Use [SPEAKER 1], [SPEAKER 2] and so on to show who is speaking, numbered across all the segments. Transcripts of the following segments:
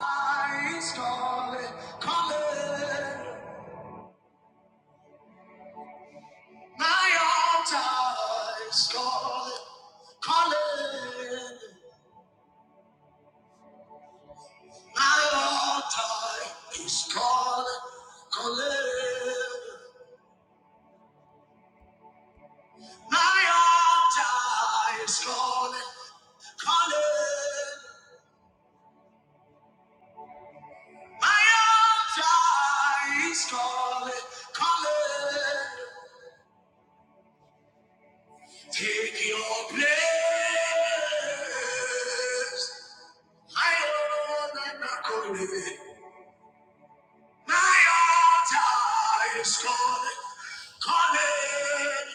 [SPEAKER 1] My scarlet color, is scarlet color, my altar is scarlet color, my altar is scarlet color, my altar is scarlet color. Take your place. My own and not only, my altar is calling, calling.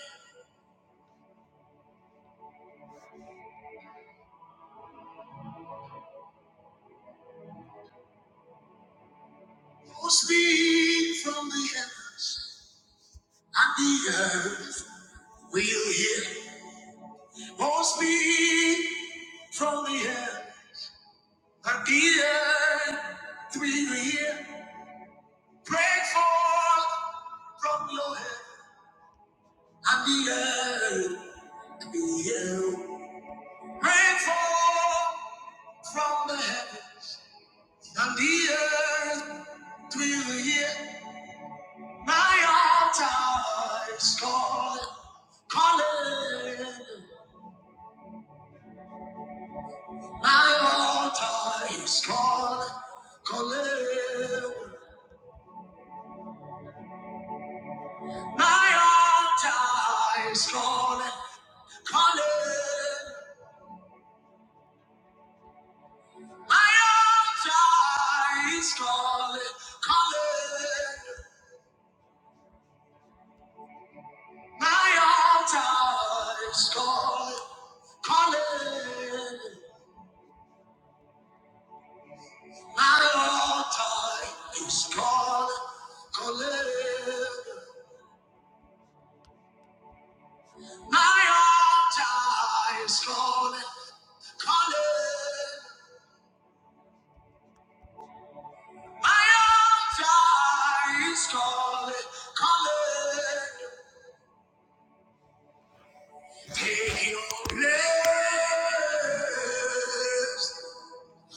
[SPEAKER 1] Oh, speak from the heavens, and the earth will hear. Oh, speak from the heavens, and the earth will hear. Break forth from your head, and the earth will hear. Break forth from the heaven. And the earth will hear my altar is calling, calling. My altar is calling, calling. My altar is calling, calling. My altar is calling, calling. My altar is calling, calling. My altar is called Caleb. My altar is called Caleb. My altar is called Caleb. Take your place.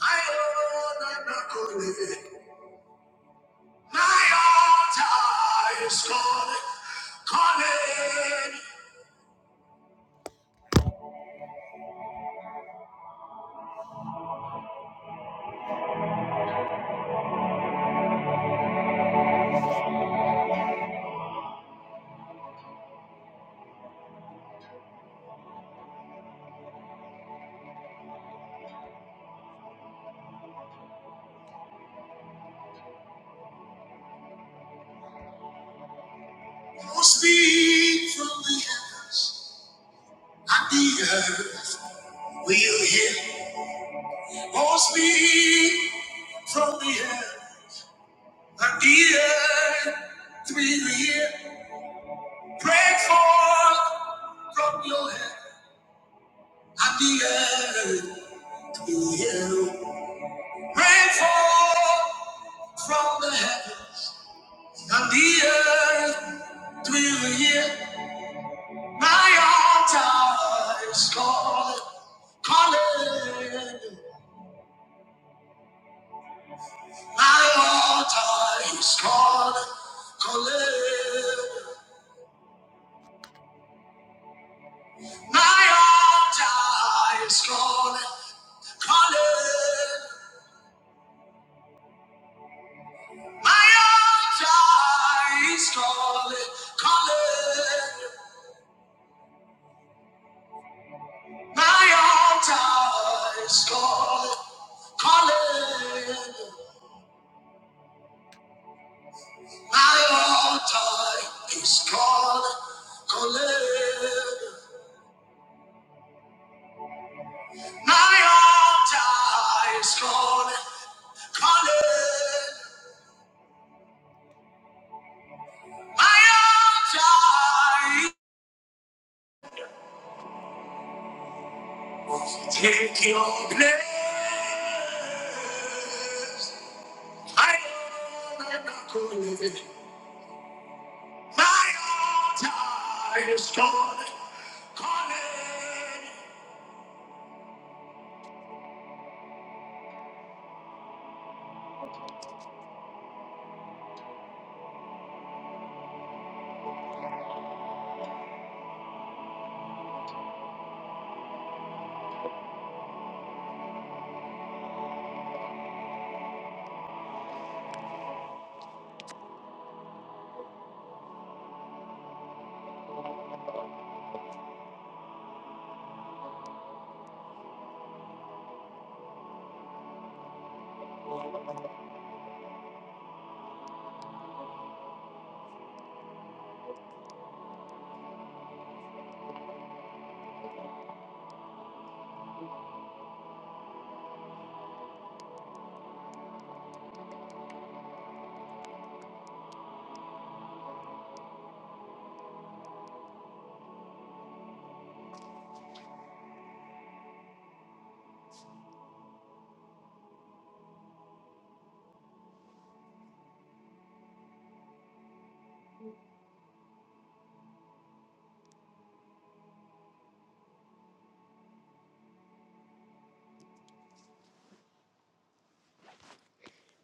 [SPEAKER 1] My altar, Caleb. My altar is called Caleb. Oh, speak from the heavens. The earth will hear or speak from the earth. And the earth will hear. Break forth from your head. And the earth will hear. Break forth from the heavens. And the earth will hear. My altar is calling, calling. My altar is called Caleb. My altar is called Caleb. My altar is called Caleb. My altar is called Caleb. My altar is called Caleb. My altar is called Caleb. I am tired. Take your place. I am not going to live. My altar is calling. Calling.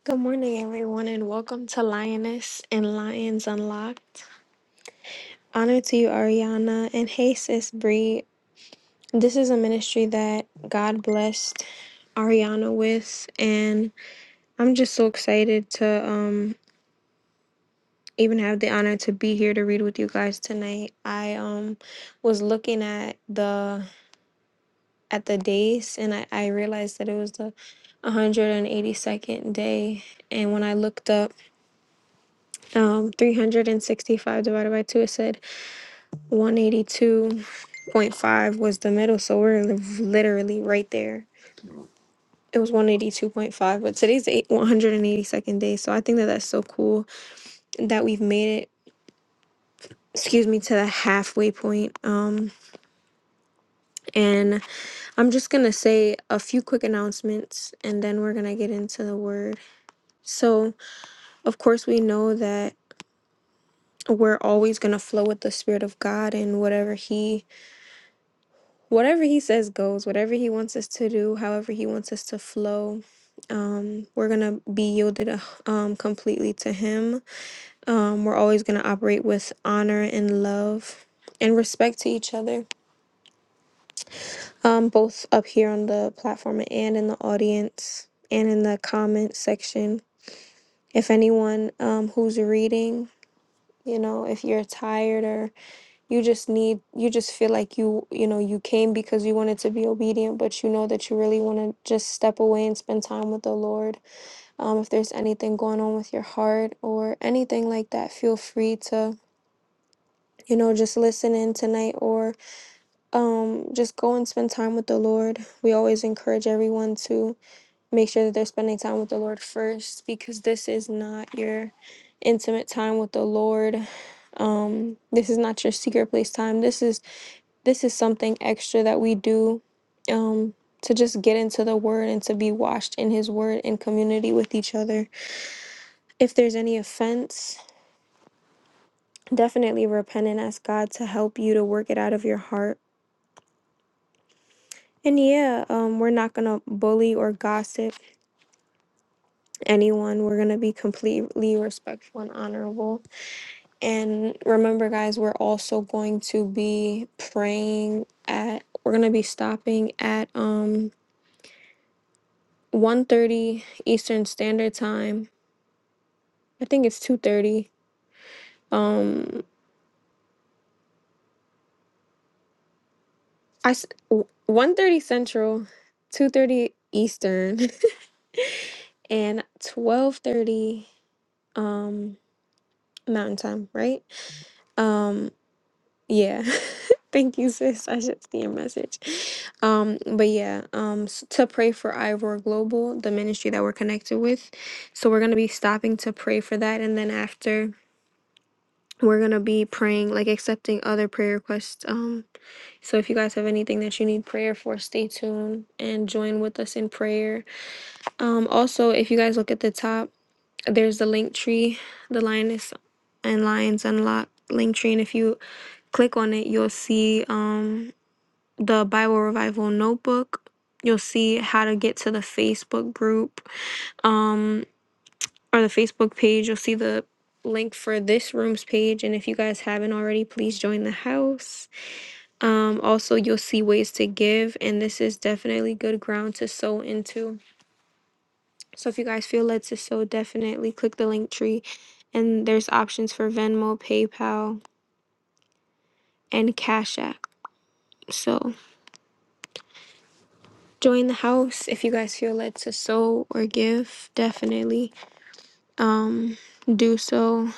[SPEAKER 1] Good morning, everyone, and welcome to Lioness and Lions Unlocked. Honor to you, Ariana, and hey, sis Bree. This is a ministry that God blessed Ariana with, and I'm just so excited to um even have the honor to be here to read with you guys tonight. I um was looking at the at the days and I, I realized that it was the 182nd day and when I looked up um 365 divided by 2 it said 182.5 was the middle so we're li- literally right there. It was 182.5 but today's the eight- 182nd day so I think that that's so cool that we've made it excuse me to the halfway point um and I'm just going to say a few quick announcements and then we're going to get into the word. So, of course, we know that we're always going to flow with the spirit of God and whatever he whatever he says goes, whatever he wants us to do, however he wants us to flow. Um we're going to be yielded uh, um completely to him. Um we're always going to operate with honor and love and respect to each other. Um both up here on the platform and in the audience and in the comment section if anyone um, who's reading you know if you're tired or you just need you just feel like you you know you came because you wanted to be obedient but you know that you really want to just step away and spend time with the lord um, if there's anything going on with your heart or anything like that feel free to you know just listen in tonight or um just go and spend time with the lord we always encourage everyone to make sure that they're spending time with the Lord first because this is not your intimate time with the Lord. Um, this is not your secret place time. This is this is something extra that we do um to just get into the word and to be washed in his word in community with each other. If there's any offense, definitely repent and ask God to help you to work it out of your heart. And yeah, um, we're not gonna bully or gossip anyone. We're gonna be completely respectful and honorable And remember, guys, we're also going to be praying at we're gonna be stopping at um one thirty Eastern Standard Time. I think it's 2:30. Um I one thirty Central, 2:30 Eastern, and 12:30 um Mountain Time, right? Um. Yeah. Thank you, sis. I should see your message. Um, but yeah, um, s- to pray for Ivor Global, the ministry that we're connected with. So we're gonna be stopping to pray for that, and then after we're gonna be praying, like accepting other prayer requests. Um, so if you guys have anything that you need prayer for, stay tuned and join with us in prayer. Um, also, if you guys look at the top, there's the link tree, the lioness and lions unlock link tree, and if you click on it, you'll see. Um the Bible Revival Notebook. You'll see how to get to the Facebook group um, or the Facebook page. You'll see the link for this room's page. And if you guys haven't already, please join the house. Um, also, you'll see ways to give. And this is definitely good ground to sow into. So if you guys feel led to sow, definitely click the link tree. And there's options for Venmo, PayPal, and Cash App. So join the house if you guys feel led to sow or give. Definitely um, do so.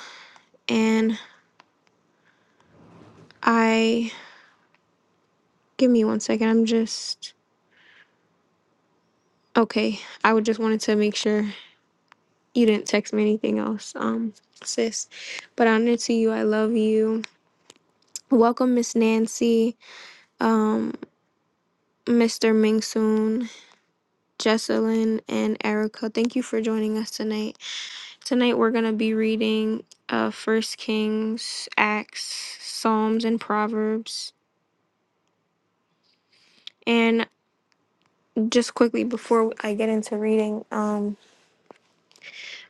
[SPEAKER 1] And I, give me one second. I'm just, okay. I would just wanted to make sure you didn't text me anything else, um, sis. But I honor to you. I love you. Welcome, Miss Nancy, um, Mr. Mingsoon, Jesselyn, and Erica. Thank you for joining us tonight. Tonight we're going to be reading uh, First Kings, Acts, Psalms, and Proverbs. And just quickly before I get into reading, um,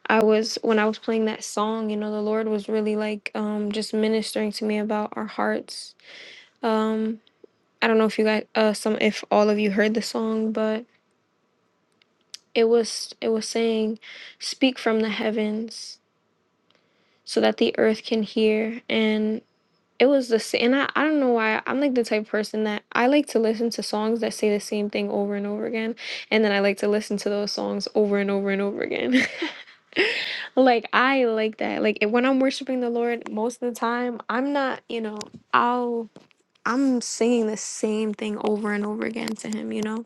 [SPEAKER 1] I was when I was playing that song, you know, the Lord was really like um just ministering to me about our hearts. Um, I don't know if you guys uh some if all of you heard the song, but it was it was saying, Speak from the heavens so that the earth can hear and it was the same, and I, I don't know why I'm like the type of person that I like to listen to songs that say the same thing over and over again, and then I like to listen to those songs over and over and over again. Like, I like that. Like, if- when I'm worshiping the Lord, most of the time, I'm not, you know, I'll, I'm singing the same thing over and over again to Him, you know?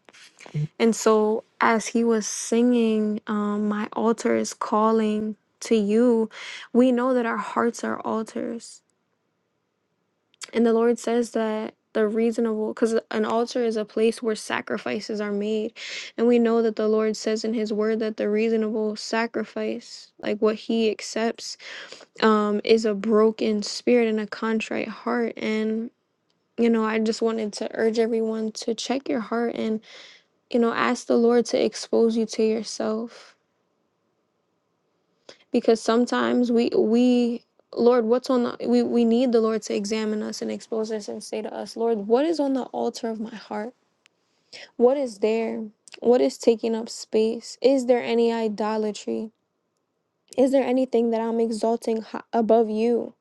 [SPEAKER 1] And so, as He was singing, um, My altar is calling to you, we know that our hearts are altars. And the Lord says that the reasonable, because an altar is a place where sacrifices are made. And we know that the Lord says in His word that the reasonable sacrifice, like what He accepts, um, is a broken spirit and a contrite heart. And, you know, I just wanted to urge everyone to check your heart and, you know, ask the Lord to expose you to yourself because sometimes we we lord what's on the we, we need the lord to examine us and expose us and say to us lord what is on the altar of my heart what is there what is taking up space is there any idolatry is there anything that i'm exalting hi- above you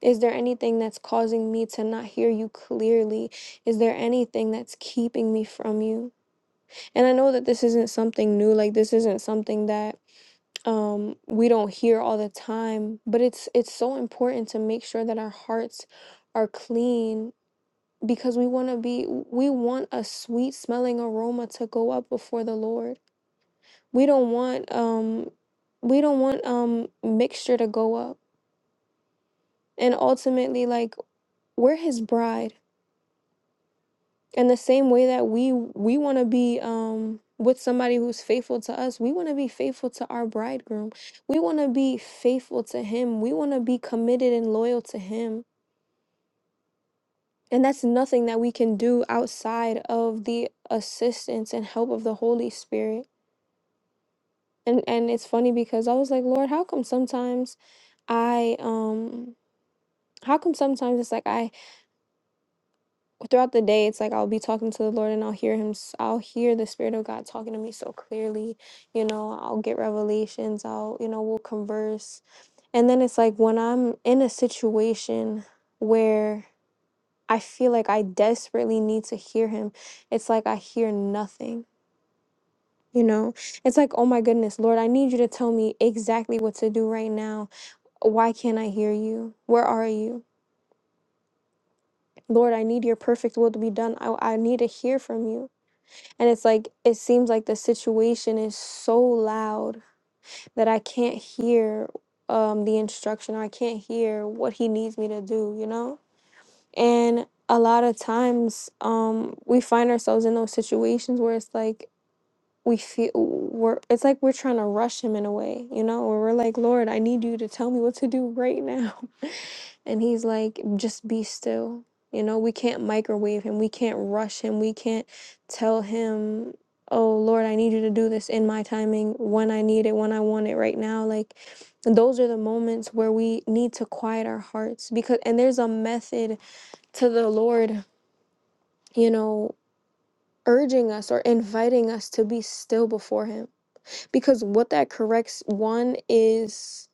[SPEAKER 1] is there anything that's causing me to not hear you clearly? Is there anything that's keeping me from you? And I know that this isn't something new, like, this isn't something that um we don't hear all the time but it's it's so important to make sure that our hearts are clean because we want to be we want a sweet smelling aroma to go up before the lord we don't want um we don't want um mixture to go up and ultimately like we're his bride And the same way that we we want to be um with somebody who's faithful to us, we want to be faithful to our bridegroom. We want to be faithful to him. We want to be committed and loyal to him. And that's nothing that we can do outside of the assistance and help of the Holy Spirit. And and it's funny because I was like, Lord, how come sometimes I um how come sometimes it's like I throughout the day it's like i'll be talking to the lord and i'll hear him s- i'll hear the spirit of god talking to me so clearly you know i'll get revelations i'll you know we'll converse and then it's like when i'm in a situation where i feel like i desperately need to hear him it's like i hear nothing you know it's like oh my goodness lord i need you to tell me exactly what to do right now why can't i hear you where are you lord i need your perfect will to be done i, I need to hear from you And it's like, it seems like the situation is so loud that I can't hear um, the instruction. I can't hear what he needs me to do, you know? And a lot of times um, we find ourselves in those situations where it's like, we feel we're it's like we're trying to rush him in a way, you know, where we're like, Lord, I need you to tell me what to do right now. And he's like, just be still. You know, we can't microwave him. We can't rush him. We can't tell him, oh, Lord, I need you to do this in my timing, when I need it, when I want it right now. Like, those are the moments where we need to quiet our hearts because, and there's a method to the Lord, you know, urging us or inviting us to be still before him. Because what that corrects, one, is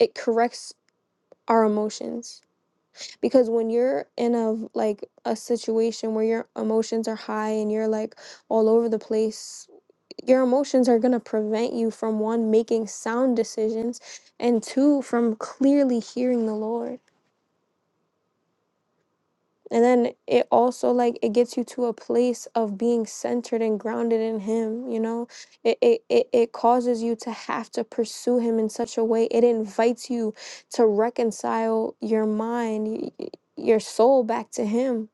[SPEAKER 1] it corrects our emotions because when you're in a like a situation where your emotions are high and you're like all over the place your emotions are going to prevent you from one making sound decisions and two from clearly hearing the lord and then it also like it gets you to a place of being centered and grounded in him you know it it, it, it causes you to have to pursue him in such a way it invites you to reconcile your mind y- y- your soul back to him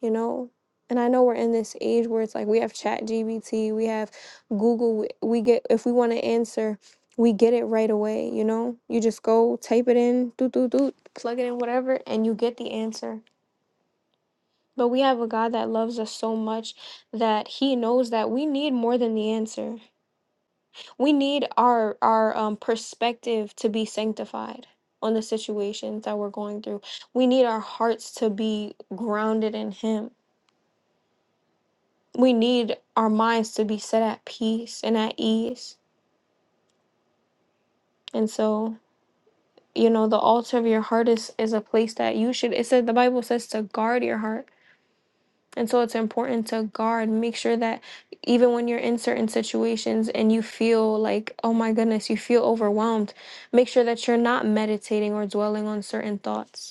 [SPEAKER 1] you know and i know we're in this age where it's like we have chat gbt we have google we we get if we want to answer we get it right away you know you just go type it in do do do plug it in whatever and you get the answer but we have a god that loves us so much that he knows that we need more than the answer we need our our um, perspective to be sanctified on the situations that we're going through we need our hearts to be grounded in him we need our minds to be set at peace and at ease. And so, you know, the altar of your heart is is a place that you should it said the Bible says to guard your heart. And so it's important to guard, make sure that even when you're in certain situations and you feel like, oh my goodness, you feel overwhelmed, make sure that you're not meditating or dwelling on certain thoughts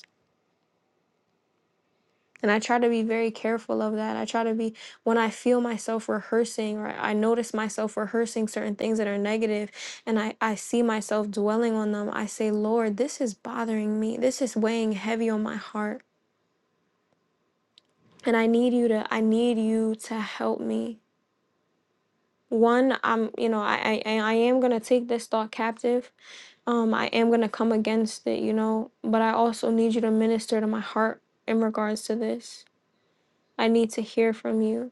[SPEAKER 1] And I try to be very careful of that. I try to be, when I feel myself rehearsing or I notice myself rehearsing certain things that are negative and I, I see myself dwelling on them, I say, Lord, this is bothering me. This is weighing heavy on my heart. And I need you to, I need you to help me. One, I'm, you know, I, I, I am going to take this thought captive. Um, I am going to come against it, you know, but I also need you to minister to my heart in regards to this. I need to hear from you.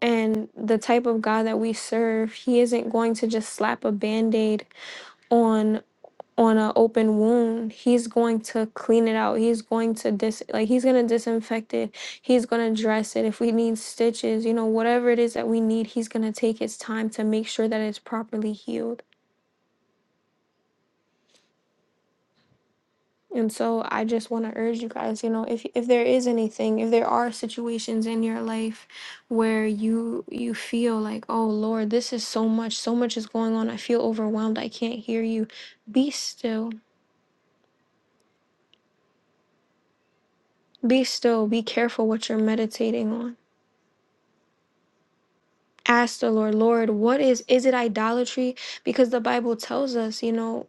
[SPEAKER 1] and the type of God that we serve, he isn't going to just slap a band-aid on on an open wound. He's going to clean it out. He's going to dis like he's gonna disinfect it. He's gonna dress it. If we need stitches, you know, whatever it is that we need, he's gonna take his time to make sure that it's properly healed. And so I just want to urge you guys, you know, if if there is anything, if there are situations in your life where you you feel like, "Oh Lord, this is so much, so much is going on. I feel overwhelmed. I can't hear you." Be still. Be still. Be careful what you're meditating on. Ask the Lord, "Lord, what is is it idolatry?" Because the Bible tells us, you know,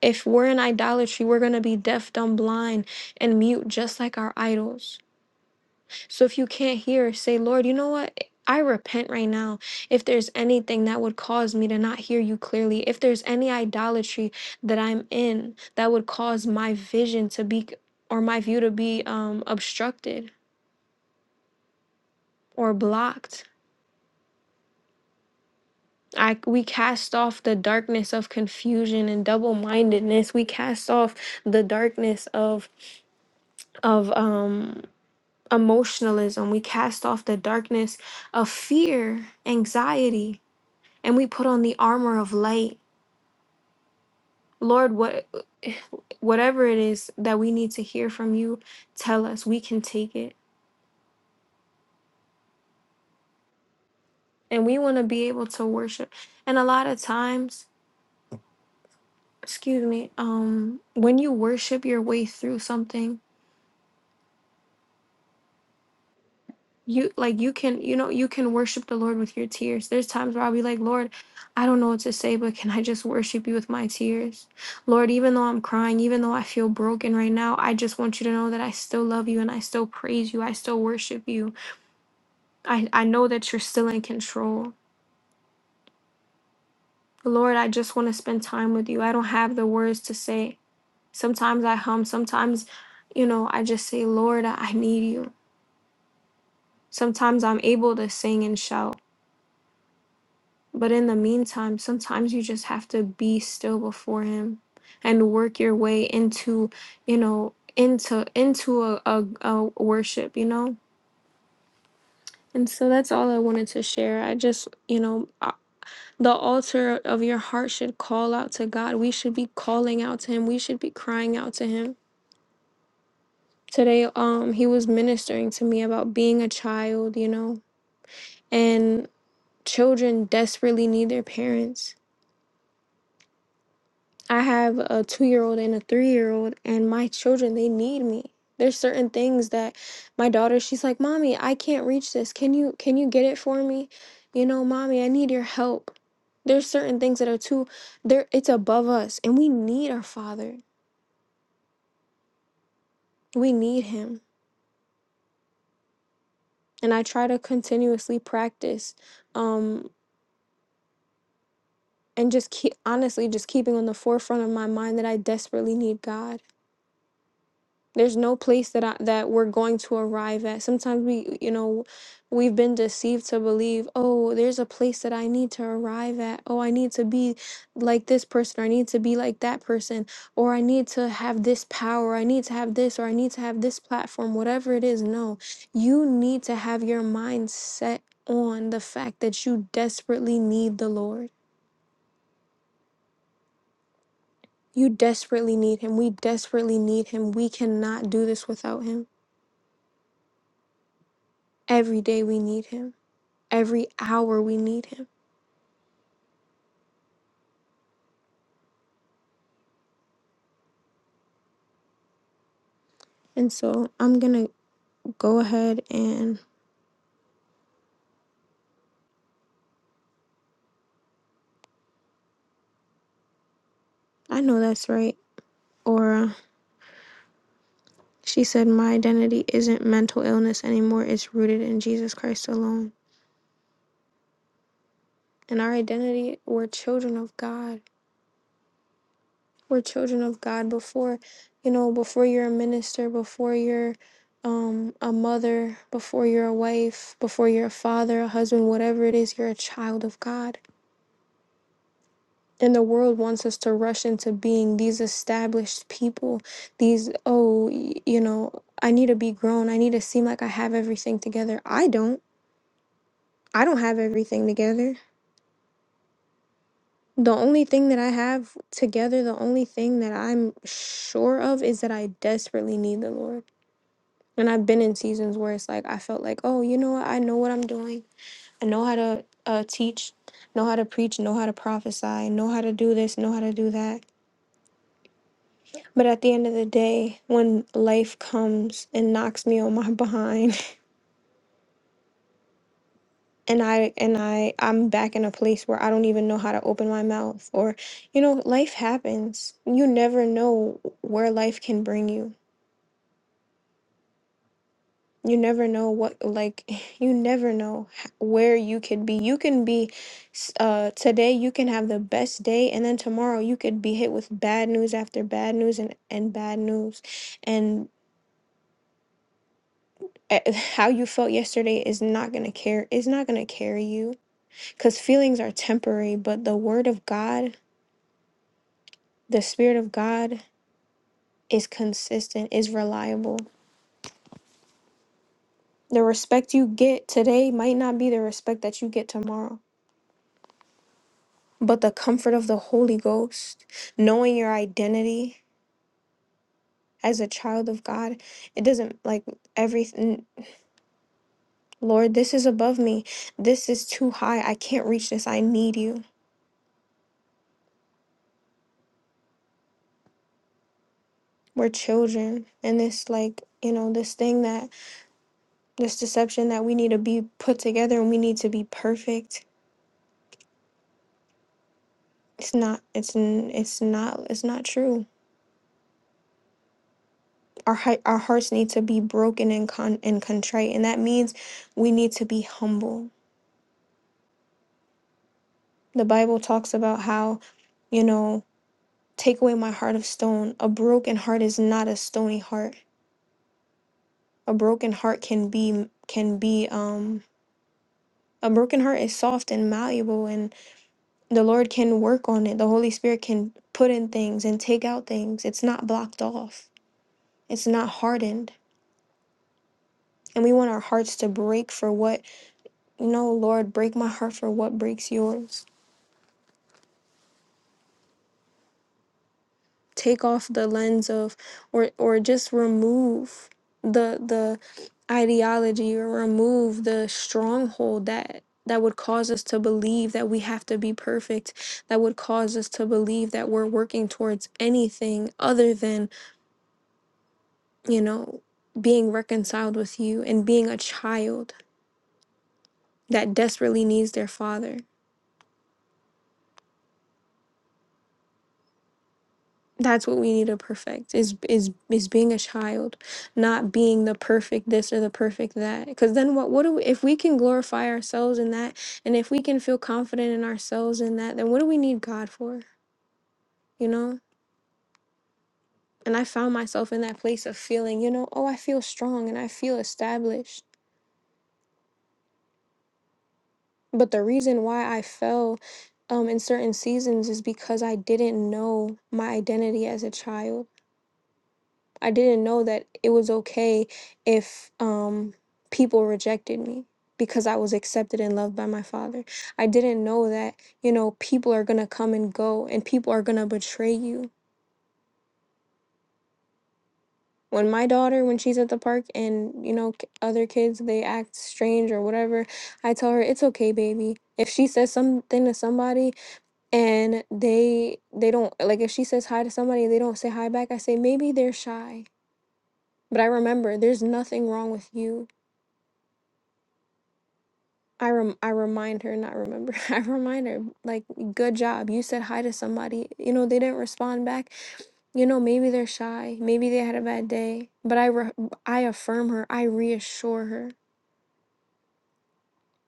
[SPEAKER 1] if we're in idolatry, we're going to be deaf, dumb, blind, and mute just like our idols. So if you can't hear, say, Lord, you know what? I repent right now. If there's anything that would cause me to not hear you clearly, if there's any idolatry that I'm in that would cause my vision to be or my view to be um, obstructed or blocked. I, we cast off the darkness of confusion and double-mindedness. We cast off the darkness of of um, emotionalism. We cast off the darkness of fear, anxiety, and we put on the armor of light. Lord, what whatever it is that we need to hear from you, tell us. We can take it. And we want to be able to worship. And a lot of times, excuse me, um, when you worship your way through something, you like you can you know you can worship the lord with your tears there's times where i'll be like lord i don't know what to say but can i just worship you with my tears lord even though i'm crying even though i feel broken right now i just want you to know that i still love you and i still praise you i still worship you i i know that you're still in control lord i just want to spend time with you i don't have the words to say sometimes i hum sometimes you know i just say lord i I need you sometimes i'm able to sing and shout But in the meantime, sometimes you just have to be still before him and work your way into, you know, into into a, a, a worship, you know? And so that's all I wanted to share. I just, you know, uh, the altar of your heart should call out to God. We should be calling out to him. We should be crying out to him. Today um he was ministering to me about being a child, you know, and children desperately need their parents I have a two year old and a three year old, and my children, they need me. There's certain things that my daughter, she's like, Mommy, I can't reach this. Can you can you get it for me? You know, mommy, I need your help. There's certain things that are too there it's above us and we need our father. We need him. And I try to continuously practice um and just keep honestly just keeping on the forefront of my mind that I desperately need God there's no place that I, that we're going to arrive at sometimes we you know we've been deceived to believe oh there's a place that i need to arrive at oh i need to be like this person or i need to be like that person or i need to have this power i need to have this or i need to have this platform whatever it is no you need to have your mind set on the fact that you desperately need the lord you desperately need him we desperately need him we cannot do this without him every day we need him every hour we need him. And so I'm going to go ahead and I know that's right. Or she said, My identity isn't mental illness anymore, it's rooted in Jesus Christ alone. And our identity, we're children of God. We're children of God before, you know, before you're a minister, before you're um, a mother, before you're a wife, before you're a father, a husband, whatever it is, you're a child of God And the world wants us to rush into being these established people, these, oh, y- you know, I need to be grown. I need to seem like I have everything together. I don't. I don't have everything together. The only thing that I have together, the only thing that I'm sure of is that I desperately need the Lord. And I've been in seasons where it's like, I felt like, oh, you know what? I know what I'm doing. I know how to uh, teach, know how to preach, know how to prophesy, know how to do this, know how to do that But at the end of the day, when life comes and knocks me on my behind and I and I I'm back in a place where I don't even know how to open my mouth or you know, life happens. You never know where life can bring you. You never know what like you never know h- where you could be. You can be s- uh today you can have the best day and then tomorrow you could be hit with bad news after bad news and and bad news. eh, eh, how you felt yesterday is not going to care is not going to carry you cuz feelings are temporary but the word of God the spirit of God is consistent is reliable the respect you get today might not be the respect that you get tomorrow but the comfort of the holy ghost knowing your identity as a child of God it doesn't like everything Lord this is above me this is too high I can't reach this I need you we're children and it's like you know this thing that this deception that we need to be put together and we need to be perfect it's not it's n- it's not it's not true our hea- our hearts need to be broken and con and contrite and that means we need to be humble the bible talks about how you know take away my heart of stone a broken heart is not a stony heart a broken heart can be can be um a broken heart is soft and malleable The Lord can work on it. The Holy Spirit can put in things and take out things. It's not blocked off, it's not hardened. And we want our hearts to break for what, no, Lord, break my heart for what breaks yours. Take off the lens of, or, or just remove the, the, ideology or remove the stronghold that that would cause us to believe that we have to be perfect that would cause us to believe that we're working towards anything other than you know, being reconciled with you and being a child that desperately needs their father. That's what we need to perfect is is is being a child, not being the perfect this or the perfect that. Because then what what do we, if we can glorify ourselves in that, and if we can feel confident in ourselves in that, then what do we need God for? You know. And I found myself in that place of feeling, you know, oh, I feel strong and I feel established But the reason why I fell um, in certain seasons is because I didn't know my identity as a child. I didn't know that it was okay if um, people rejected me because I was accepted and loved by my father. I didn't know that, you know, people are going to come and go and people are going to betray you. When my daughter, when she's at the park and, you know, k- other kids, they act strange or whatever, I tell her, it's okay, baby. If she says something to somebody, and they they don't like if she says hi to somebody and they don't say hi back i say maybe they're shy but i remember there's nothing wrong with you i rem- i remind her not remember i remind her like good job you said hi to somebody you know they didn't respond back you know maybe they're shy maybe they had a bad day but i re- i affirm her i reassure her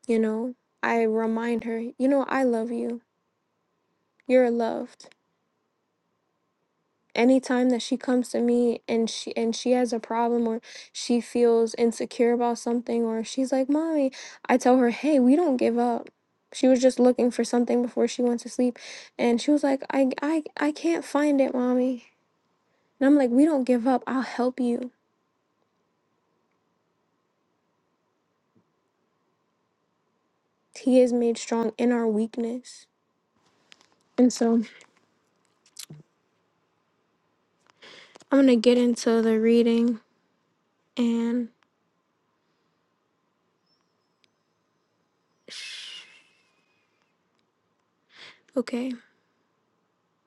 [SPEAKER 1] you know i remind her you know i love you you're loved anytime that she comes to me and she and she has a problem or she feels insecure about something or she's like mommy i tell her hey we don't give up she was just looking for something before she went to sleep and she was like i i, I can't find it mommy and i'm like we don't give up i'll help you he is made strong in our weakness and so i'm gonna get into the reading and okay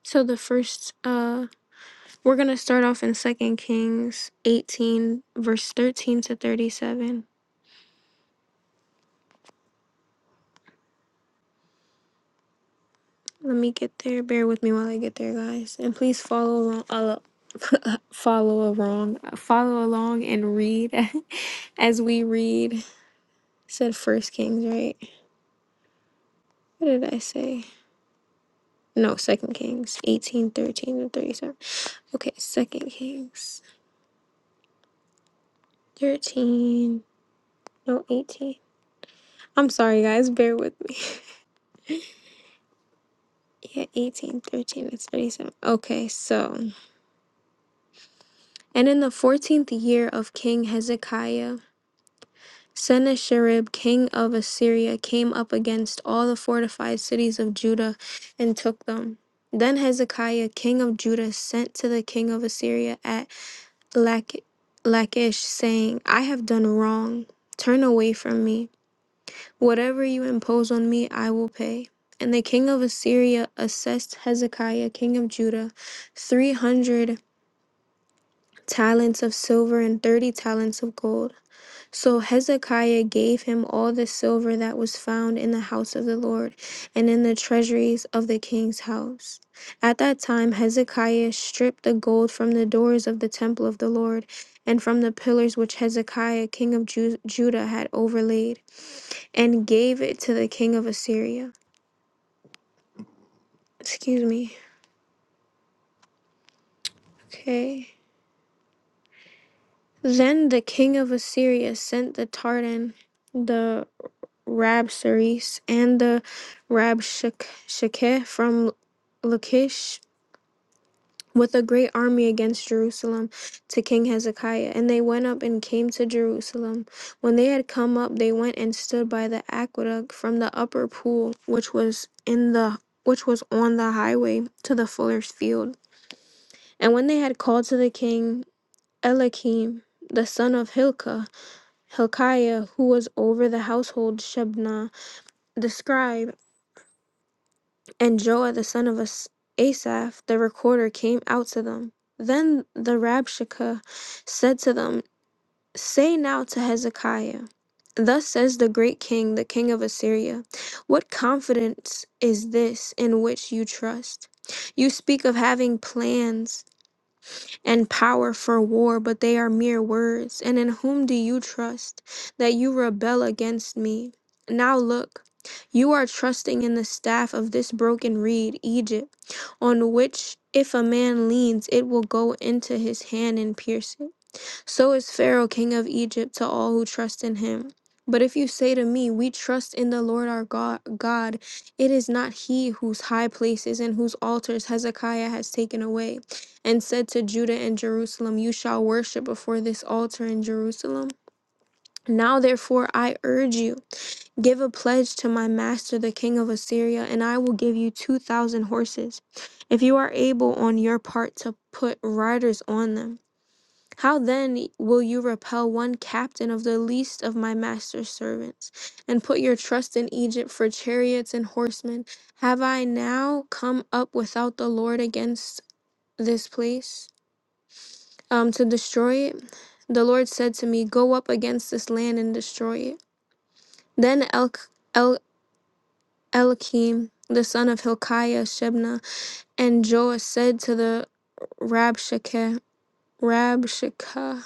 [SPEAKER 1] so the first uh We're going to start off in Second Kings 18, verse 13 to 37. Let me get there. Bear with me while I get there, guys. And please follow along, uh, follow along, uh, follow along and read as we read. It said First Kings, right? What did I say? No, Second Kings 18 13 to 37. Okay, Second Kings 13, no 18. I'm sorry, guys. Bear with me. Yeah, eighteen thirteen 13, it's 37. Okay, so And in the fourteenth year of King Hezekiah, Sennacherib, king of Assyria, came up against all the fortified cities of Judah and took them. Then Hezekiah, king of Judah, sent to the king of Assyria at Lach- Lachish, saying, I have done wrong. Turn away from me. Whatever you impose on me, I will pay. And the king of Assyria assessed Hezekiah, king of Judah, three hundred talents of silver and thirty talents of gold. So Hezekiah gave him all the silver that was found in the house of the Lord and in the treasuries of the king's house. At that time, Hezekiah stripped the gold from the doors of the temple of the Lord and from the pillars which Hezekiah, king of Ju- Judah, had overlaid, and gave it to the king of Assyria. Excuse me. Okay. Then the king of Assyria sent the Tartan, the Rabsaris and the Rabshakeh from Lachish with a great army against Jerusalem to King Hezekiah. And they went up and came to Jerusalem. When they had come up, they went and stood by the aqueduct from the upper pool, which was in the which was on the highway to the fuller's field. And when they had called to the king Eliakim, the son of Hilkiah, Hilkiah, who was over the household Shebna, the scribe. And Joah the son of As- Asaph the recorder came out to them. Then the Rabshakeh said to them, Say now to Hezekiah, Thus says the great king, the king of Assyria, What confidence is this in which you trust? You speak of having plans and power for war, but they are mere words. And in whom do you trust that you rebel against me? Now look, you are trusting in the staff of this broken reed, Egypt on which if a man leans, it will go into his hand and pierce it. So is Pharaoh, king of Egypt, to all who trust in him. But if you say to me, We trust in the Lord our God, God, it is not he whose high places and whose altars Hezekiah has taken away, and said to Judah and Jerusalem, You shall worship before this altar in Jerusalem. Now, therefore, I urge you. Give a pledge to my master, the king of Assyria, and I will give you 2,000 horses, if you are able on your part to put riders on them. How then will you repel one captain of the least of my master's servants, and put your trust in Egypt for chariots and horsemen? Have I now come up without the Lord against this place um, to destroy it? The Lord said to me, Go up against this land and destroy it. Then El- Eliakim the son of Hilkiah Shebna, and Joash said to the Rabshakeh, Rabshakeh,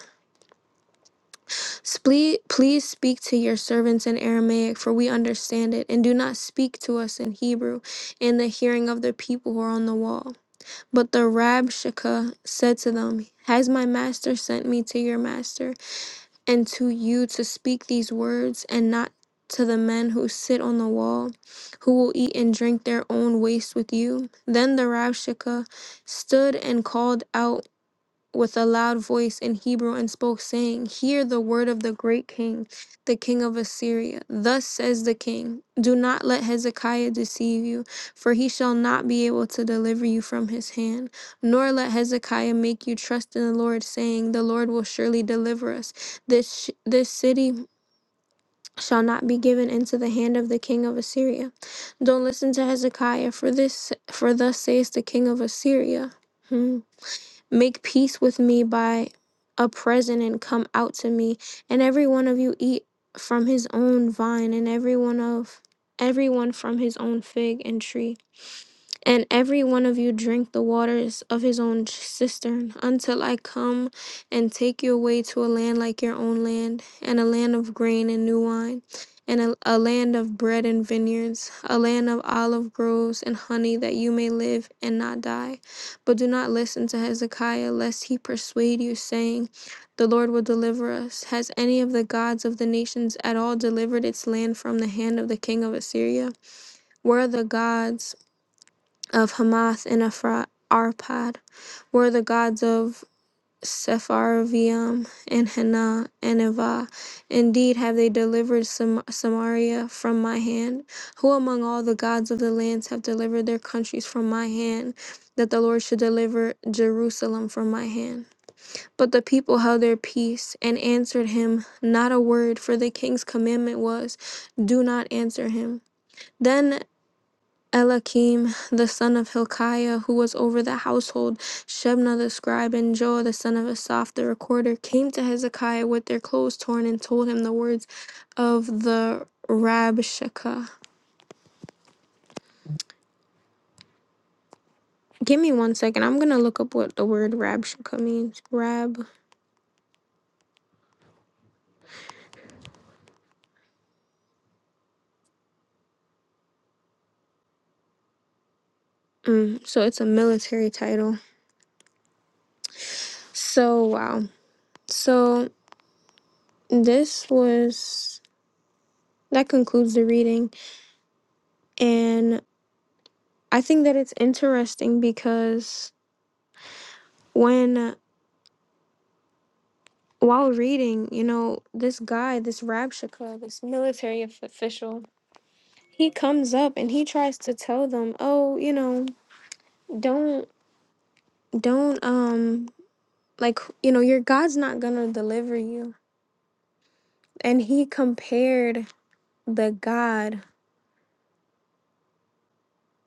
[SPEAKER 1] "Sple- please speak to your servants in Aramaic, for we understand it, and do not speak to us in Hebrew, in the hearing of the people who are on the wall. But the Rabshakeh said to them, Has my master sent me to your master? and to you to speak these words and not to the men who sit on the wall, who will eat and drink their own waste with you. Then the Rashakeh stood and called out with a loud voice in Hebrew and spoke, saying, Hear the word of the great king, the king of Assyria. Thus says the king, Do not let Hezekiah deceive you, for he shall not be able to deliver you from his hand. Nor let Hezekiah make you trust in the Lord, saying, The Lord will surely deliver us. This, sh- this city shall not be given into the hand of the king of Assyria. Don't listen to Hezekiah, for this, for thus says the king of Assyria. Hmm. Make peace with me by a present and come out to me, and every one of you eat from his own vine, and every one of everyone from his own fig and tree. And every one of you drink the waters of his own cistern, until I come and take you away to a land like your own land, and a land of grain and new wine, and a, a land of bread and vineyards, a land of olive groves and honey, that you may live and not die. But do not listen to Hezekiah, lest he persuade you, saying, The Lord will deliver us. Has any of the gods of the nations at all delivered its land from the hand of the king of Assyria? Where are the gods? of Hamath and Ephra- Arpad were the gods of Sepharvaim and Hena and Eva. Indeed, have they delivered Sam- Samaria from my hand? Who among all the gods of the lands have delivered their countries from my hand, that the Lord should deliver Jerusalem from my hand? But the people held their peace and answered him not a word, for the king's commandment was, Do not answer him. Then Elakim, the son of Hilkiah, who was over the household, Shebna the scribe, and Joah the son of Asaph the recorder, came to Hezekiah with their clothes torn and told him the words of the Rabshakeh. Give me one second. I'm going to look up what the word Rabshakeh means. Rab. Mm, so it's a military title. So, wow. So this was. That concludes the reading. And I think that it's interesting because when while reading, you know, this guy, this Rabshakeh, this military of- official, he comes up and he tries to tell them, "Oh, you know, don't don't um like, you know, your God's not going to deliver you." And he compared the God,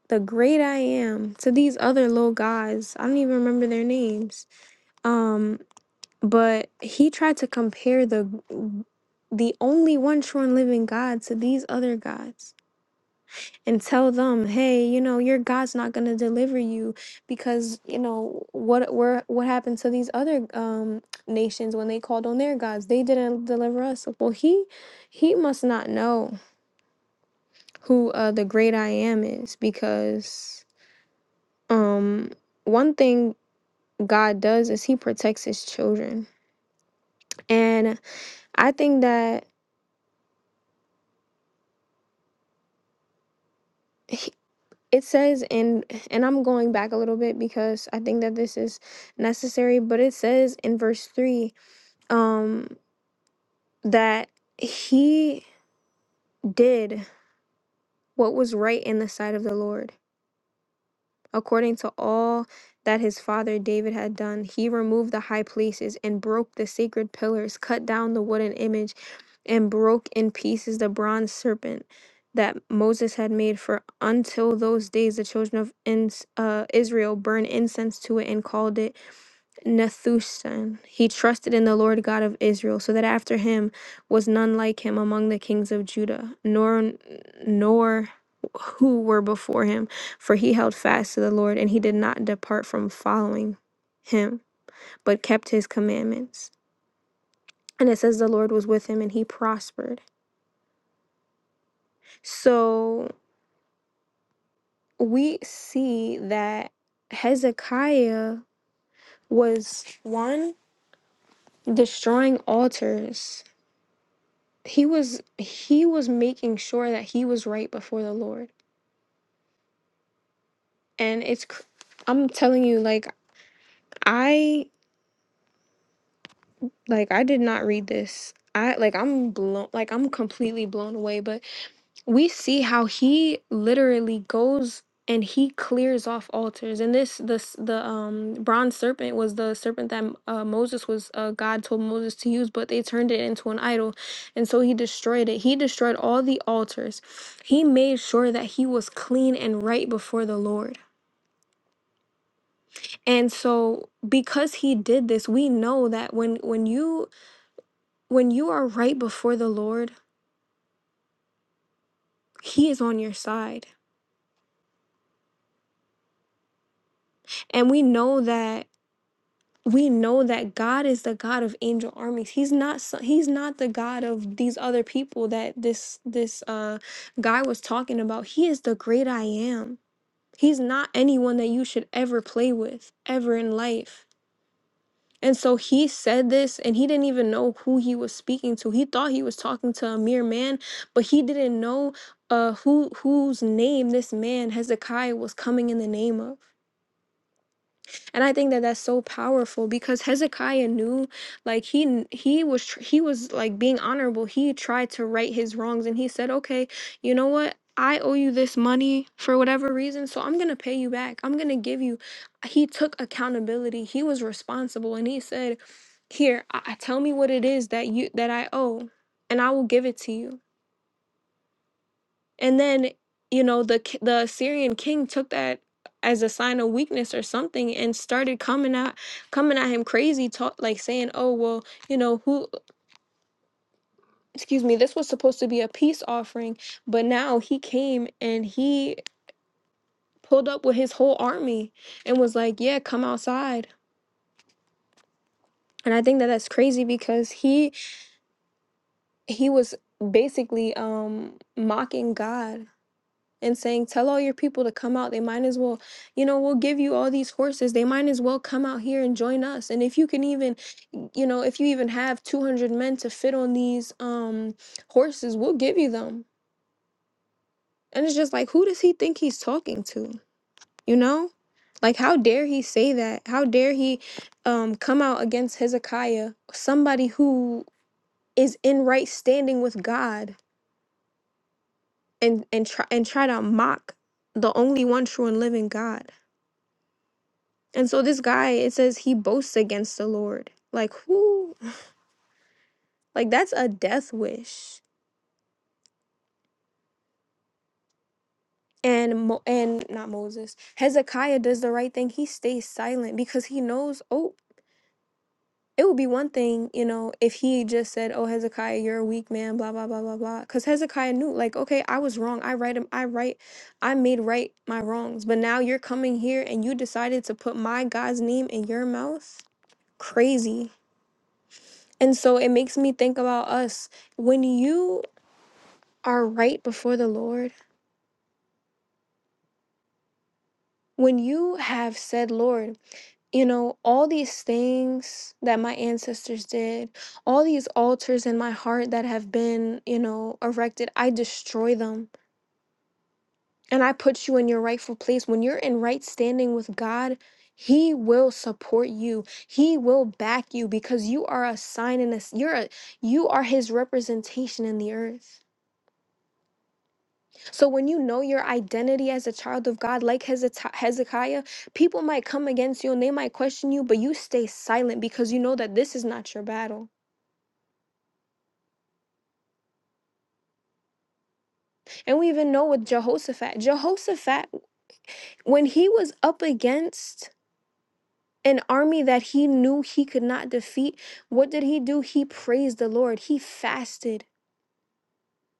[SPEAKER 1] the great I am, to these other little guys. I don't even remember their names. Um, but he tried to compare the the only one true and living God to these other gods and tell them, hey, you know, your God's not gonna deliver you because you know what where what happened to these other um nations when they called on their gods? They didn't deliver us. Well, he he must not know who uh, the great I am is because um one thing God does is He protects His children, and I think that. He, it says in and I'm going back a little bit because I think that this is necessary but it says in verse 3 um that he did what was right in the sight of the Lord according to all that his father David had done he removed the high places and broke the sacred pillars cut down the wooden image and broke in pieces the bronze serpent that Moses had made for until those days the children of Ins- uh, Israel burned incense to it and called it Nethusan. He trusted in the Lord God of Israel, so that after him was none like him among the kings of Judah, nor nor who were before him, for he held fast to the Lord, and he did not depart from following him, but kept his commandments. And it says the Lord was with him and he prospered. So we see that Hezekiah was one destroying altars he was he was making sure that he was right before the lord and it's cr- i'm telling you like i like i did not read this i like i'm blown like i'm completely blown away but we see how he literally goes and he clears off altars and this this the um bronze serpent was the serpent that uh, moses was uh, god told moses to use but they turned it into an idol and so he destroyed it he destroyed all the altars he made sure that he was clean and right before the lord and so because he did this we know that when when you when you are right before the lord he is on your side and we know that we know that God is the God of angel armies. He's not so- he's not the God of these other people that this this uh guy was talking about. He is the great I am. He's not anyone that you should ever play with ever in life. And so he said this and he didn't even know who he was speaking to. He thought he was talking to a mere man, but he didn't know uh who whose name this man Hezekiah was coming in the name of and i think that that's so powerful because hezekiah knew like he kn- he was tr- he was like being honorable he tried to right his wrongs and he said okay you know what I owe you this money for whatever reason, so I'm gonna pay you back. I'm gonna give you. He took accountability. He was responsible, and he said, "Here, I, I- tell me what it is that you that I owe, and I will give it to you." and then you know the ki- the Assyrian king took that as a sign of weakness or something and started coming out coming at him crazy talk like saying oh well you know who excuse me this was supposed to be a peace offering but now he came and he pulled up with his whole army and was like yeah come outside and i think that that's crazy because he he was basically um mocking god and saying, Tell all your people to come out. They might as well, you know, we'll give you all these horses. They might as well come out here and join us. And if you can even, you know, if you even have 200 men to fit on these um, horses, we'll give you them. And it's just like, who does he think he's talking to? You know? Like, how dare he say that? How dare he um, come out against Hezekiah, somebody who is in right standing with God, and and try and try to mock the only one true and living God? And so this guy, it says he boasts against the Lord. Like who? Like that's a death wish. And Mo- and not Moses. Hezekiah does the right thing. He stays silent because he knows, oh, it would be one thing, you know, if he just said, "Oh, Hezekiah, you're a weak man," blah blah blah blah blah. Cuz Hezekiah knew like, okay, I was wrong. I right him. I right. I made right my wrongs. But now you're coming here and you decided to put my God's name in your mouth? Crazy. And so it makes me think about us when you are right before the Lord, when you have said, Lord, you know, all these things that my ancestors did, all these altars in my heart that have been, you know, erected, I destroy them and I put you in your rightful place. When you're in right standing with God, he will support you. He will back you because you are a sign and a, you're a, you are his representation in the earth So when you know your identity as a child of God, like Hezek- Hezekiah, people might come against you and they might question you, but you stay silent because you know that this is not your battle. And we even know with Jehoshaphat, Jehoshaphat, when he was up against an army that he knew he could not defeat, what did he do? He praised the Lord. He fasted.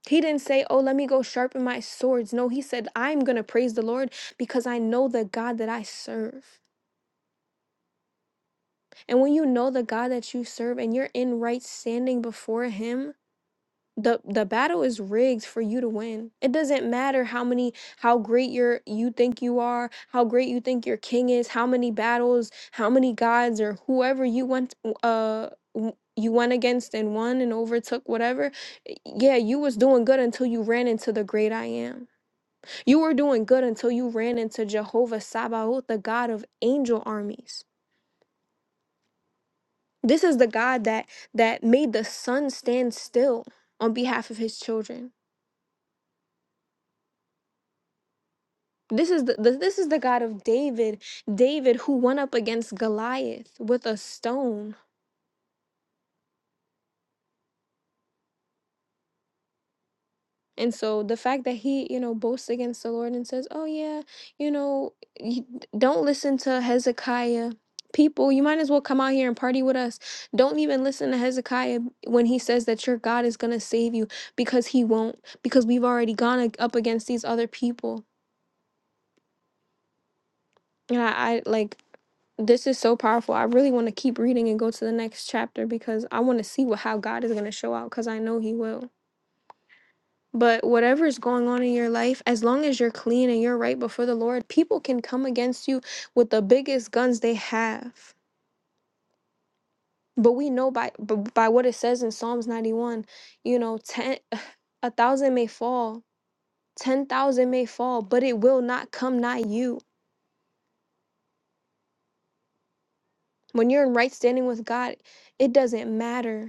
[SPEAKER 1] He didn't say, Oh, let me go sharpen my swords. No, he said, I'm going to praise the Lord because I know the God that I serve. And when you know the God that you serve and you're in right standing before him, the the battle is rigged for you to win. It doesn't matter how many how great you're you think you are, how great you think your king is, how many battles, how many gods or whoever you went uh w- you went against and won and overtook whatever. Yeah, you was doing good until you ran into the great I am. You were doing good until you ran into Jehovah Sabaoth, the God of angel armies. This is the God that that made the sun stand still on behalf of his children. This is the, the this is the God of David, David who went up against Goliath with a stone. And so the fact that he, you know, boasts against the Lord and says, "Oh yeah, you know, you don't listen to Hezekiah." People, you might as well come out here and party with us. Don't even listen to Hezekiah when he says that your God is going to save you because he won't, because we've already gone up against these other people And I, I like this is so powerful. I really want to keep reading and go to the next chapter because I want to see what how God is going to show out because I know He will. But whatever is going on in your life, as long as you're clean and you're right before the Lord, people can come against you with the biggest guns they have. But we know by b- by what it says in Psalms 91, you know, ten a thousand may fall, ten thousand may fall, but it will not come nigh you. When you're in right standing with God, it doesn't matter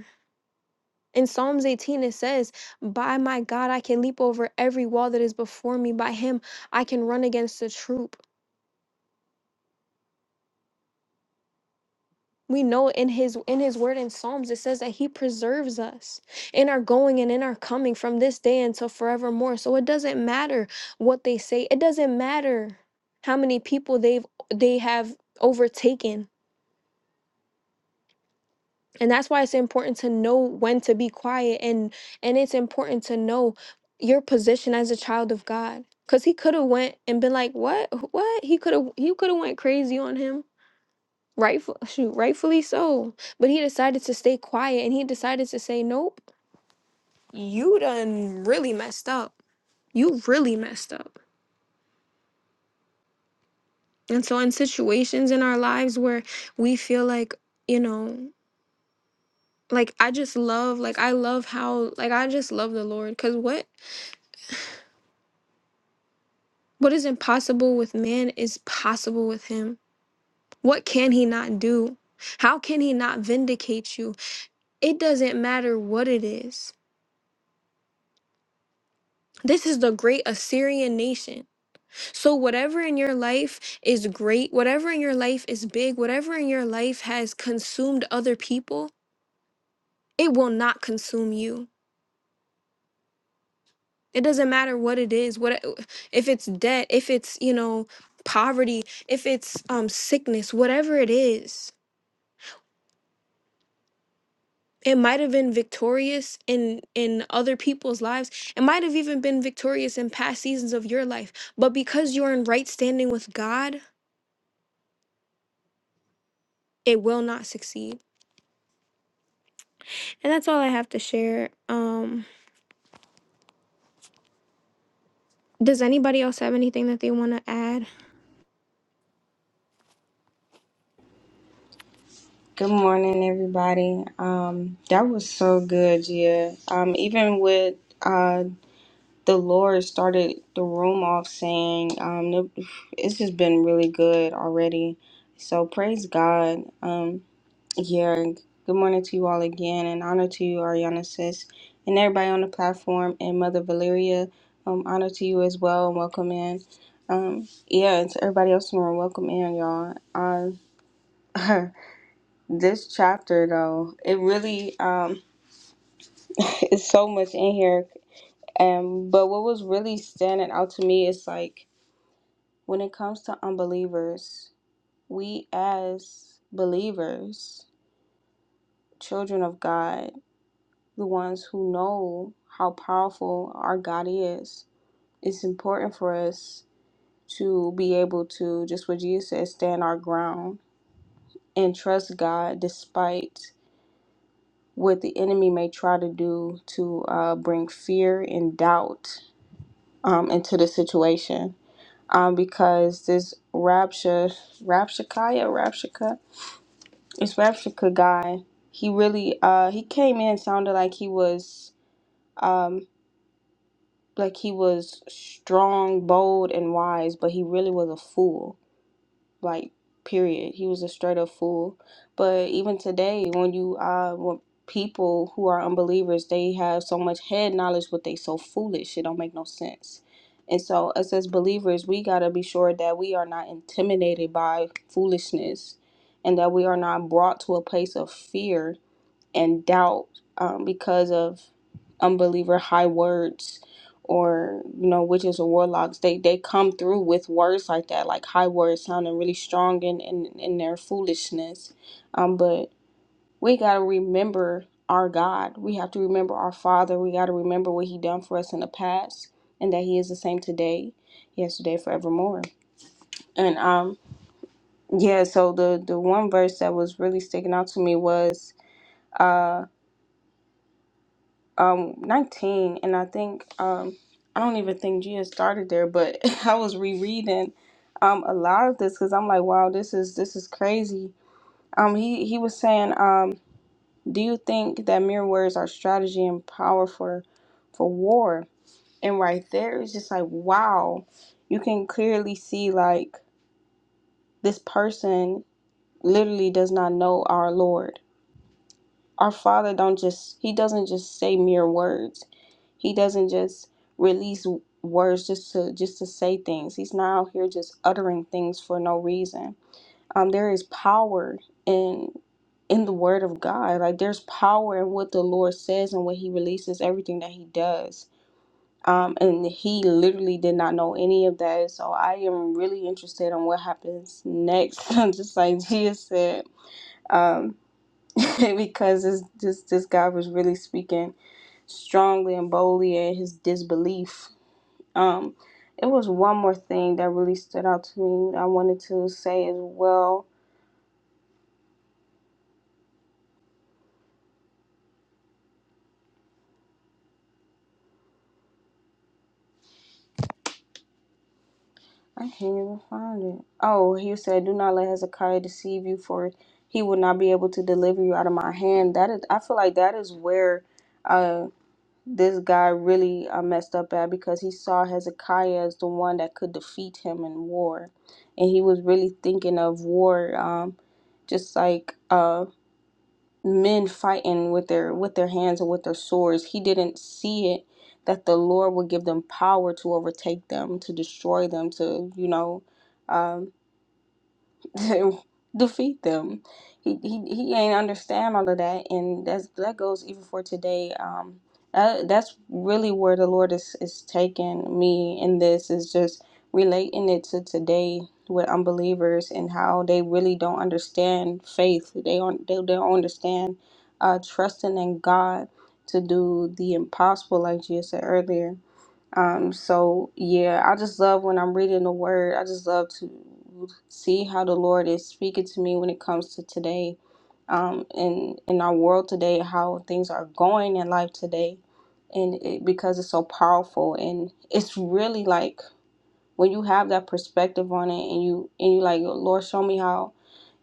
[SPEAKER 1] In Psalms 18, it says, By my God, I can leap over every wall that is before me. By him, I can run against a troop. We know in his in his word in Psalms it says that he preserves us in our going and in our coming from this day until forevermore. So it doesn't matter what they say. It doesn't matter how many people they've they have overtaken. and that's why it's important to know when to be quiet and and it's important to know your position as a child of god because he could have went and been like what what he could have he could have went crazy on him rightful shoot rightfully so but he decided to stay quiet and he decided to say nope you done really messed up you really messed up and so in situations in our lives where we feel like you know like i just love like i love how like i just love the lord because what What is impossible with man is possible with him. What can he not do? How can he not vindicate you? It doesn't matter what it is. This is the great Assyrian nation. So, whatever in your life is great, whatever in your life is big, whatever in your life has consumed other people, it will not consume you. It doesn't matter what it is. What if it's debt, if it's, you know, poverty, if it's um sickness, whatever it is it might have been victorious in in other people's lives it might have even been victorious in past seasons of your life but because you're in right standing with god it will not succeed and that's all i have to share um does anybody else have anything that they want to add
[SPEAKER 2] Good morning, everybody. Um, that was so good, yeah. Um, even with uh, the Lord started the room off saying, um, no- it's just been really good already. So praise God. Um, yeah. Good morning to you all again, and honor to you, Ariana Sis, and everybody on the platform, and Mother Valeria. Um, honor to you as well, and welcome in. Um, yeah, and to everybody else in the room, welcome in, y'all. Uh, This chapter though, it really um it's so much in here. Um but what was really standing out to me is like when it comes to unbelievers, we as believers, children of God, the ones who know how powerful our God is, it's important for us to be able to just what Jesus said, stand our ground and trust God despite what the enemy may try to do to uh, bring fear and doubt um, into the situation. Um, because this Rabsha, Rabshakaya, Rabshaka, this Rabshaka guy, he really, uh, he came in sounded like he was, um, like he was strong, bold, and wise, but he really was a fool like period he was a straight up fool but even today when you uh when people who are unbelievers they have so much head knowledge but they so foolish it don't make no sense and so us as believers we got to be sure that we are not intimidated by foolishness and that we are not brought to a place of fear and doubt um, because of unbeliever high words or you know witches or warlocks they they come through with words like that like high words sounding really strong in in, in their foolishness um but we got to remember our god we have to remember our father we got to remember what he done for us in the past and that he is the same today yesterday forevermore and um yeah so the the one verse that was really sticking out to me was uh. um 19 and i think um i don't even think gia started there but i was rereading um a lot of this because i'm like wow this is this is crazy um he he was saying um do you think that mere words are strategy and power for for war and right there it's just like wow you can clearly see like this person literally does not know our lord our father don't just he doesn't just say mere words He doesn't just release words just to just to say things. He's not out here just uttering things for no reason. Um, there is power in in the word of God. Like there's power in what the Lord says and what he releases, everything that he does. Um, and he literally did not know any of that. So I am really interested in what happens next. just like Gia said. Um because this, this this guy was really speaking strongly and boldly in his disbelief um, it was one more thing that really stood out to me. that I wanted to say as well. I can't even find it. Oh, he said, "Do not let Hezekiah deceive you, for he will not be able to deliver you out of my hand." That is, I feel like that is where uh, this guy really uh, messed up at because he saw Hezekiah as the one that could defeat him in war, and he was really thinking of war, um, just like. Uh, men fighting with their with their hands and with their swords he didn't see it that the lord would give them power to overtake them to destroy them to you know um, defeat them. He, he he ain't understand all of that, and that's that goes even for today. Um, that, that's really where the Lord is is taking me in this is just relating it to today with unbelievers and how they really don't understand faith. They don't they, they don't understand uh, trusting in God to do the impossible, like you said earlier um, so yeah, I just love when I'm reading the word. I just love to see how the Lord is speaking to me when it comes to today, um, in in our world today, how things are going in life today, and it, because it's so powerful and it's really like when you have that perspective on it and you and you like lord show me how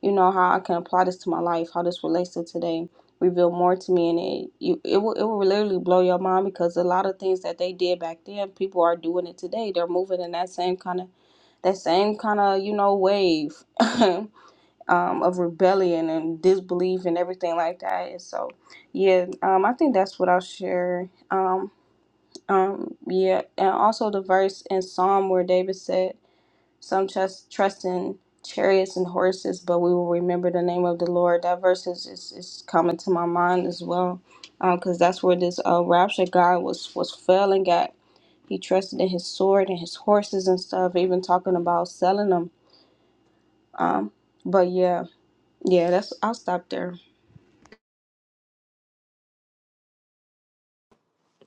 [SPEAKER 2] you know how i can apply this to my life how this relates to today reveal more to me and it you it will, it will literally blow your mind because a lot of things that they did back then people are doing it today they're moving in that same kind of that same kind of you know wave um, of rebellion and disbelief and everything like that and so yeah um, i think that's what i'll share um, um, yeah and also the verse in psalm where david said some trust, trust in chariots and horses, but we will remember the name of the Lord. That verse is, is, is coming to my mind as well, because that's where this uh, rapture guy was was failing at. He trusted in his sword and his horses and stuff, even talking about selling them. Um, but yeah, yeah, that's I'll stop there.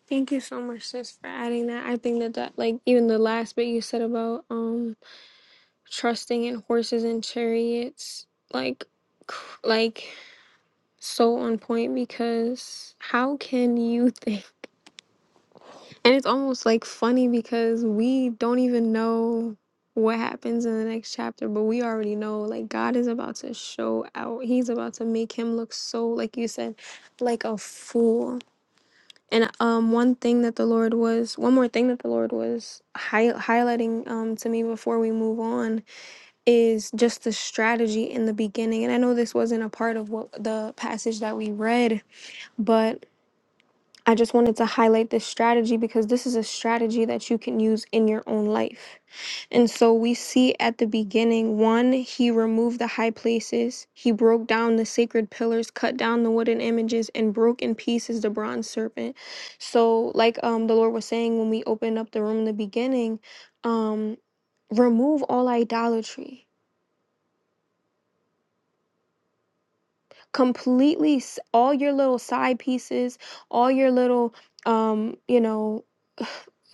[SPEAKER 1] thank you so much sis for adding that i think that that like even the last bit you said about um trusting in horses and chariots like cr- like so on point because how can you think And it's almost like funny because we don't even know what happens in the next chapter, but we already know like God is about to show out. He's about to make him look so, like you said, like a fool. And um, one thing that the Lord was, one more thing that the Lord was hi- highlighting um, to me before we move on is just the strategy in the beginning. And I know this wasn't a part of what the passage that we read, but. I just wanted to highlight this strategy because this is a strategy that you can use in your own life. And so we see at the beginning one, he removed the high places, he broke down the sacred pillars, cut down the wooden images, and broke in pieces the bronze serpent. So, like um, the Lord was saying when we opened up the room in the beginning, um, remove all idolatry. completely s- all your little side pieces, all your little um, you know,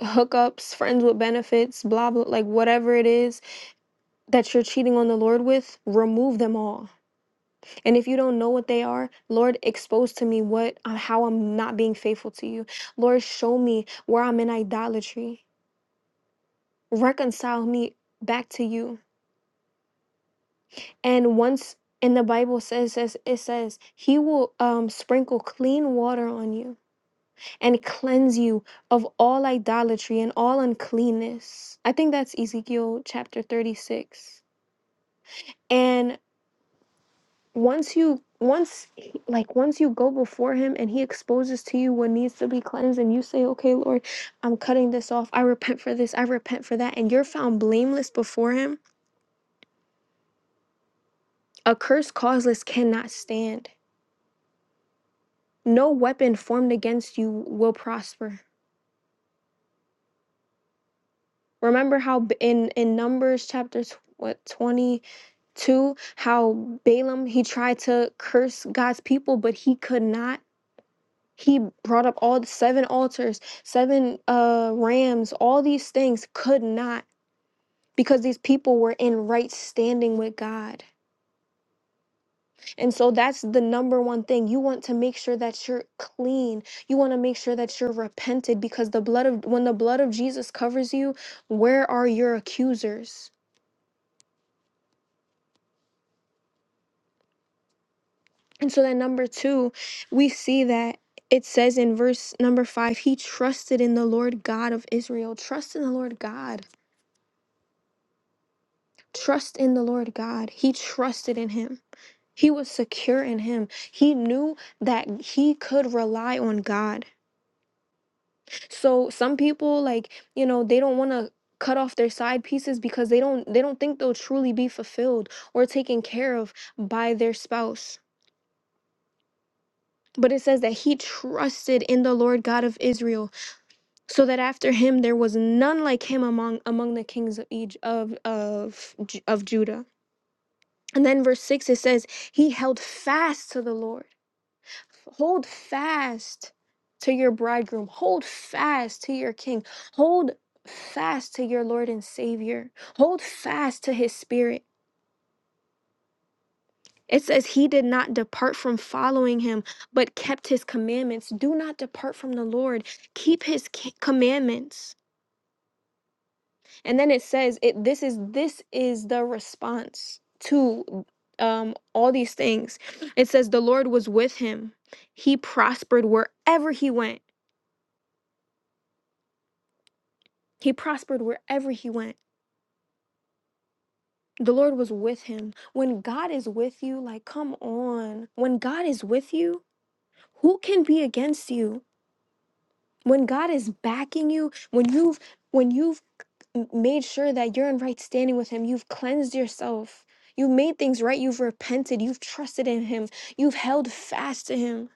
[SPEAKER 1] hookups, friends with benefits, blah blah like whatever it is that you're cheating on the Lord with, remove them all. And if you don't know what they are, Lord, expose to me what uh, how I'm not being faithful to you. Lord, show me where I'm in idolatry. Reconcile me back to you. And once and the Bible says says it says he will um sprinkle clean water on you and cleanse you of all idolatry and all uncleanness. I think that's Ezekiel chapter 36. And once you once like once you go before him and he exposes to you what needs to be cleansed and you say okay lord i'm cutting this off i repent for this i repent for that and you're found blameless before him a curse causeless cannot stand no weapon formed against you will prosper remember how in in numbers chapter tw- what 20 Two, how Balaam he tried to curse God's people, but he could not. He brought up all the seven altars, seven uh rams, all these things could not because these people were in right standing with God. And so that's the number one thing. You want to make sure that you're clean. You want to make sure that you're repented because the blood of when the blood of Jesus covers you, where are your accusers? And so then number two, we see that it says in verse number five, he trusted in the Lord God of Israel. Trust in the Lord God. Trust in the Lord God. He trusted in him. He was secure in him. He knew that he could rely on God. So some people like, you know, they don't want to cut off their side pieces because they don't they don't think they'll truly be fulfilled or taken care of by their spouse. But it says that he trusted in the Lord God of Israel so that after him there was none like him among among the kings of Egypt, of of Ju- of Judah. And then verse 6 it says he held fast to the Lord. Hold fast to your bridegroom. Hold fast to your king. Hold fast to your Lord and Savior. Hold fast to his spirit. It says he did not depart from following him, but kept his commandments. Do not depart from the Lord. Keep his ki- commandments. And then it says it this is this is the response to um all these things. It says the Lord was with him. He prospered wherever he went. He prospered wherever he went. The Lord was with him. When God is with you, like come on. When God is with you, who can be against you? When God is backing you, when you've when you've m- made sure that you're in right standing with him. You've cleansed yourself. You've made things right. You've repented. You've trusted in him. You've held fast to him.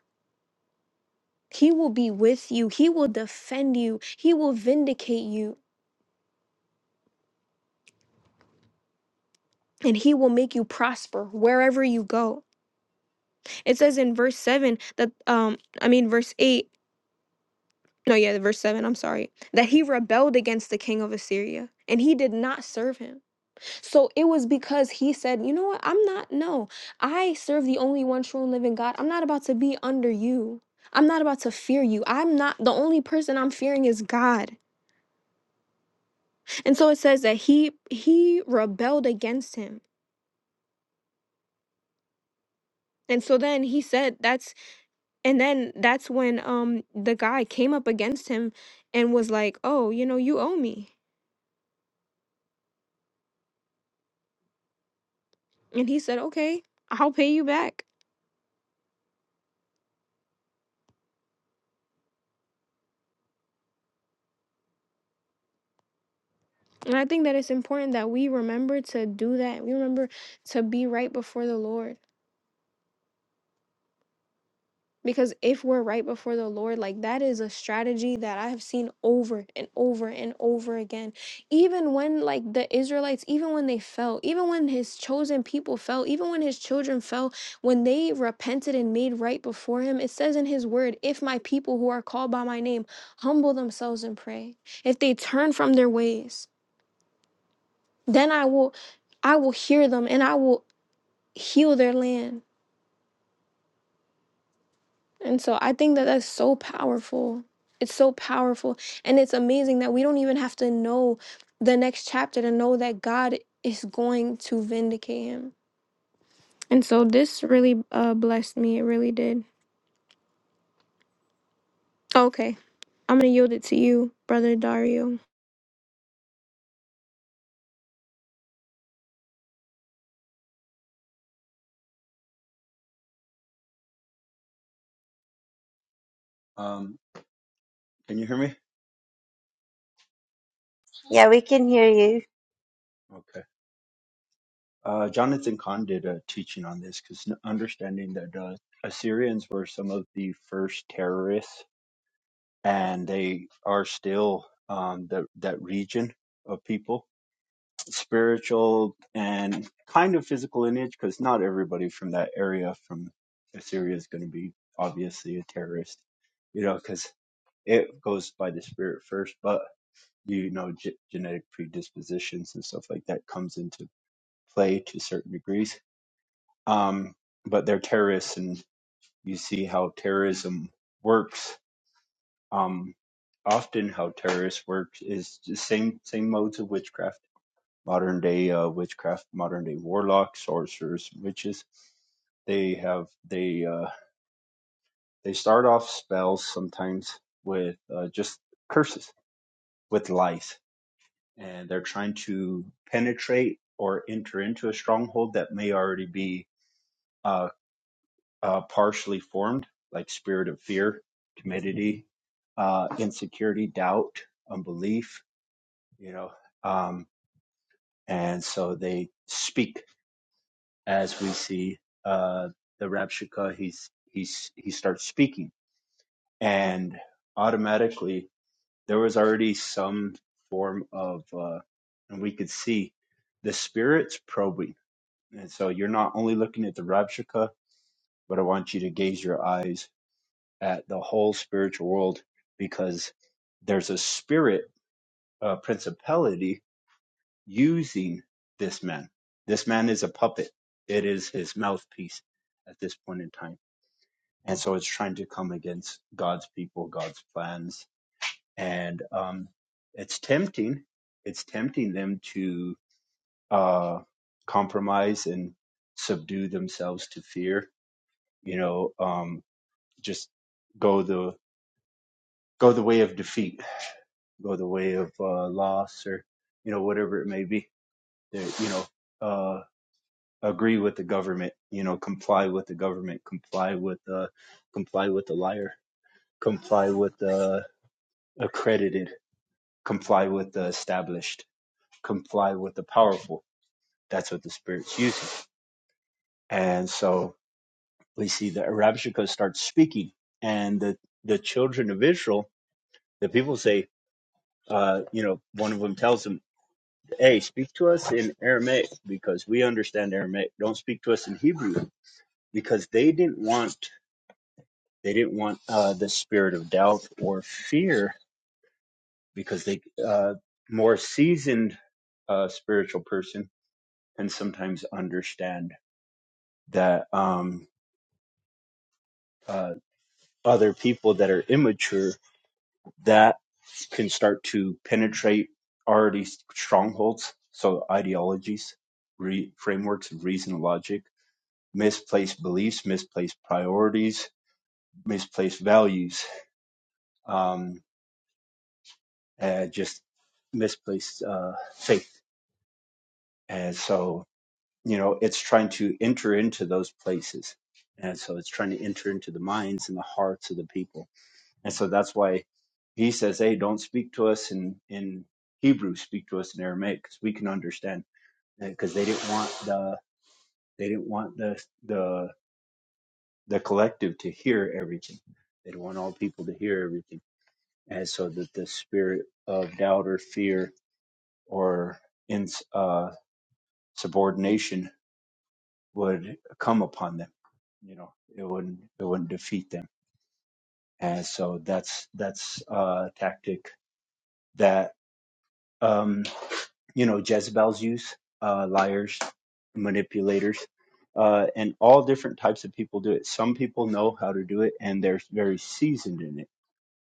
[SPEAKER 1] He will be with you. He will defend you. He will vindicate you. And he will make you prosper wherever you go. It says in verse 7 that, um, I mean, verse 8, no, yeah, verse 7, I'm sorry, that he rebelled against the king of Assyria and he did not serve him. So it was because he said, You know what? I'm not, no, I serve the only one true and living God. I'm not about to be under you. I'm not about to fear you. I'm not the only person I'm fearing is God. And so it says that he he rebelled against him. And so then he said that's and then that's when um the guy came up against him and was like, "Oh, you know, you owe me." And he said, "Okay, I'll pay you back." And I think that it's important that we remember to do that. We remember to be right before the Lord Because if we're right before the Lord, like that is a strategy that I have seen over and over and over again. Even when, like, the Israelites, even when they fell, even when his chosen people fell, even when his children fell, when they repented and made right before him, it says in his word, if my people who are called by my name humble themselves and pray, if they turn from their ways, then I will. I will hear them and I will heal their land. And so I think that that's so powerful. It's so powerful. And it's amazing that we don't even have to know the next chapter to know that God is going to vindicate him. And so this really uh, blessed me. It really did. Okay. I'm going to yield it to you, Brother Dario.
[SPEAKER 3] Um, can you hear me?
[SPEAKER 4] Yeah, we can hear you.
[SPEAKER 3] Okay. Uh, Jonathan Kahn did a teaching on this because understanding that uh, Assyrians were some of the first terrorists, and they are still um, that that region of people, spiritual and kind of physical lineage, because not everybody from that area from Assyria is going to be obviously a terrorist, you know, because it goes by the spirit first, but you know ge- genetic predispositions and stuff like that comes into play to certain degrees. Um, but they're terrorists, and you see how terrorism works. Um, often, how terrorists work is the same same modes of witchcraft, modern day uh, witchcraft, modern day warlocks, sorcerers, witches. They have they uh, they start off spells sometimes with uh, just curses, with lies, and they're trying to penetrate or enter into a stronghold that may already be uh, uh, partially formed, like spirit of fear, timidity, uh, insecurity, doubt, unbelief, you know. Um, and so they speak as we see uh, the Rabshakeh, he's, he's, he starts speaking. And automatically, there was already some form of, uh, and we could see the spirit's probing. And so you're not only looking at the Rabshakeh, but I want you to gaze your eyes at the whole spiritual world because there's a spirit uh, principality using this man. This man is a puppet. It is his mouthpiece at this point in time. And so it's trying to come against God's people, God's plans. And um, it's tempting. It's tempting them to uh, compromise and subdue themselves to fear, you know, um, just go the go the way of defeat go the way of uh, loss or you know whatever it may be that you know uh, agree with the government you know comply with the government comply with uh, comply with the liar comply with the accredited comply with the established comply with the powerful that's what the spirit's using and so we see that Rabshakeh starts speaking and the the children of Israel the people say uh, you know one of them tells him Hey, speak to us in Aramaic because we understand Aramaic. Don't speak to us in Hebrew because they didn't want they didn't want uh, the spirit of doubt or fear because they uh, more seasoned uh, spiritual person can sometimes understand that um, uh, other people that are immature that can start to penetrate already strongholds, so ideologies, re- frameworks of reason and logic misplaced beliefs, misplaced priorities, misplaced values, um, and just misplaced uh, faith. And so, you know, it's trying to enter into those places. And so it's trying to enter into the minds and the hearts of the people. And so that's why he says, hey, don't speak to us in, in Hebrew, speak to us in Aramaic because we can understand. Because they didn't want the they didn't want the the the collective to hear everything. They did not want all people to hear everything and so that the spirit of doubt or fear or in uh, subordination would come upon them. You know, it wouldn't it wouldn't defeat them. And so that's that's a tactic that um, you know Jezebel's use, uh, liars, manipulators, uh, and all different types of people do it. Some people know how to do it, and they're very seasoned in it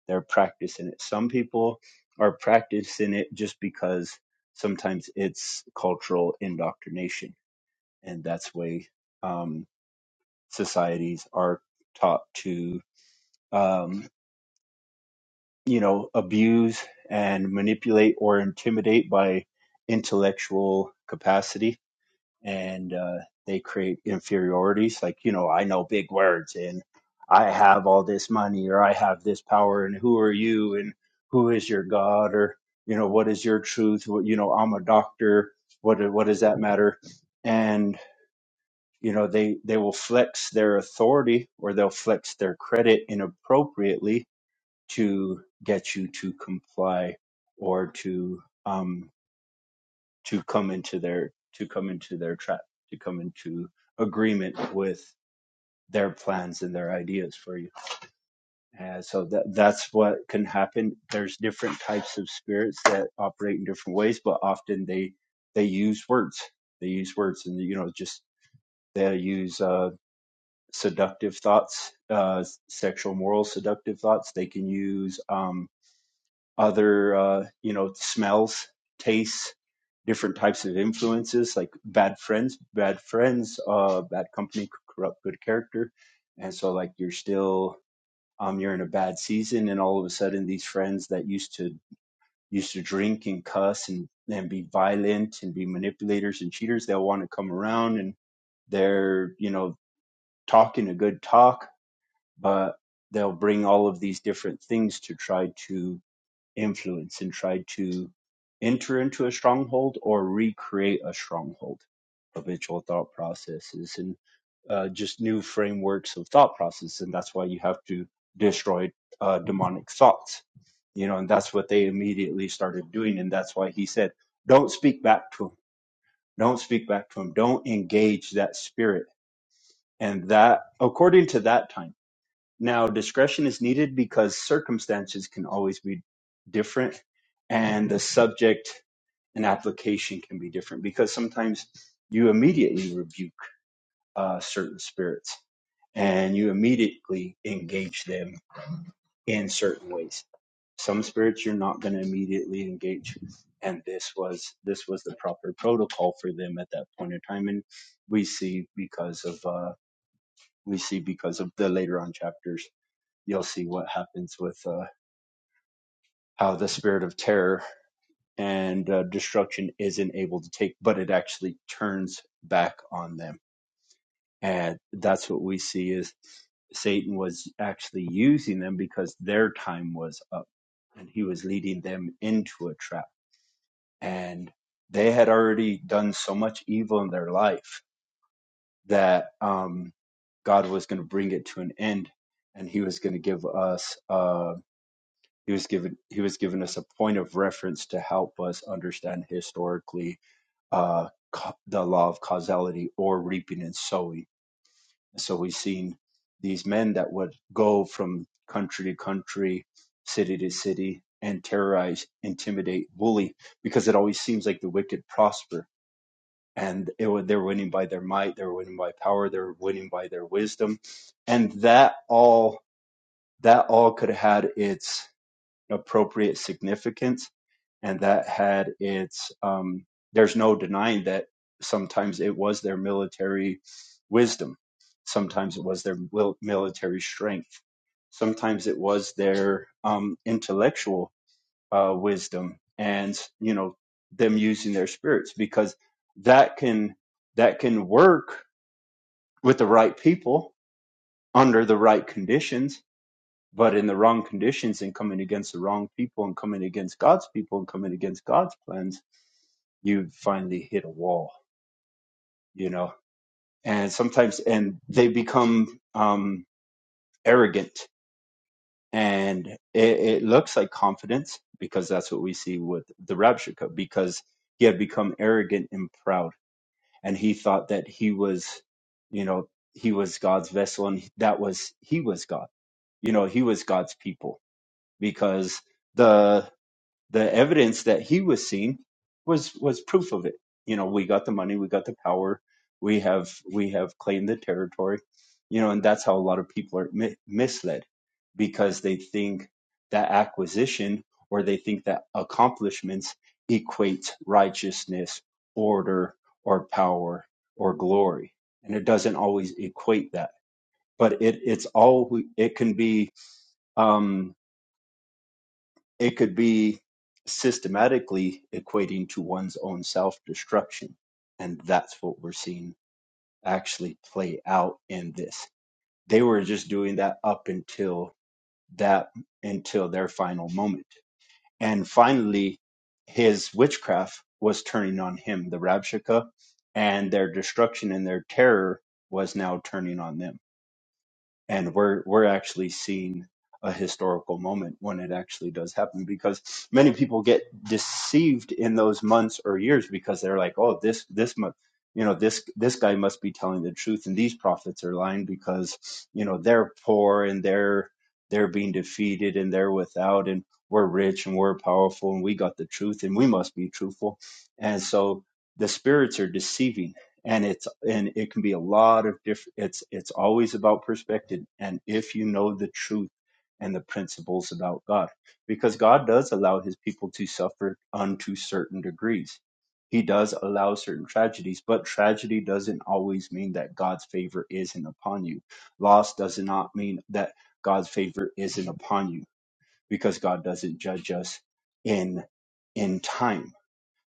[SPEAKER 3] They're practicing it. Some people are practicing it just because sometimes it's cultural indoctrination, and that's the way um, societies are taught to, um, you know, abuse and manipulate or intimidate by intellectual capacity and uh, they create inferiorities. Like, you know, I know big words and I have all this money or I have this power and who are you and who is your God or, you know, what is your truth? What, you know, I'm a doctor. What, what does that matter? And, you know, they, they will flex their authority or they'll flex their credit inappropriately to get you to comply or to, um, to come into their to come into their trap to come into agreement with their plans and their ideas for you and so that that's what can happen there's different types of spirits that operate in different ways but often they they use words they use words and you know just they use uh seductive thoughts uh sexual moral seductive thoughts they can use um, other uh, you know smells tastes different types of influences like bad friends bad friends uh, bad company could corrupt good character and so like you're still um, you're in a bad season and all of a sudden these friends that used to used to drink and cuss and and be violent and be manipulators and cheaters they'll want to come around and they're you know talking a good talk but they'll bring all of these different things to try to influence and try to enter into a stronghold or recreate a stronghold habitual thought processes and uh, just new frameworks of thought process and that's why you have to destroy uh, demonic thoughts you know and that's what they immediately started doing and that's why he said don't speak back to him don't speak back to him don't engage that spirit and that according to that time now, discretion is needed because circumstances can always be different and the subject and application can be different because sometimes you immediately rebuke uh, certain spirits and you immediately engage them in certain ways. Some spirits you're not going to immediately engage. And this was this was the proper protocol for them at that point in time, and we see because of uh, we see because of the later on chapters, you'll see what happens with uh, how the spirit of terror and uh, destruction isn't able to take, but it actually turns back on them. And that's what we see is Satan was actually using them because their time was up and he was leading them into a trap. And they had already done so much evil in their life that um, God was going to bring it to an end and he was going to give us uh, He was given he was given us a point of reference to help us understand historically uh, ca- the law of causality or reaping and sowing. So we've seen these men that would go from country to country, city to city, and terrorize, intimidate, bully, because it always seems like the wicked prosper. And it, wa- they're winning by their might, they're winning by power, they're winning by their wisdom, and that all that all could have had its appropriate significance and that had its um, there's no denying that sometimes it was their military wisdom sometimes it was their mil- military strength sometimes it was their um, intellectual uh, wisdom and you know them using their spirits because that can that can work with the right people under the right conditions but in the wrong conditions and coming against the wrong people and coming against God's people and coming against God's plans, you finally hit a wall, you know. And sometimes, and they become um, arrogant, and it, it looks like confidence because that's what we see with the rapture, because he had become arrogant and proud, and he thought that he was, you know, he was God's vessel, and that was he was God, you know, he was God's people because. the. the evidence that he was seen was was proof of it you know we got the money we got the power we have we have claimed the territory you know and that's how a lot of people are mi- misled because they think that acquisition or they think that accomplishments equates righteousness order or power or glory and it doesn't always equate that but it it's all it can be Um, it could be systematically equating to one's own self destruction. And that's what we're seeing actually play out in this. They were just doing that up until that, until their final moment. And finally, his witchcraft was turning on him, the Rabshakeh, and their destruction and their terror was now turning on them and we're we're actually seeing a historical moment when it actually does happen because many people get deceived in those months or years because they're like oh this this month you know this this guy must be telling the truth and these prophets are lying because you know they're poor and they're they're being defeated and they're without and we're rich and we're powerful and we got the truth and we must be truthful and so the spirits are deceiving and it's and it can be a lot of different it's it's always about perspective and if you know the truth and the principles about god because god does allow his people to suffer unto certain degrees he does allow certain tragedies but tragedy doesn't always mean that god's favor isn't upon you loss does not mean that god's favor isn't upon you because god doesn't judge us in in time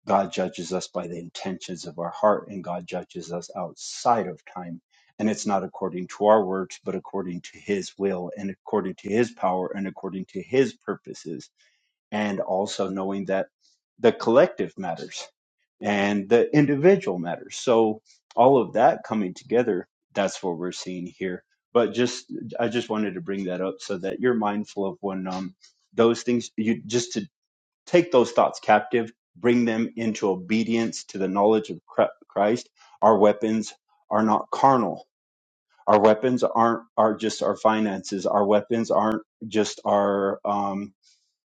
[SPEAKER 3] God judges us by the intentions of our heart, and God judges us outside of time. And it's not according to our works, but according to His will, and according to His power, and according to His purposes. And also knowing that the collective matters and the individual matters. So, all of that coming together, that's what we're seeing here. But just, I just wanted to bring that up so that you're mindful of when um, those things, you just to Take those thoughts captive, bring them into obedience to the knowledge of Christ. Our weapons are not carnal. Our weapons aren't are just our finances. Our weapons aren't just our um,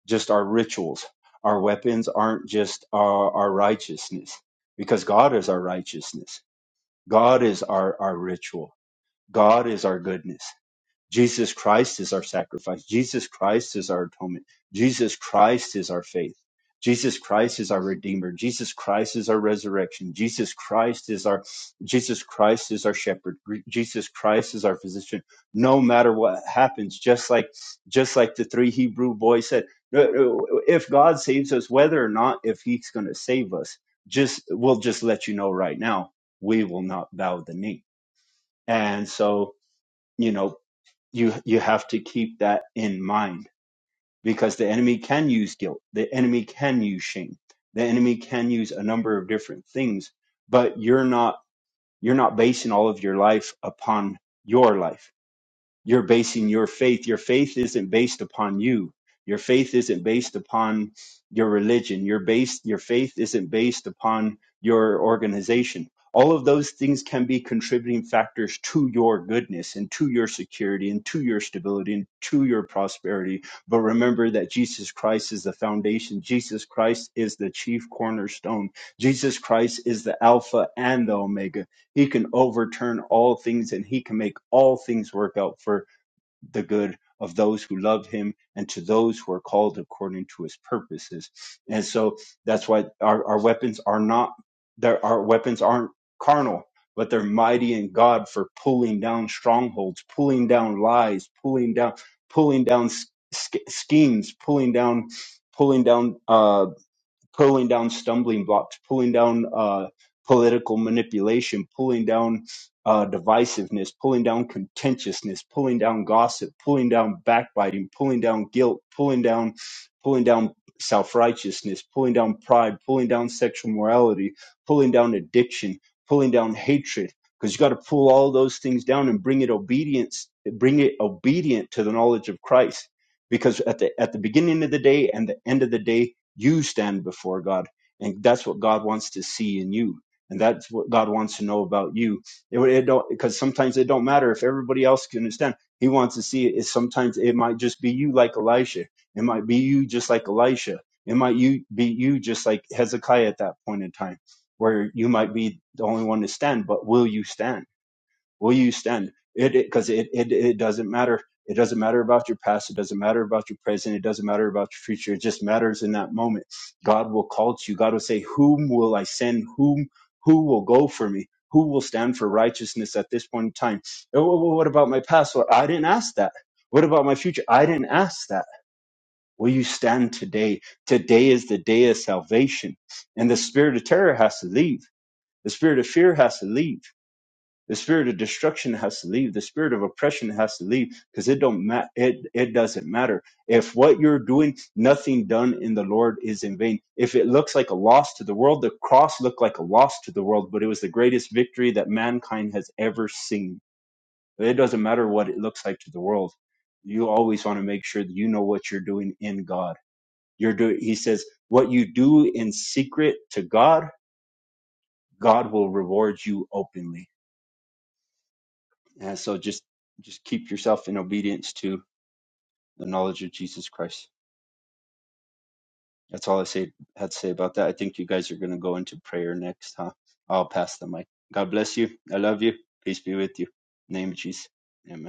[SPEAKER 3] just our rituals. Our weapons aren't just our, our righteousness, because God is our righteousness. God is our, our ritual. God is our goodness. Jesus Christ is our sacrifice. Jesus Christ is our atonement. Jesus Christ is our faith. Jesus Christ is our redeemer. Jesus Christ is our resurrection. Jesus Christ is our Jesus Christ is our shepherd. Gre- Jesus Christ is our physician. No matter what happens, just like just like the three Hebrew boys said, "Uh, uh, if God saves us, whether or not if He's going to save us, just we'll just let you know right now, we will not bow the knee. And so, you know, you you have to keep that in mind because the enemy can use guilt the enemy can use shame the enemy can use a number of different things but you're not you're not basing all of your life upon your life you're basing your faith. Your faith isn't based upon you. Your faith isn't based upon your religion. Your base. your faith isn't based upon your organization. All of those things can be contributing factors to your goodness and to your security and to your stability and to your prosperity. But remember that Jesus Christ is the foundation. Jesus Christ is the chief cornerstone. Jesus Christ is the Alpha and the Omega. He can overturn all things and he can make all things work out for the good of those who love him and to those who are called according to his purposes. And so that's why our, our weapons are not there our weapons aren't carnal, but they're mighty in God for pulling down strongholds, pulling down lies, pulling down pulling down sch- schemes, pulling down pulling down uh, pulling down stumbling blocks, pulling down uh, political manipulation, pulling down uh, divisiveness, pulling down contentiousness, pulling down gossip, pulling down backbiting, pulling down guilt, pulling down, pulling down self righteousness, pulling down pride, pulling down sexual morality, pulling down addiction, pulling down hatred. Because you got to pull all those things down and bring it obedience, bring it obedient to the knowledge of Christ because at the at the beginning of the day and the end of the day you stand before God, and that's what God wants to see in you, and that's what God wants to know about you. It, it don't because sometimes it don't matter if everybody else can understand. He wants to see it. Is sometimes it might just be you like Elisha. It might be you just like Elisha. It might you be you just like Hezekiah at that point in time, where you might be the only one to stand. But will you stand? will you stand it because it, it it doesn't matter it doesn't matter about your past it doesn't matter about your present it doesn't matter about your future it just matters in that moment god will call to you god will say whom will i send whom who will go for me who will stand for righteousness at this point in time "Oh, what about my past well, i didn't ask that what about my future i didn't ask that will you stand today today is the day of salvation and the spirit of terror has to leave the spirit of fear has to leave the spirit of destruction has to leave. The spirit of oppression has to leave because it don't ma- it it doesn't matter if what you're doing, nothing done in the Lord is in vain. If it looks like a loss to the world, the cross looked like a loss to the world, but it was the greatest victory that mankind has ever seen. It doesn't matter what it looks like to the world. You always want to make sure that you know what you're doing in God. You're doing. He says, "What you do in secret to God, God will reward you openly." And so just just keep yourself in obedience to the knowledge of Jesus Christ. That's all I say had to say about that. I think you guys are going to go into prayer next, huh? I'll pass the mic. God bless you. I love you. Peace be with you. In the name of Jesus. Amen.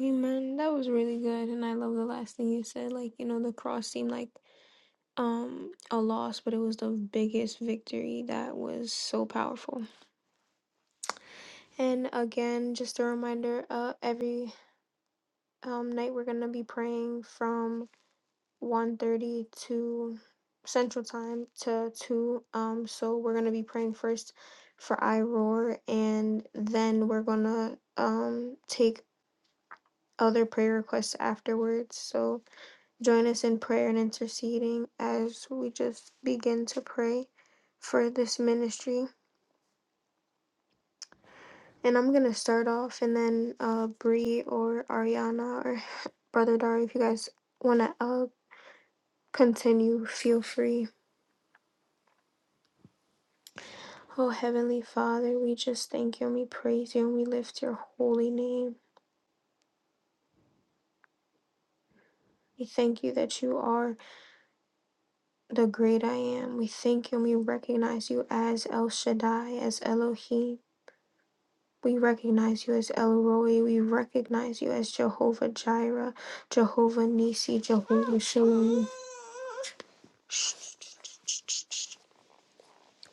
[SPEAKER 1] Amen. That was really good. And I love the last thing you said. Like, you know, the cross seemed like um a loss but it was the biggest victory that was so powerful and again just a reminder uh every um, night we're gonna be praying from 1.30 to Central Time to two. Um, so we're gonna be praying first for I and then we're gonna um take other prayer requests afterwards. So join us in prayer and interceding as we just begin to pray for this ministry. And I'm gonna start off, and then uh, Bree or Ariana or Brother Dari, if you guys wanna uh, Continue, feel free. Oh, Heavenly Father, we just thank you and we praise you and we lift your holy name. We thank you that you are the great I am. We thank you and we recognize you as El Shaddai, as Elohim. We recognize you as El Roi. We recognize you as Jehovah Jireh, Jehovah Nissi, Jehovah Shalom.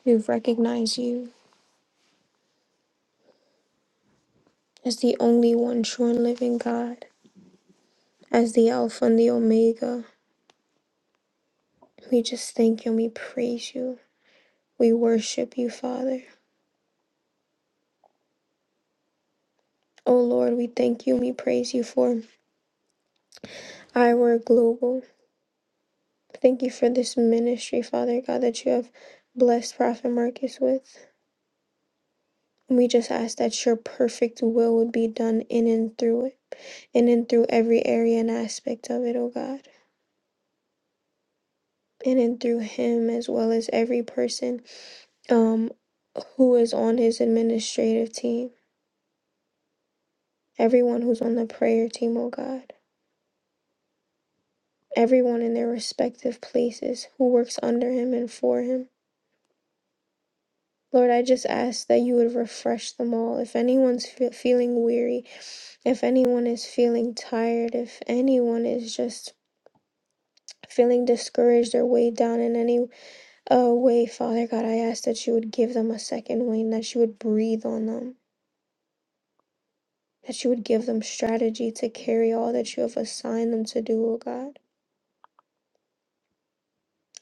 [SPEAKER 1] We recognize you as the only one true and living God, as the Alpha and the Omega. We just thank you and we praise you. We worship you, Father. Oh Lord, we thank you and we praise you for our global. Thank you for this ministry, Father God, that you have blessed Prophet Marcus with. We just ask that your perfect will would be done in and through it, in and through every area and aspect of it, oh God. In and through him, as well as every person um, who is on his administrative team, everyone who's on the prayer team, oh God. everyone in their respective places who works under him and for him. Lord, I just ask that you would refresh them all. If anyone's fe- feeling weary, if anyone is feeling tired, if anyone is just feeling discouraged or weighed down in any uh, way, Father God, I ask that you would give them a second wind, that you would breathe on them, that you would give them strategy to carry all that you have assigned them to do, O God.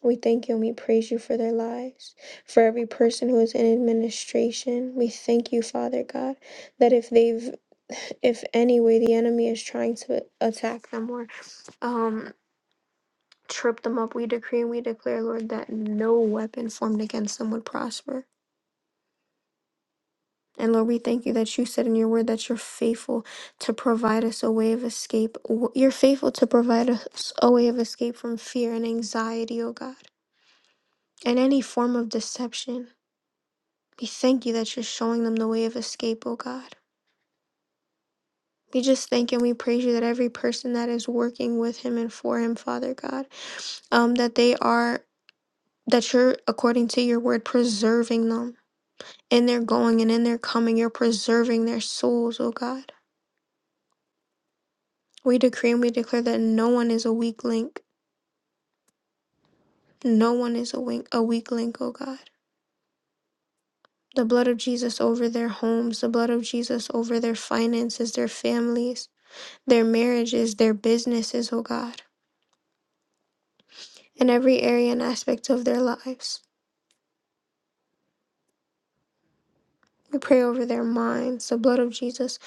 [SPEAKER 1] We thank you and we praise you for their lives, for every person who is in administration. We thank you, Father God, that if they've, if any way the enemy is trying to attack them or um, trip them up, we decree and we declare, Lord, that no weapon formed against them would prosper. And Lord, we thank you that you said in your word that you're faithful to provide us a way of escape. You're faithful to provide us a way of escape from fear and anxiety, oh God, and any form of deception. We thank you that you're showing them the way of escape, O God. We just thank and we praise you that every person that is working with him and for him, Father God, um, that they are, that you're, according to your word, preserving them in their going and in their coming. You're preserving their souls, O God. We decree and we declare that no one is a weak link. No one is a, wink, a weak link, O God. The blood of Jesus over their homes, the blood of Jesus over their finances, their families, their marriages, their businesses, O God in every area and aspect of their lives. We pray over their minds, the blood of Jesus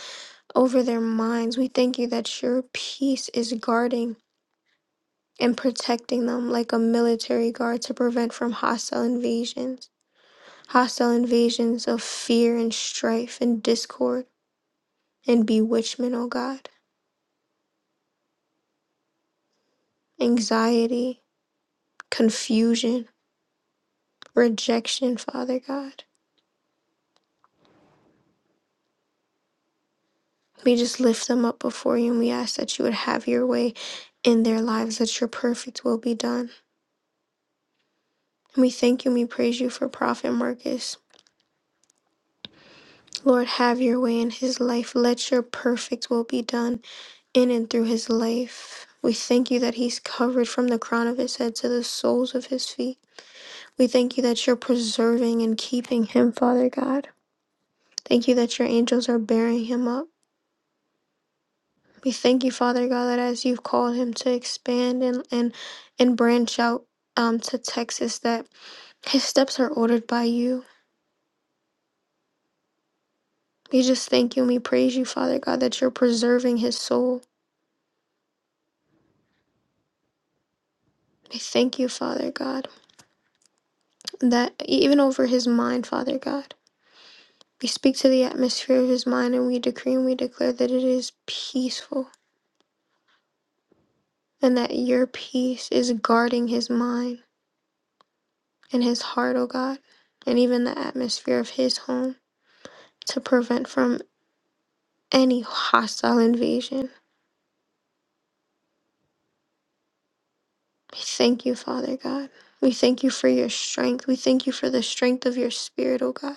[SPEAKER 1] over their minds. We thank you that your peace is guarding and protecting them like a military guard to prevent from hostile invasions, hostile invasions of fear and strife and discord and bewitchment, oh God, anxiety, confusion, rejection, Father God. We just lift them up before you and we ask that you would have your way in their lives, that your perfect will be done. We thank you and we praise you for Prophet Marcus. Lord, have your way in his life. Let your perfect will be done in and through his life. We thank you that he's covered from the crown of his head to the soles of his feet. We thank you that you're preserving and keeping him, Father God. Thank you that your angels are bearing him up. We thank you, Father God, that as you've called him to expand and and, and branch out um, to Texas, that his steps are ordered by you. We just thank you and we praise you, Father God, that you're preserving his soul. We thank you, Father God, that even over his mind, Father God, we speak to the atmosphere of his mind and we decree and we declare that it is peaceful and that your peace is guarding his mind and his heart, oh God, and even the atmosphere of his home to prevent from any hostile invasion. We thank you, Father God. We thank you for your strength. We thank you for the strength of your spirit, oh God.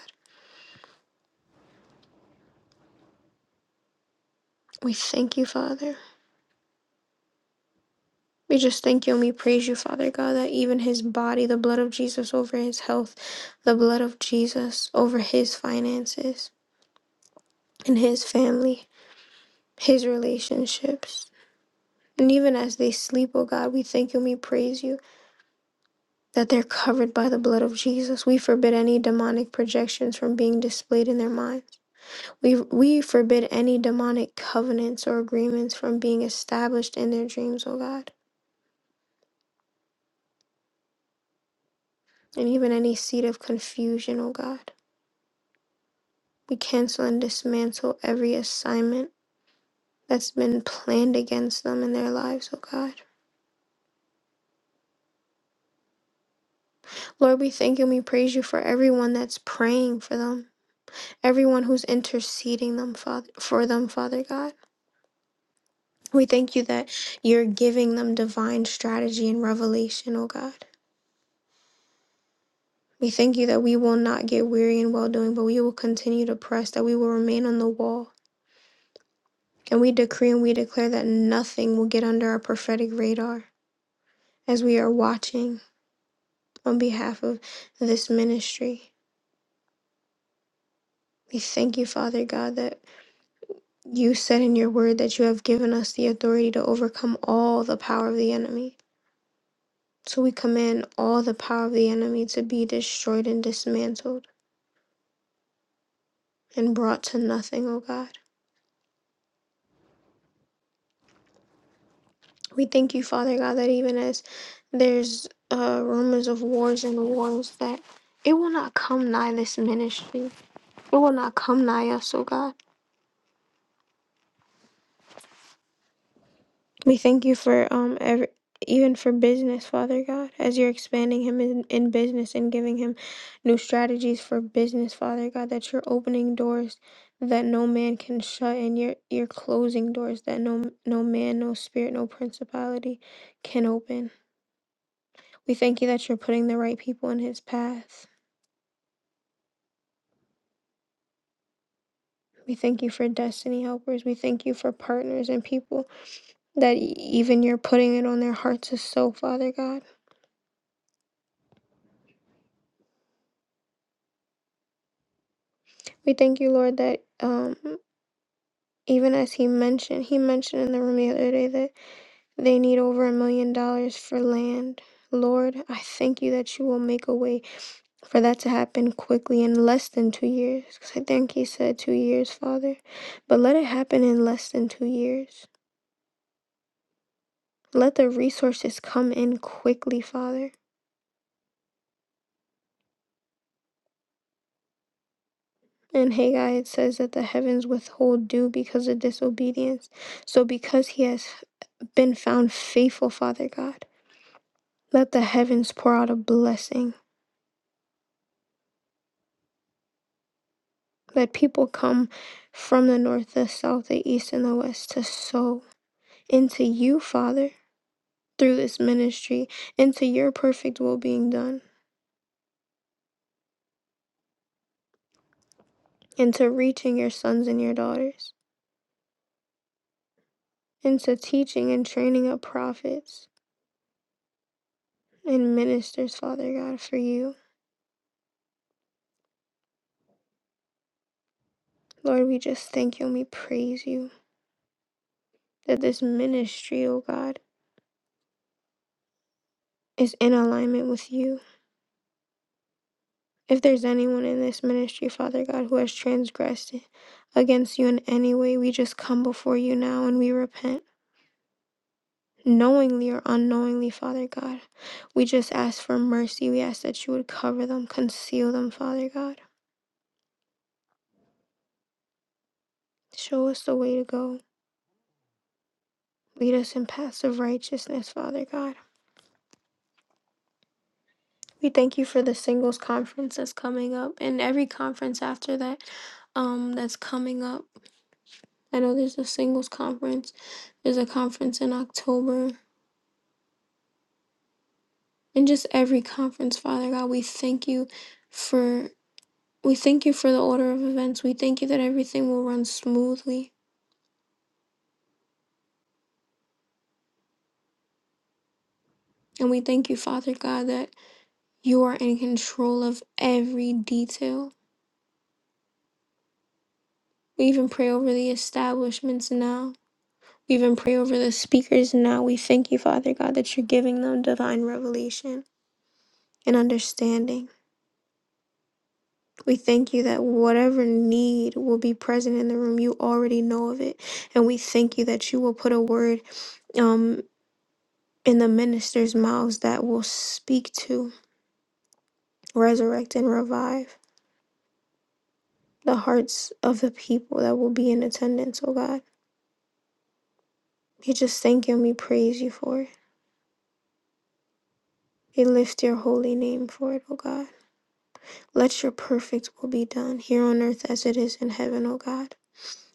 [SPEAKER 1] We thank you, Father. We just thank you and we praise you, Father God, that even his body, the blood of Jesus over his health, the blood of Jesus over his finances and his family, his relationships. And even as they sleep, oh God, we thank you and we praise you that they're covered by the blood of Jesus. We forbid any demonic projections from being displayed in their minds. We, we forbid any demonic covenants or agreements from being established in their dreams, oh God, and even any seed of confusion, oh God. We cancel and dismantle every assignment that's been planned against them in their lives, oh God. Lord, we thank you and we praise you for everyone that's praying for them, everyone who's interceding them, Father, for them, Father God. We thank you that you're giving them divine strategy and revelation, oh God. We thank you that we will not get weary in well doing, but we will continue to press, that we will remain on the wall. And we decree and we declare that nothing will get under our prophetic radar as we are watching on behalf of this ministry. We thank you, Father God, that you said in your word that you have given us the authority to overcome all the power of the enemy. So we command all the power of the enemy to be destroyed and dismantled and brought to nothing, O God. We thank you, Father God, that even as there's uh, rumors of wars and wars, that it will not come nigh this ministry. It will not come nigh us, O God. We thank you for um every, even for business, Father God, as you're expanding him in, in business and giving him new strategies for business, Father God, that you're opening doors that no man can shut and you're you're closing doors that no no man, no spirit, no principality can open. We thank you that you're putting the right people in his path. We thank you for destiny helpers. We thank you for partners and people that e, even you're putting it on their hearts to sow, Father God. We thank you, Lord, that um Even as he mentioned, he mentioned in the room the other day that they need over a million dollars for land. Lord, I thank you that you will make a way for that to happen quickly in less than two years. 'Cause I think he said two years, Father. But let it happen in less than two years. Let the resources come in quickly, Father. In Haggai, it says that the heavens withhold dew because of disobedience. So, because he has been found faithful, Father God, let the heavens pour out a blessing that people come from the north, the south, the east, and the west to sow into you, Father, through this ministry, into your perfect will being done, into reaching your sons and your daughters, into teaching and training up prophets and ministers, Father God, for you. Lord, we just thank you and we praise you that this ministry, oh God, is in alignment with you If there's anyone in this ministry, Father God, who has transgressed against you in any way, we just come before you now and we repent. Knowingly or unknowingly, Father God, we just ask for mercy. We ask that you would cover them, conceal them, Father God. Show us the way to go. Lead us in paths of righteousness, Father God. We thank you for the singles conference that's coming up and every conference after that um, that's coming up. I know there's a singles conference, there's a conference in October, and just every conference, Father God. We thank you for we thank you for the order of events. We thank you that everything will run smoothly. And we thank you, Father God, that you are in control of every detail. We even pray over the establishments now. We even pray over the speakers now. We thank you, Father God, that you're giving them divine revelation and understanding. We thank you that whatever need will be present in the room, you already know of it. And we thank you that you will put a word. um. in the ministers' mouths that will speak to, resurrect, and revive the hearts of the people that will be in attendance, oh God. We just thank you and we praise you for it. We lift your holy name for it, oh God. Let your perfect will be done here on earth as it is in heaven, oh God.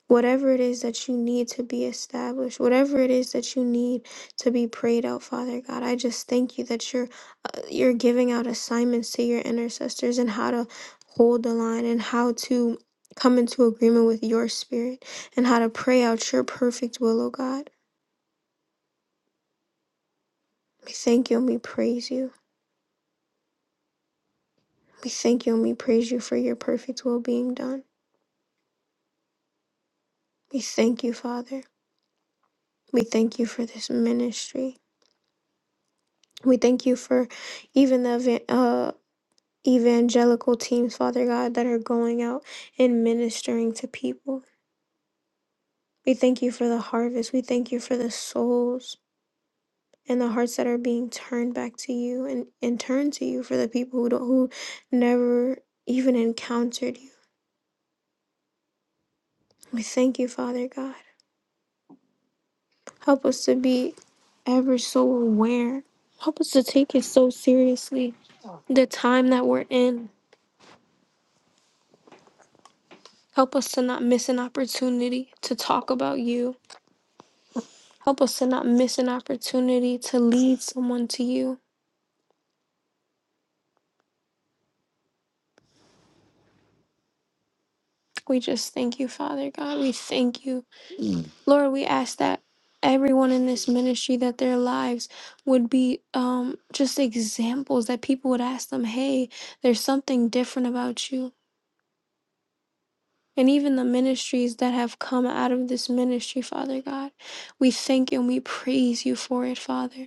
[SPEAKER 1] whatever it is that you need to be established, whatever it is that you need to be prayed out, Father God. I just thank you that you're uh, you're giving out assignments to your intercessors and how to hold the line and how to come into agreement with your spirit and how to pray out your perfect will, oh God. We thank you and we praise you. We thank you and we praise you for your perfect will being done. We thank you, Father. We thank you for this ministry. We thank you for even the evan- uh. evangelical teams, Father God, that are going out and ministering to people. We thank you for the harvest. We thank you for the souls and the hearts that are being turned back to you and, and turned to you for the people who don't, who never even encountered you. We thank you, Father God. Help us to be ever so aware. Help us to take it so seriously. The time that we're in. Help us to not miss an opportunity to talk about you Help us to not miss an opportunity to lead someone to you. We just thank you, Father God. We thank you. Lord, we ask that everyone in this ministry that their lives would be um just examples that people would ask them, "Hey, there's something different about you." And even the ministries that have come out of this ministry, Father God, we thank you and we praise you for it, Father.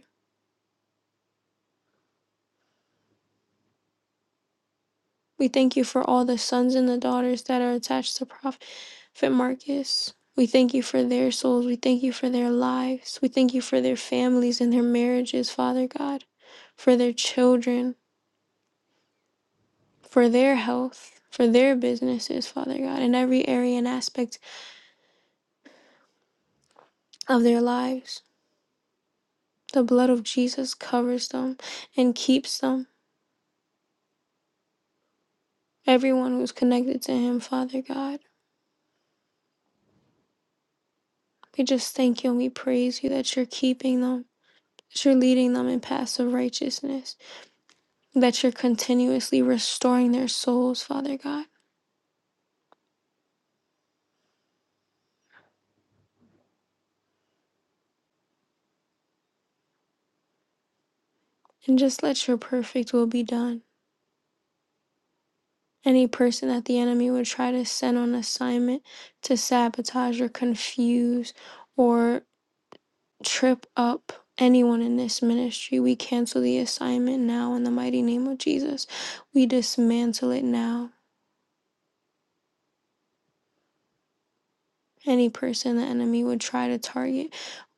[SPEAKER 1] We thank you for all the sons and the daughters that are attached to Prophet Marcus. We thank you for their souls. We thank you for their lives. We thank you for their families and their marriages, Father God, for their children, for their health, for their businesses, Father God, in every area and aspect of their lives. The blood of Jesus covers them and keeps them, everyone who's connected to Him, Father God. We just thank you and we praise you that you're keeping them. that you're leading them in paths of righteousness, that you're continuously restoring their souls, Father God. And just let your perfect will be done. Any person that the enemy would try to send on assignment to sabotage or confuse or trip up anyone in this ministry, we cancel the assignment now in the mighty name of Jesus. We dismantle it now. Any person the enemy would try to target,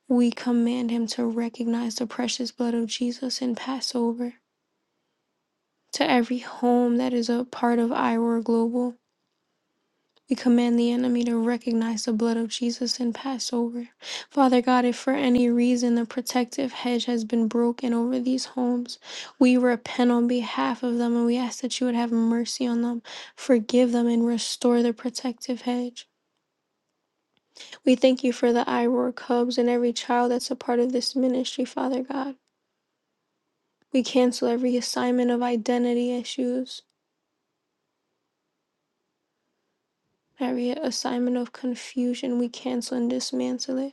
[SPEAKER 1] we command him to recognize the precious blood of Jesus and pass over. To every home that is a part of Iroar Global, we command the enemy to recognize the blood of Jesus and pass over. Father God, if for any reason the protective hedge has been broken over these homes, we repent on behalf of them and we ask that you would have mercy on them, forgive them, and restore the protective hedge. We thank you for the Iroar Cubs and every child that's a part of this ministry, Father God. We cancel every assignment of identity issues Harriet, assignment of confusion, we cancel and dismantle it.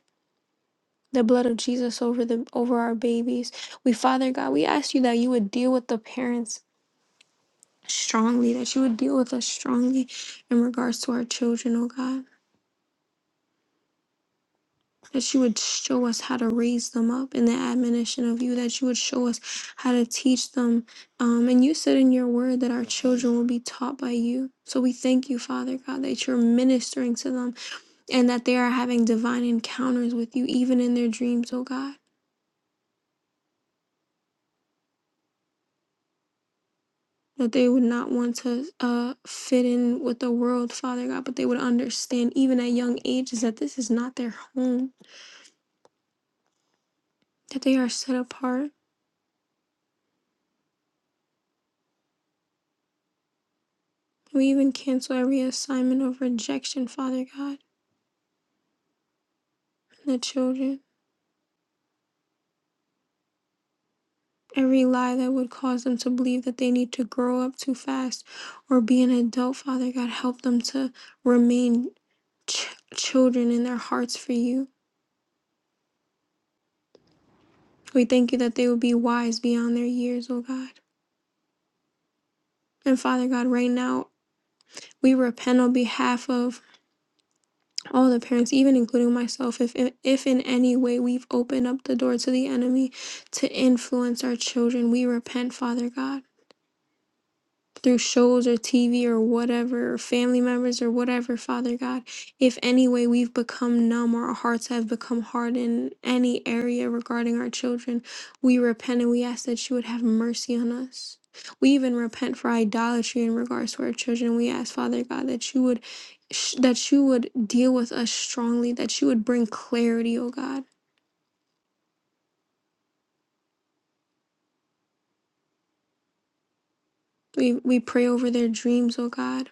[SPEAKER 1] The blood of Jesus over the over our babies. We Father God, we ask you that you would deal with the parents strongly, that you would deal with us strongly in regards to our children, oh God. That you would show us how to raise them up in the admonition of you, that you would show us how to teach them. Um, and you said in your word that our children will be taught by you. So we thank you, Father God, that you're ministering to them and that they are having divine encounters with you even in their dreams oh god that they would not want to uh, fit in with the world father god but they would understand even at young ages that this is not their home that they are set apart we even cancel every assignment of rejection father god and the children every lie that would cause them to believe that they need to grow up too fast or be an adult father god help them to remain ch- children in their hearts for you We thank you that they will be wise beyond their years, oh God. And Father God, right now, we repent on behalf of all the parents, even including myself, if, if in any way we've opened up the door to the enemy to influence our children. We repent, Father God. through shows or TV or whatever, or family members or whatever, Father God, if any way we've become numb or our hearts have become hard in any area regarding our children, we repent and we ask that you would have mercy on us. We even repent for idolatry in regards to our children. We ask, Father God, that you would sh- that you would deal with us strongly, that you would bring clarity, oh God. We we pray over their dreams, oh God,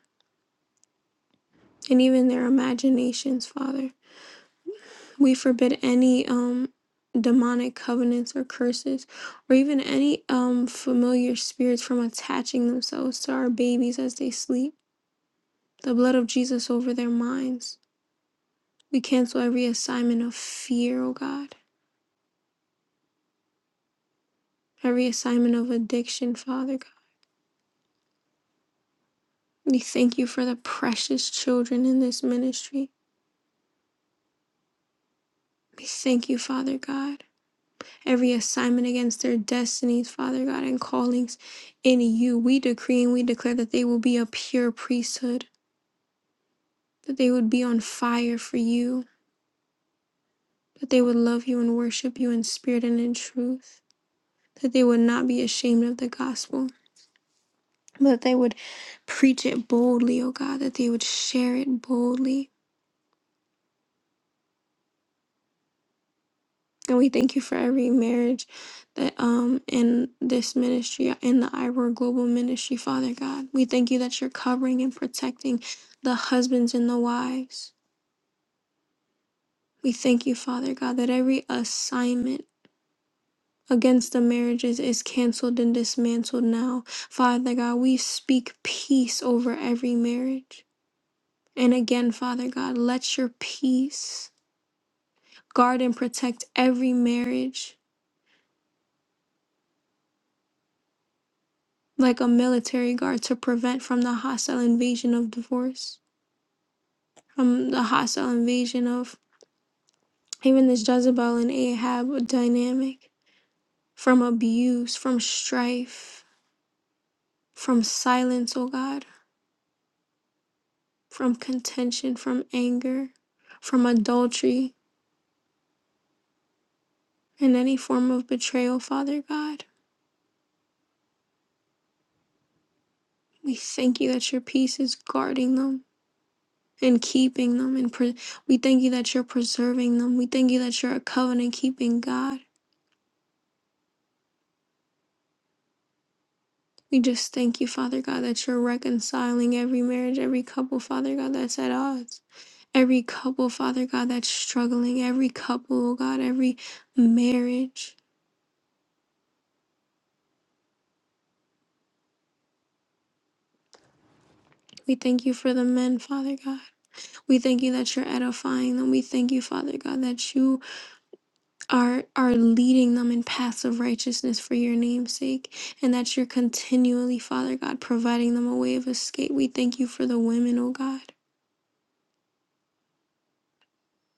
[SPEAKER 1] and even their imaginations, Father. We forbid any um demonic covenants or curses or even any um familiar spirits from attaching themselves to our babies as they sleep. The blood of Jesus over their minds. We cancel every assignment of fear, oh God. Every assignment of addiction, Father God. We thank you for the precious children in this ministry. We thank you, Father God. every assignment against their destinies, Father God, and callings in you. We decree and we declare that they will be a pure priesthood, that they would be on fire for you, that they would love you and worship you in spirit and in truth, that they would not be ashamed of the gospel, but that they would preach it boldly, O God, that they would share it boldly And we thank you for every marriage that um in this ministry in the Ivor Global Ministry, Father God. We thank you that you're covering and protecting the husbands and the wives. We thank you, Father God, that every assignment against the marriages is canceled and dismantled now. Father God, we speak peace over every marriage. And again, Father God, let your peace guard and protect every marriage like a military guard to prevent from the hostile invasion of divorce, from the hostile invasion of even this Jezebel and Ahab dynamic, from abuse, from strife, from silence, oh God, from contention, from anger, from adultery, and any form of betrayal, Father God. We thank you that your peace is guarding them and keeping them, and pre- we thank you that you're preserving them. We thank you that you're a covenant keeping God. We just thank you, Father God, that you're reconciling every marriage, every couple, Father God, that's at odds. Every couple, Father God, that's struggling. Every couple, oh God, every marriage. We thank you for the men, Father God. We thank you that you're edifying them. We thank you, Father God, that you are are leading them in paths of righteousness for your name's sake, and that you're continually, Father God, providing them a way of escape. We thank you for the women, oh God.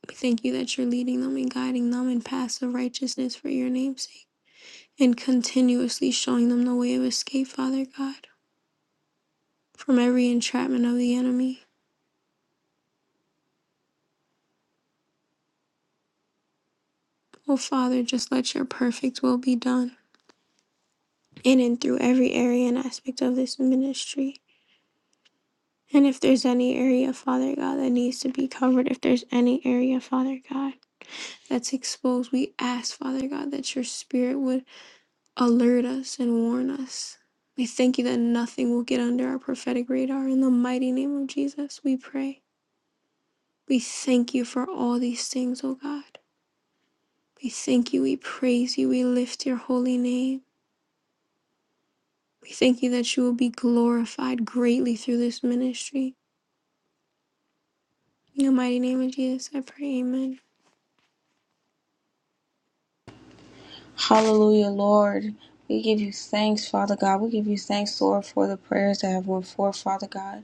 [SPEAKER 1] We thank you that you're leading them and guiding them in paths of righteousness for your name's sake, and continuously showing them the way of escape, Father God, from every entrapment of the enemy. Oh, Father, just let your perfect will be done in and through every area and aspect of this ministry. And if there's any area, Father God, that needs to be covered, if there's any area, Father God, that's exposed, we ask, Father God, that your spirit would alert us and warn us. We thank you that nothing will get under our prophetic radar. In the mighty name of Jesus, we pray. We thank you for all these things, O God. We thank you, we praise you, we lift your holy name. We thank you that you will be glorified greatly through this ministry. In the mighty name of Jesus, I pray, amen.
[SPEAKER 2] Hallelujah, Lord. We give you thanks, Father God. We give you thanks, Lord, for the prayers that have went forth, Father God.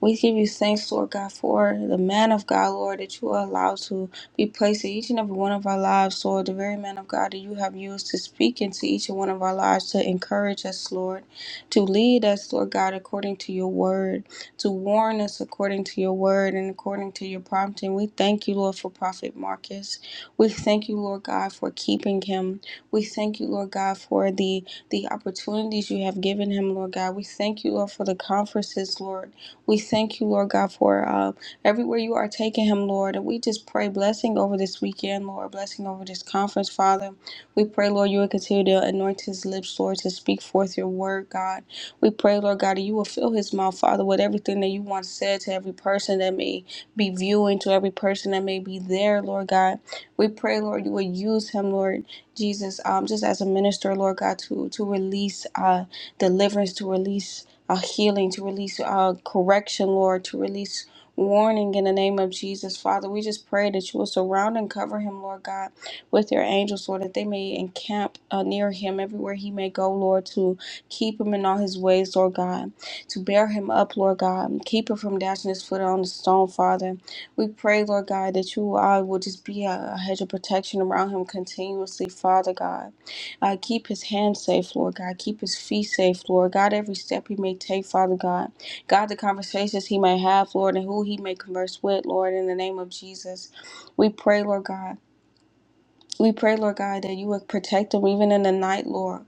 [SPEAKER 2] We give you thanks, Lord God, for the man of God, Lord, that you allow to be placed in each and every one of our lives, Lord, the very man of God that you have used to speak into each and one of our lives, to encourage us, Lord, to lead us, Lord God, according to your word, to warn us according to your word and according to your prompting. We thank you, Lord, for Prophet Marcus. We thank you, Lord God, for keeping him. We thank you, Lord God, for the the opportunities you have given him, Lord God. We thank you, Lord, for the conferences, Lord. We thank you, Lord God, for uh, everywhere you are taking him, Lord. And we just pray blessing over this weekend, Lord, blessing over this conference, Father. We pray, Lord, you will continue to anoint his lips, Lord, to speak forth your word, God. We pray, Lord God, that you will fill his mouth, Father, with everything that you want said to every person that may be viewing, to every person that may be there, Lord God. We pray, Lord, you will use him, Lord Jesus, um, just as a minister, Lord God, to to release uh, deliverance, to release uh, healing, to release uh, correction, Lord, to release warning in the name of Jesus. Father, we just pray that you will surround and cover him, Lord God, with your angels, Lord, that they may encamp uh, near him everywhere he may go, Lord, to keep him in all his ways, Lord God, to bear him up, Lord God, and keep him from dashing his foot on the stone, Father. We pray, Lord God, that you uh, will just be a, a hedge of protection around him continuously, Father God. Uh, keep his hands safe, Lord God. Keep his feet safe, Lord God. Every step he may take, Father God. God, the conversations he may have, Lord, and who he may converse with, Lord, in the name of Jesus. We pray, Lord God. We pray, Lord God, that you would protect him even in the night, Lord.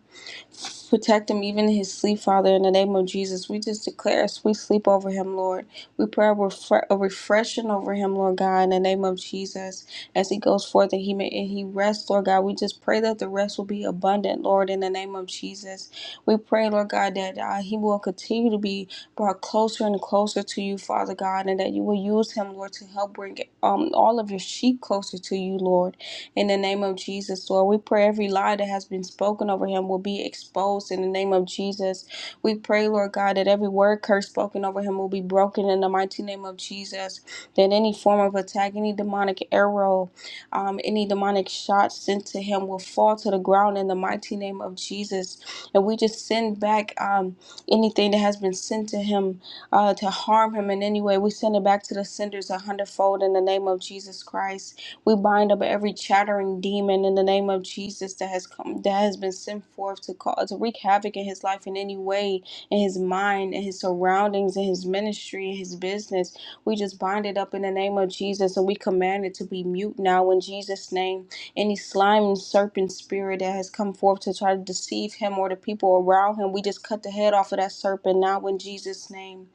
[SPEAKER 2] Protect him even in his sleep, Father, in the name of Jesus. We just declare a sweet sleep over him, Lord. We pray a, refre- a refreshing over him, Lord God, in the name of Jesus. As he goes forth and he may and he rests, Lord God, we just pray that the rest will be abundant, Lord, in the name of Jesus. We pray, Lord God, that uh, he will continue to be brought closer and closer to you, Father God, and that you will use him, Lord, to help bring um, all of your sheep closer to you, Lord. In the name of Jesus, Lord, we pray every lie that has been spoken over him will be exposed in the name of Jesus. We pray, Lord God, that every word curse spoken over him will be broken in the mighty name of Jesus. That any form of attack, any demonic arrow, um, any demonic shot sent to him will fall to the ground in the mighty name of Jesus. And we just send back um, anything that has been sent to him uh, to harm him in any way. We send it back to the senders a hundredfold in the name of Jesus Christ. We bind up every chattering demon in the name of Jesus that has come, that has been sent forth to cause to wreak havoc in his life in any way, in his mind, in his surroundings, in his ministry, in his business. We just bind it up in the name of Jesus and we command it to be mute now in Jesus' name. Any slime and serpent spirit that has come forth to try to deceive him or the people around him, we just cut the head off of that serpent now in Jesus' name.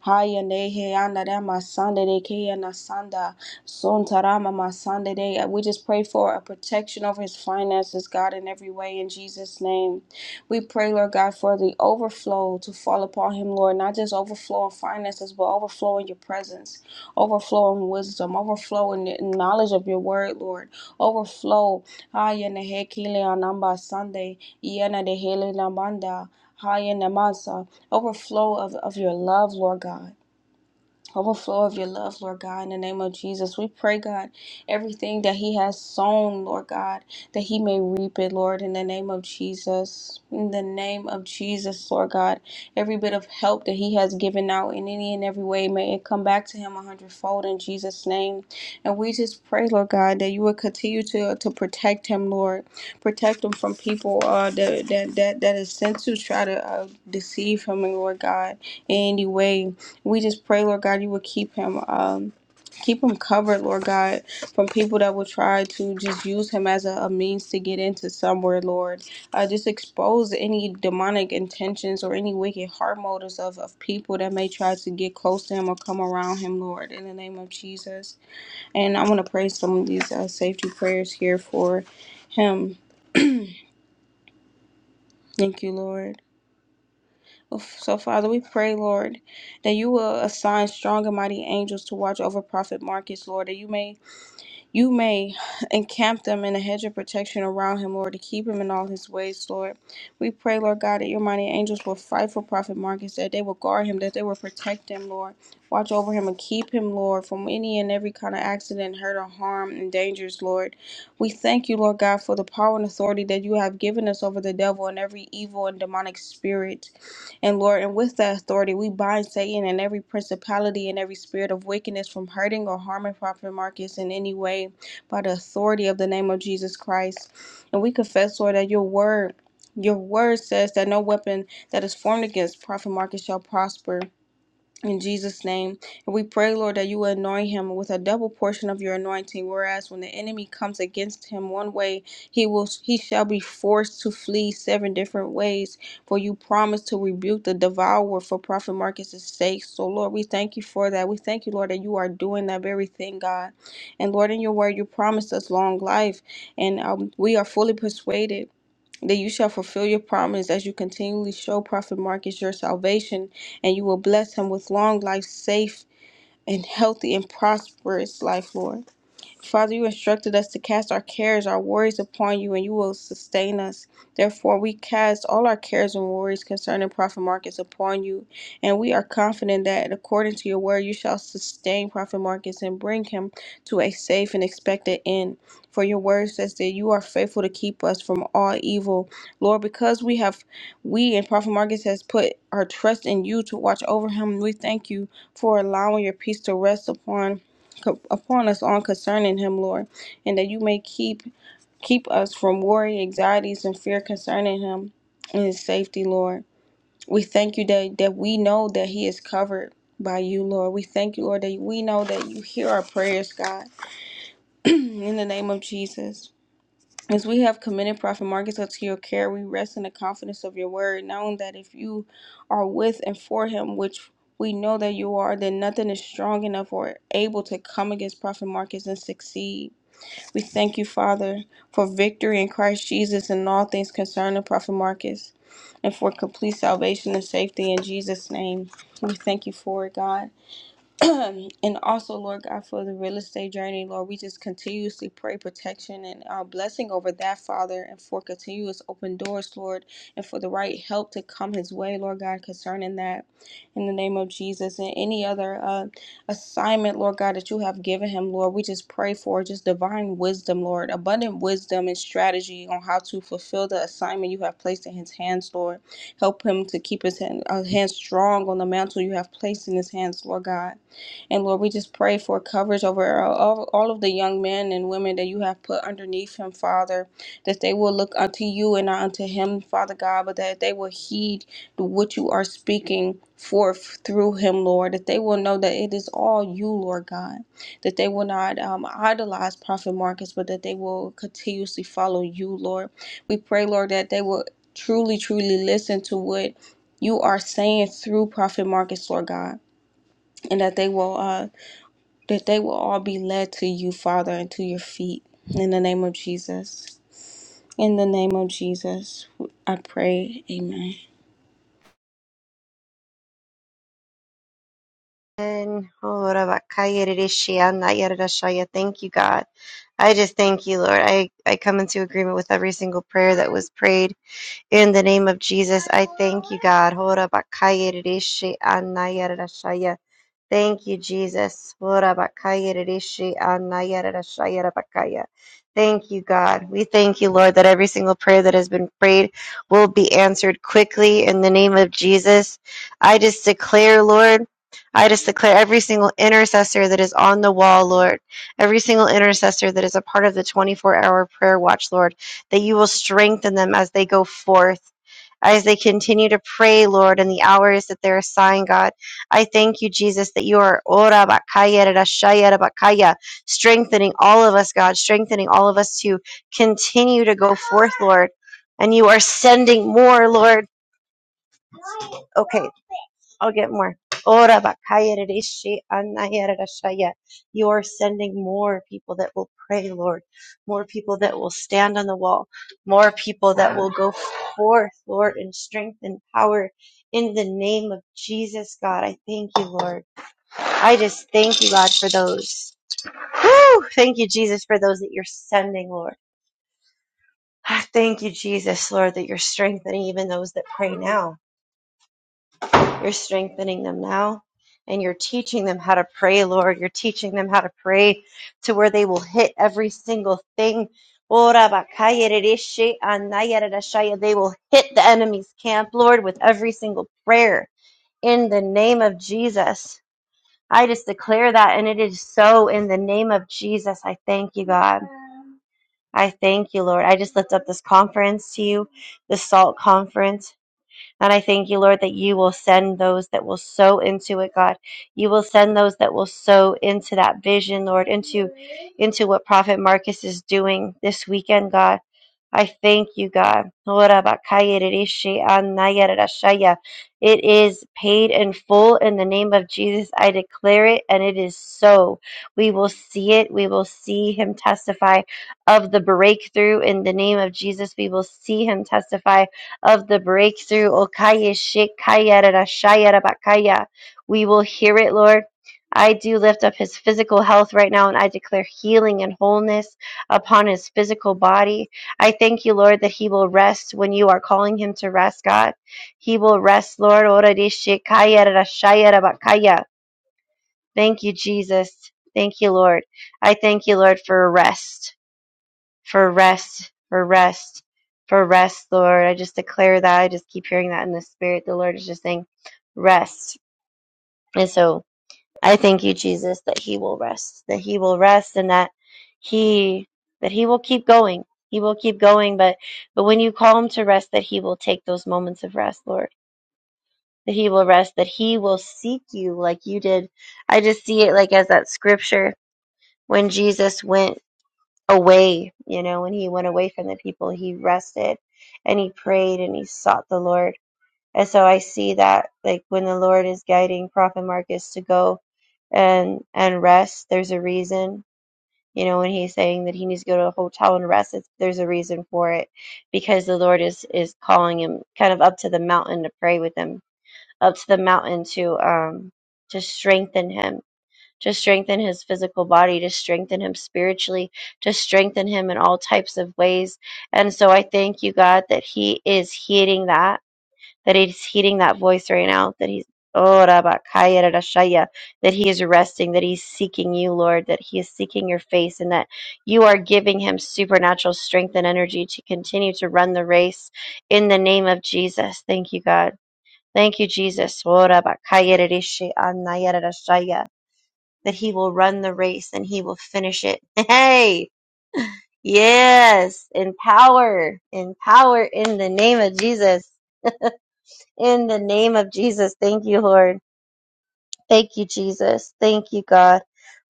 [SPEAKER 2] Haya nehe anda dama sanda de ke ana sanda. Sontarama Masande Day. We just pray for a protection over his finances, God, in every way, in Jesus' name. We pray, Lord God, for the overflow to fall upon him, Lord, not just overflow in finances, but overflow in your presence, overflow in wisdom, overflow in the knowledge of your word, Lord, overflow. Sunday, Overflow of, of your love, Lord God overflow of your love, Lord God, in the name of Jesus. We pray, God, everything that He has sown, Lord God, that He may reap it, Lord, in the name of Jesus. In the name of Jesus, Lord God, every bit of help that He has given out in any and every way, may it come back to Him a hundredfold in Jesus' name. And we just pray, Lord God, that you would continue to, to protect Him, Lord. Protect Him from people uh, that, that, that, that is sent to try to uh, deceive Him, Lord God, in any way. We just pray, Lord God, you would keep him, um, keep him covered, Lord God, from people that would try to just use him as a, a means to get into somewhere, Lord. Uh, just expose any demonic intentions or any wicked heart motives of, of people that may try to get close to him or come around him, Lord, in the name of Jesus. And I want to pray some of these uh, safety prayers here for him. Thank you, Lord. So, Father, we pray, Lord, that you will assign strong and mighty angels to watch over Prophet Marcus, Lord, that you may you may encamp them in a hedge of protection around him, Lord, to keep him in all his ways, Lord. We pray, Lord God, that your mighty angels will fight for Prophet Marcus, that they will guard him, that they will protect him, Lord. Watch over him and keep him, Lord, from any and every kind of accident, hurt, or harm and dangers, Lord. We thank you, Lord God, for the power and authority that you have given us over the devil and every evil and demonic spirit. And Lord, and with that authority, we bind Satan and every principality and every spirit of wickedness from hurting or harming Prophet Marcus in any way by the authority of the name of Jesus Christ. And we confess, Lord, that your word. Your word says that no weapon that is formed against Prophet Marcus shall prosper in Jesus' name. And we pray, Lord, that you will anoint him with a double portion of your anointing. Whereas when the enemy comes against him one way, he will he shall be forced to flee seven different ways. For you promise to rebuke the devourer for Prophet Marcus's sake. So Lord, we thank you for that. We thank you, Lord, that you are doing that very thing, God. And Lord, in your word, you promised us long life. And um, we are fully persuaded that you shall fulfill your promise as you continually show Prophet Marcus your salvation, and you will bless him with long life, safe and healthy and prosperous life, Lord. Father, you instructed us to cast our cares, our worries upon you, and you will sustain us. Therefore, we cast all our cares and worries concerning Prophet Marcus upon you, and we are confident that according to your word, you shall sustain Prophet Marcus and bring him to a safe and expected end. For your word says that you are faithful to keep us from all evil. Lord, because we have, we and Prophet Marcus has put our trust in you to watch over him, we thank you for allowing your peace to rest upon co- upon us all concerning him, Lord, and that you may keep keep us from worry, anxieties, and fear concerning him and his safety, Lord. We thank you that that we know that he is covered by you, Lord. We thank you, Lord, that we know that you hear our prayers, God. In the name of Jesus. As we have committed Prophet Marcus unto your care, we rest in the confidence of your word, knowing that if you are with and for him, which we know that you are, then nothing is strong enough or able to come against Prophet Marcus and succeed. We thank you, Father, for victory in Christ Jesus in all things concerning Prophet Marcus and for complete salvation and safety in Jesus' name. We thank you for it, God. and also, Lord God, for the real estate journey, Lord, we just continuously pray protection and uh, blessing over that, Father, and for continuous open doors, Lord, and for the right help to come his way, Lord God, concerning that in the name of Jesus and any other uh, assignment, Lord God, that you have given him, Lord. We just pray for just divine wisdom, Lord, abundant wisdom and strategy on how to fulfill the assignment you have placed in his hands, Lord. Help him to keep his hand, uh, hands strong on the mantle you have placed in his hands, Lord God and Lord, we just pray for coverage over all, all of the young men and women that you have put underneath him, Father, that they will look unto you and not unto him, Father God, but that they will heed what you are speaking forth through him, Lord, that they will know that it is all you, Lord God, that they will not um, idolize Prophet Marcus, but that they will continuously follow you, Lord. We pray, Lord, that they will truly, truly listen to what you are saying through Prophet Marcus, Lord God, and that they will. uh, that they will all be led to you, Father, and to your feet. In the name of Jesus. In the name of Jesus, I pray. Amen.
[SPEAKER 4] And oh Lord, Abakaya Rishi, thank you, God. I just thank you, Lord. I, I come into agreement with every single prayer that was prayed in the name of Jesus. I thank you, God. Hold up, Abakaya Rishi, Thank you, Jesus. Thank you, God. We thank you, Lord, that every single prayer that has been prayed will be answered quickly in the name of Jesus. I just declare, Lord, I just declare every single intercessor that is on the wall, Lord, every single intercessor that is a part of the 24 hour prayer watch, Lord, that you will strengthen them as they go forth as they continue to pray, Lord, in the hours that they're assigned, God. I thank you, Jesus, that you are ora bakaya rashaya bakaya, strengthening all of us, God, strengthening all of us to continue to go forth, Lord. And you are sending more, Lord. Okay, I'll get more. Ora bakaya rishi anaya rashaya. You are sending more people that will pray, Lord. More people that will stand on the wall. More people that will go forth, Lord, in strength and power. In the name of Jesus, God, I thank you, Lord. I just thank you, God, for those. Whew! Thank you, Jesus, for those that you're sending, Lord. Ah, Thank you, Jesus, Lord, that you're strengthening even those that pray now. You're strengthening them now, and you're teaching them how to pray, Lord. You're teaching them how to pray to where they will hit every single thing. Ora bakaya rereshe anaya rerashaya. They will hit the enemy's camp, Lord, with every single prayer in the name of Jesus. I just declare that, and it is so in the name of Jesus. I thank you, God. I thank you, Lord. I just lift up this conference to you, the SALT conference. And I thank you, Lord, that you will send those that will sow into it, God. You will send those that will sow into that vision, Lord, into into what Prophet Marcus is doing this weekend, God. I thank you, God. It is paid in full in the name of Jesus. I declare it, and it is so. We will see it. We will see him testify of the breakthrough in the name of Jesus. We will see him testify of the breakthrough. We will hear it, Lord. I do lift up his physical health right now, and I declare healing and wholeness upon his physical body. I thank you, Lord, that he will rest when you are calling him to rest, God. He will rest, Lord. Thank you, Jesus. Thank you, Lord. I thank you, Lord, for rest, for rest, for rest, for rest, Lord. I just declare that. I just keep hearing that in the spirit. The Lord is just saying, rest. And so, I thank you, Jesus, that he will rest, that he will rest and that he that he will keep going. He will keep going, but but when you call him to rest, that he will take those moments of rest, Lord. That he will rest, that he will seek you like you did. I just see it like as that scripture when Jesus went away, you know, when he went away from the people, he rested and he prayed and he sought the Lord and so I see that like when the Lord is guiding Prophet Marcus to go and and rest, there's a reason. You know, when he's saying that he needs to go to a hotel and rest, it's, there's a reason for it because the Lord is is calling him kind of up to the mountain to pray with him, up to the mountain to um to strengthen him, to strengthen his physical body, to strengthen him spiritually, to strengthen him in all types of ways. And so I thank you, God, that he is heeding that that he's hearing that voice right now, that he's oh, Rabakaya Rarashaya, that he is resting, that he's seeking you, Lord, that he is seeking your face, and that you are giving him supernatural strength and energy to continue to run the race in the name of Jesus. Thank you, God. Thank you, Jesus. Oh, Rabakaya Rarishi Anaya Rarashaya, That he will run the race and he will finish it. Hey! Yes, in power, in power in the name of Jesus. In the name of Jesus, thank you, Lord. Thank you, Jesus. Thank you, God.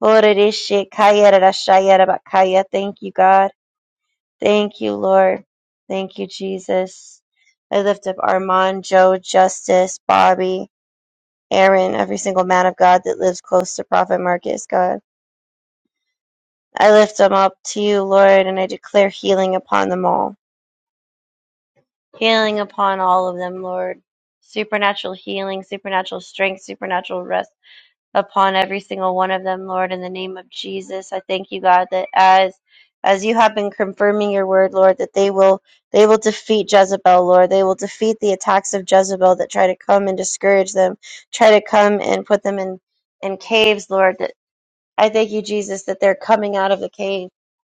[SPEAKER 4] Orereshekayererashayerabakaya. Thank you, God. Thank you, Lord. Thank you, Jesus. I lift up Armand, Joe, Justice, Bobby, Aaron, every single man of God that lives close to Prophet Marcus, God. I lift them up to you, Lord, and I declare healing upon them all. Healing upon all of them, Lord. Supernatural healing, supernatural strength, supernatural rest upon every single one of them, Lord, in the name of Jesus. I thank you, God, that as as you have been confirming your word, Lord, that they will they will defeat Jezebel, Lord. They will defeat the attacks of Jezebel that try to come and discourage them, try to come and put them in in caves, Lord. That I thank you, Jesus, that they're coming out of the caves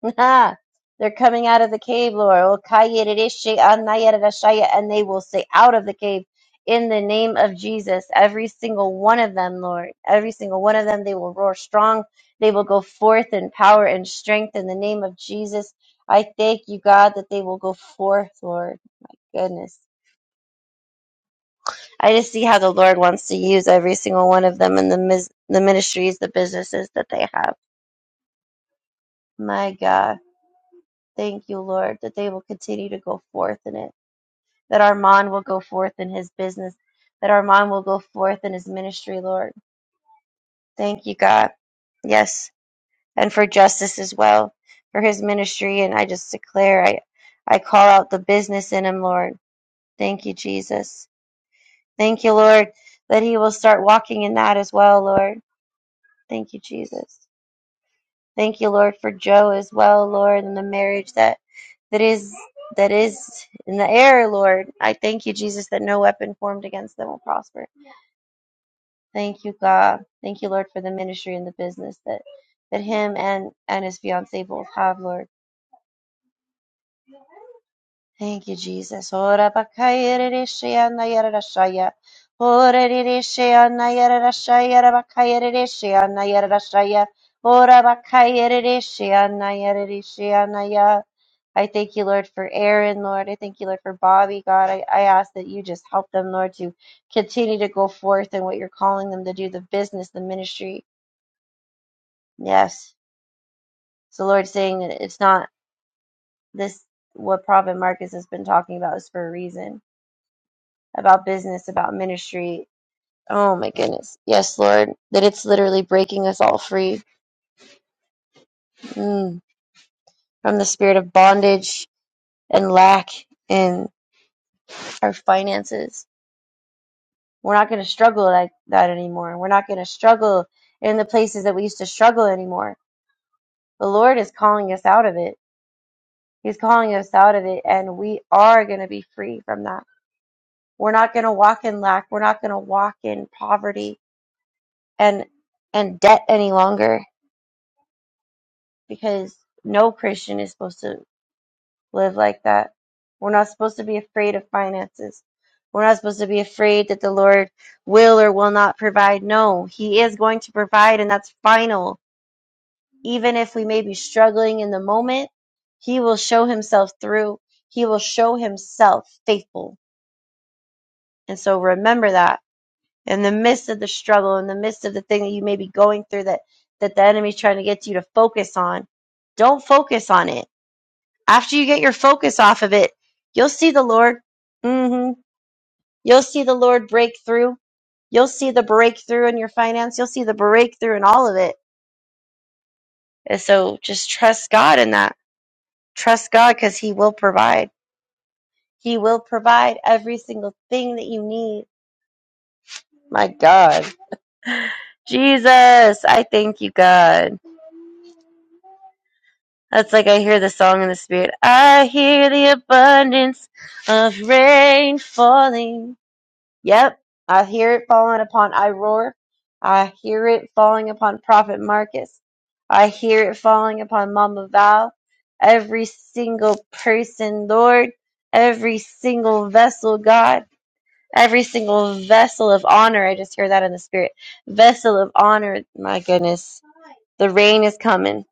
[SPEAKER 4] Ah, they're coming out of the cave, Lord. Okayerereshe anayererashaya, And they will say, out of the cave in the name of Jesus. Every single one of them, Lord. Every single one of them, they will roar strong. They will go forth in power and strength in the name of Jesus. I thank you, God, that they will go forth, Lord. Goodness. I just see how the Lord wants to use every single one of them in the, mis- the ministries, the businesses that they have. My God. Thank you, Lord, that they will continue to go forth in it. that Armand will go forth in his business, that Armand will go forth in his ministry, Lord. Thank you, God. Yes, and for justice as well, for his ministry. And I just declare, I, I call out the business in him, Lord. Thank you, Jesus. Thank you, Lord, that he will start walking in that as well, Lord. Thank you, Jesus. Thank you, Lord, for Joe as well, Lord, and the marriage that that is that is in the air, Lord. I thank you, Jesus, that no weapon formed against them will prosper. Thank you, God. Thank you, Lord, for the ministry and the business that that him and and his fiancee both have, Lord. Thank you, Jesus. Ora bakaya rereshia na yara rashaya. Ora rereshia na yara rashaya, ra bakaya rereshia na yara rashaya. Ora bakaya rereshia na yara reshia na ya. I thank you, Lord, for Aaron, Lord. I thank you, Lord, for Bobby, God. I, I ask that you just help them, Lord, to continue to go forth in what you're calling them to do, the business, the ministry. Yes. So the Lord's saying that it's not this what Prophet Marcus has been talking about is for a reason about business, about ministry. Oh my goodness. Yes, Lord. That it's literally breaking us all free mm, from the spirit of bondage and lack in our finances. We're not going to struggle like that anymore. We're not going to struggle in the places that we used to struggle anymore. The Lord is calling us out of it. He's calling us out of it, and we are going to be free from that We're not going to walk in lack. We're not going to walk in poverty and and debt any longer because no Christian is supposed to live like that. We're not supposed to be afraid of finances. We're not supposed to be afraid that the Lord will or will not provide. No, he is going to provide and that's final. Even if we may be struggling in the moment, he will show himself through. He will show himself faithful. And so remember that in the midst of the struggle, in the midst of the thing that you may be going through that that the enemy's trying to get you to focus on, don't focus on it. After you get your focus off of it, you'll see the Lord. hmm You'll see the Lord break through. You'll see the breakthrough in your finance. You'll see the breakthrough in all of it. And so just trust God in that. Trust God because He will provide. He will provide every single thing that you need. My God. Jesus, I thank you, God. That's like I hear the song in the spirit. I hear the abundance of rain falling. Yep, I hear it falling upon Iroar. I hear it falling upon Prophet Marcus. I hear it falling upon Mama Val. Every single person, Lord. Every single vessel, God. Every single vessel of honor. I just hear that in the spirit. Vessel of honor. My goodness. The rain is coming.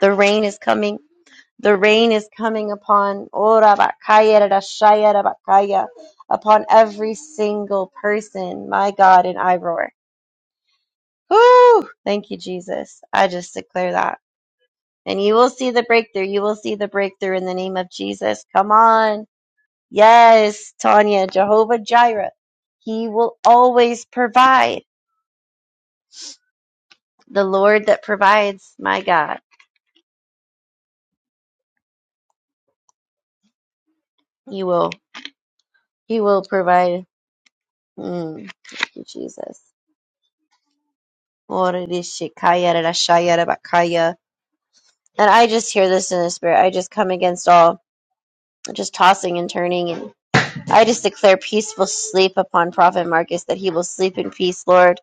[SPEAKER 4] The rain is coming. The rain is coming upon Ora bakaya da shaya bakaya, upon every single person. My God, and I roar. Woo! Thank you, Jesus. I just declare that. And you will see the breakthrough. You will see the breakthrough in the name of Jesus. Come on. Yes, Tanya, Jehovah Jireh. He will always provide. The Lord that provides, my God. He will. He will provide. Mm, thank you, Jesus. Orishikaya, rarashaya, rabakaya. And I just hear this in the spirit. I just come against all just tossing and turning. And I just declare peaceful sleep upon Prophet Marcus that he will sleep in peace, Lord.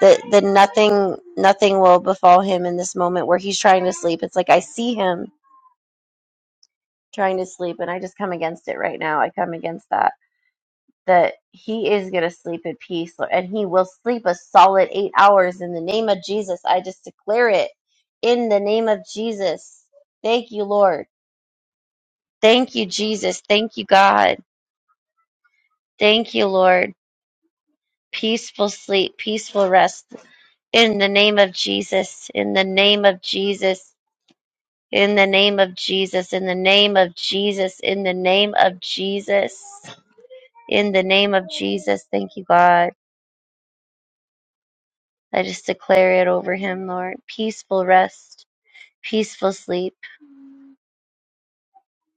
[SPEAKER 4] That, that nothing nothing will befall him in this moment where he's trying to sleep. It's like I see him trying to sleep and I just come against it right now. I come against that. that he is going to sleep in peace, Lord, and he will sleep a solid eight hours in the name of Jesus. I just declare it in the name of Jesus. Thank you, Lord. Thank you, Jesus. Thank you, God. Thank you, Lord. Peaceful sleep, peaceful rest in the name of Jesus. In the name of Jesus. In the name of Jesus. In the name of Jesus. In the name of Jesus. In the name of Jesus. Thank you, God. I just declare it over him, Lord. Peaceful rest, peaceful sleep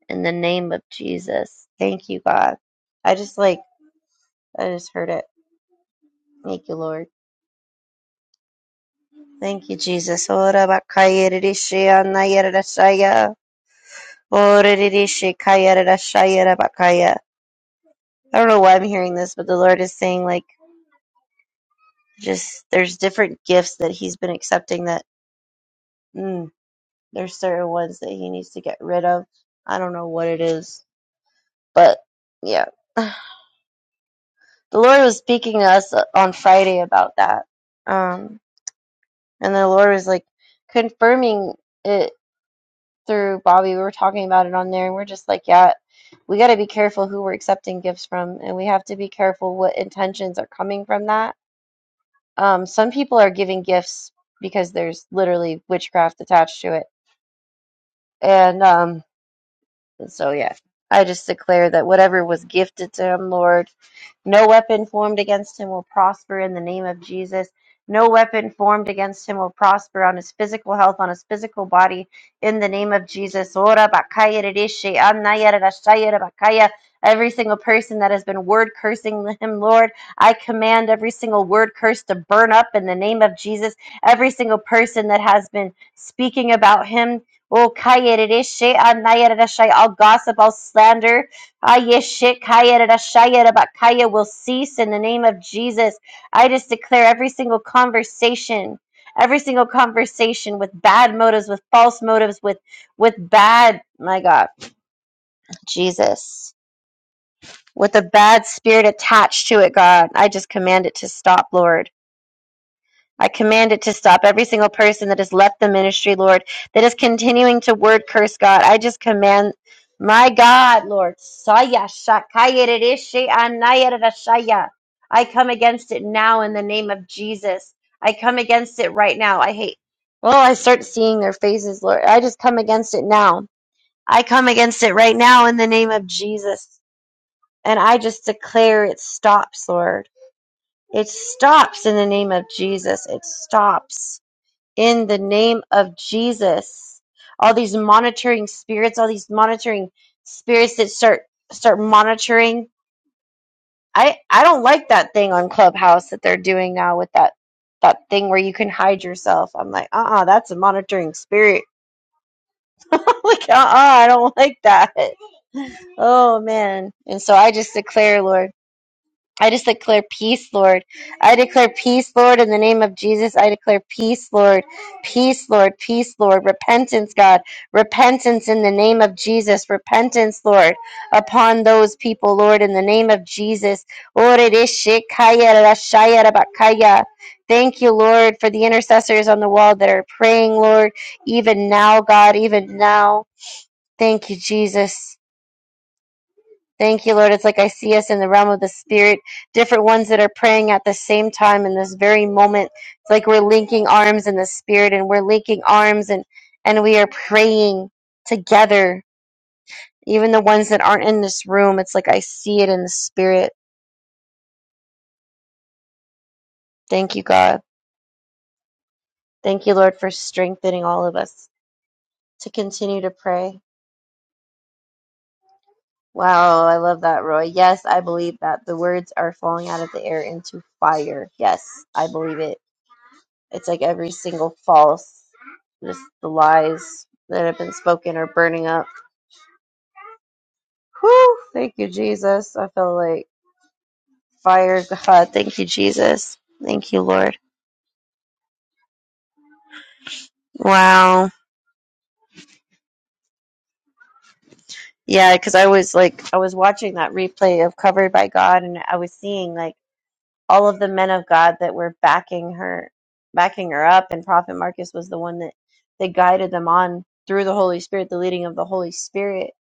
[SPEAKER 4] in the name of Jesus. Thank you, God. I just like, I just heard it. Thank you, Lord. Thank you, Jesus. Ora bakaya rishaya nayara rashaya. Ora rishi kaya rashaya bakaya. I don't know why I'm hearing this, but the Lord is saying, like, just there's different gifts that He's been accepting that mm, there's certain ones that He needs to get rid of. I don't know what it is, but yeah. the Lord was speaking to us on Friday about that. Um, and the Lord was like confirming it through Bobby. We were talking about it on there, and we're just like, yeah, we got to be careful who we're accepting gifts from, and we have to be careful what intentions are coming from that. Um, some people are giving gifts because there's literally witchcraft attached to it. And um, And so, yeah, I just declare that whatever was gifted to him, Lord, no weapon formed against him will prosper in the name of Jesus. No weapon formed against him will prosper on his physical health, on his physical body, in the name of Jesus. Ora bakaya rishi, anaya rashaya rabakaya. Every single person that has been word cursing him, Lord, I command every single word curse to burn up in the name of Jesus. Every single person that has been speaking about him Oh, kayeredeshe, anayeredeshe, all gossip, all slander, ayeshe, kayeredeshayerabakaya will cease in the name of Jesus. I just declare every single conversation, every single conversation with bad motives, with false motives, with with bad, my God, Jesus, with a bad spirit attached to it, God, I just command it to stop, Lord. I command it to stop. Every single person that has left the ministry, Lord, that is continuing to word curse God, I just command, my God, Lord, Saya Shakayerishi Anayarashaya. I come against it now in the name of Jesus. I come against it right now. I hate. Oh, I start seeing their faces, Lord. I just come against it now. I come against it right now in the name of Jesus. And I just declare it stops, Lord. It stops in the name of Jesus. It stops in the name of Jesus. All these monitoring spirits, all these monitoring spirits that start start monitoring. I I don't like that thing on Clubhouse that they're doing now with that that thing where you can hide yourself. I'm like, uh-uh, that's a monitoring spirit. like, uh-uh, I don't like that. Oh man. And so I just declare, Lord. I just declare peace, Lord. I declare peace, Lord, in the name of Jesus. I declare peace, Lord. Peace, Lord. Peace, Lord. Repentance, God. Repentance in the name of Jesus. Repentance, Lord, upon those people, Lord, in the name of Jesus. Thank you, Lord, for the intercessors on the wall that are praying, Lord, even now, God, even now. Thank you, Jesus. Thank you, Lord. It's like I see us in the realm of the Spirit, different ones that are praying at the same time in this very moment. It's like we're linking arms in the Spirit and we're linking arms and, and we are praying together. Even the ones that aren't in this room, it's like I see it in the Spirit. Thank you, God. Thank you, Lord, for strengthening all of us to continue to pray. Wow, I love that, Roy. Yes, I believe that the words are falling out of the air into fire. Yes, I believe it. It's like every single false, just the lies that have been spoken are burning up. Whew, thank you, Jesus. I feel like fire, God. Thank you, Jesus. Thank you, Lord. Wow. Yeah, because I was like, I was watching that replay of Covered by God, and I was seeing like all of the men of God that were backing her, backing her up, and Prophet Marcus was the one that that guided them on through the Holy Spirit, the leading of the Holy Spirit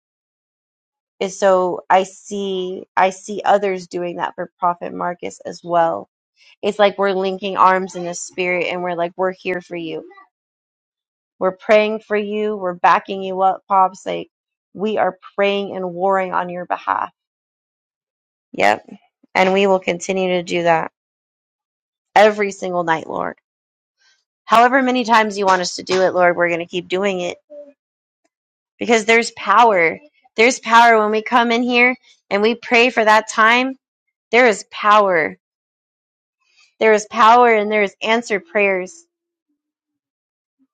[SPEAKER 4] is so I see I see others doing that for Prophet Marcus as well. It's like we're linking arms in the spirit and we're like, we're here for you. We're praying for you. We're backing you up, Pops. Like we are praying and warring on your behalf. Yep. And we will continue to do that every single night, Lord. However many times you want us to do it, Lord, we're going to keep doing it because there's power. There's power when we come in here and we pray for that time. There is power There is power and there is answered prayers.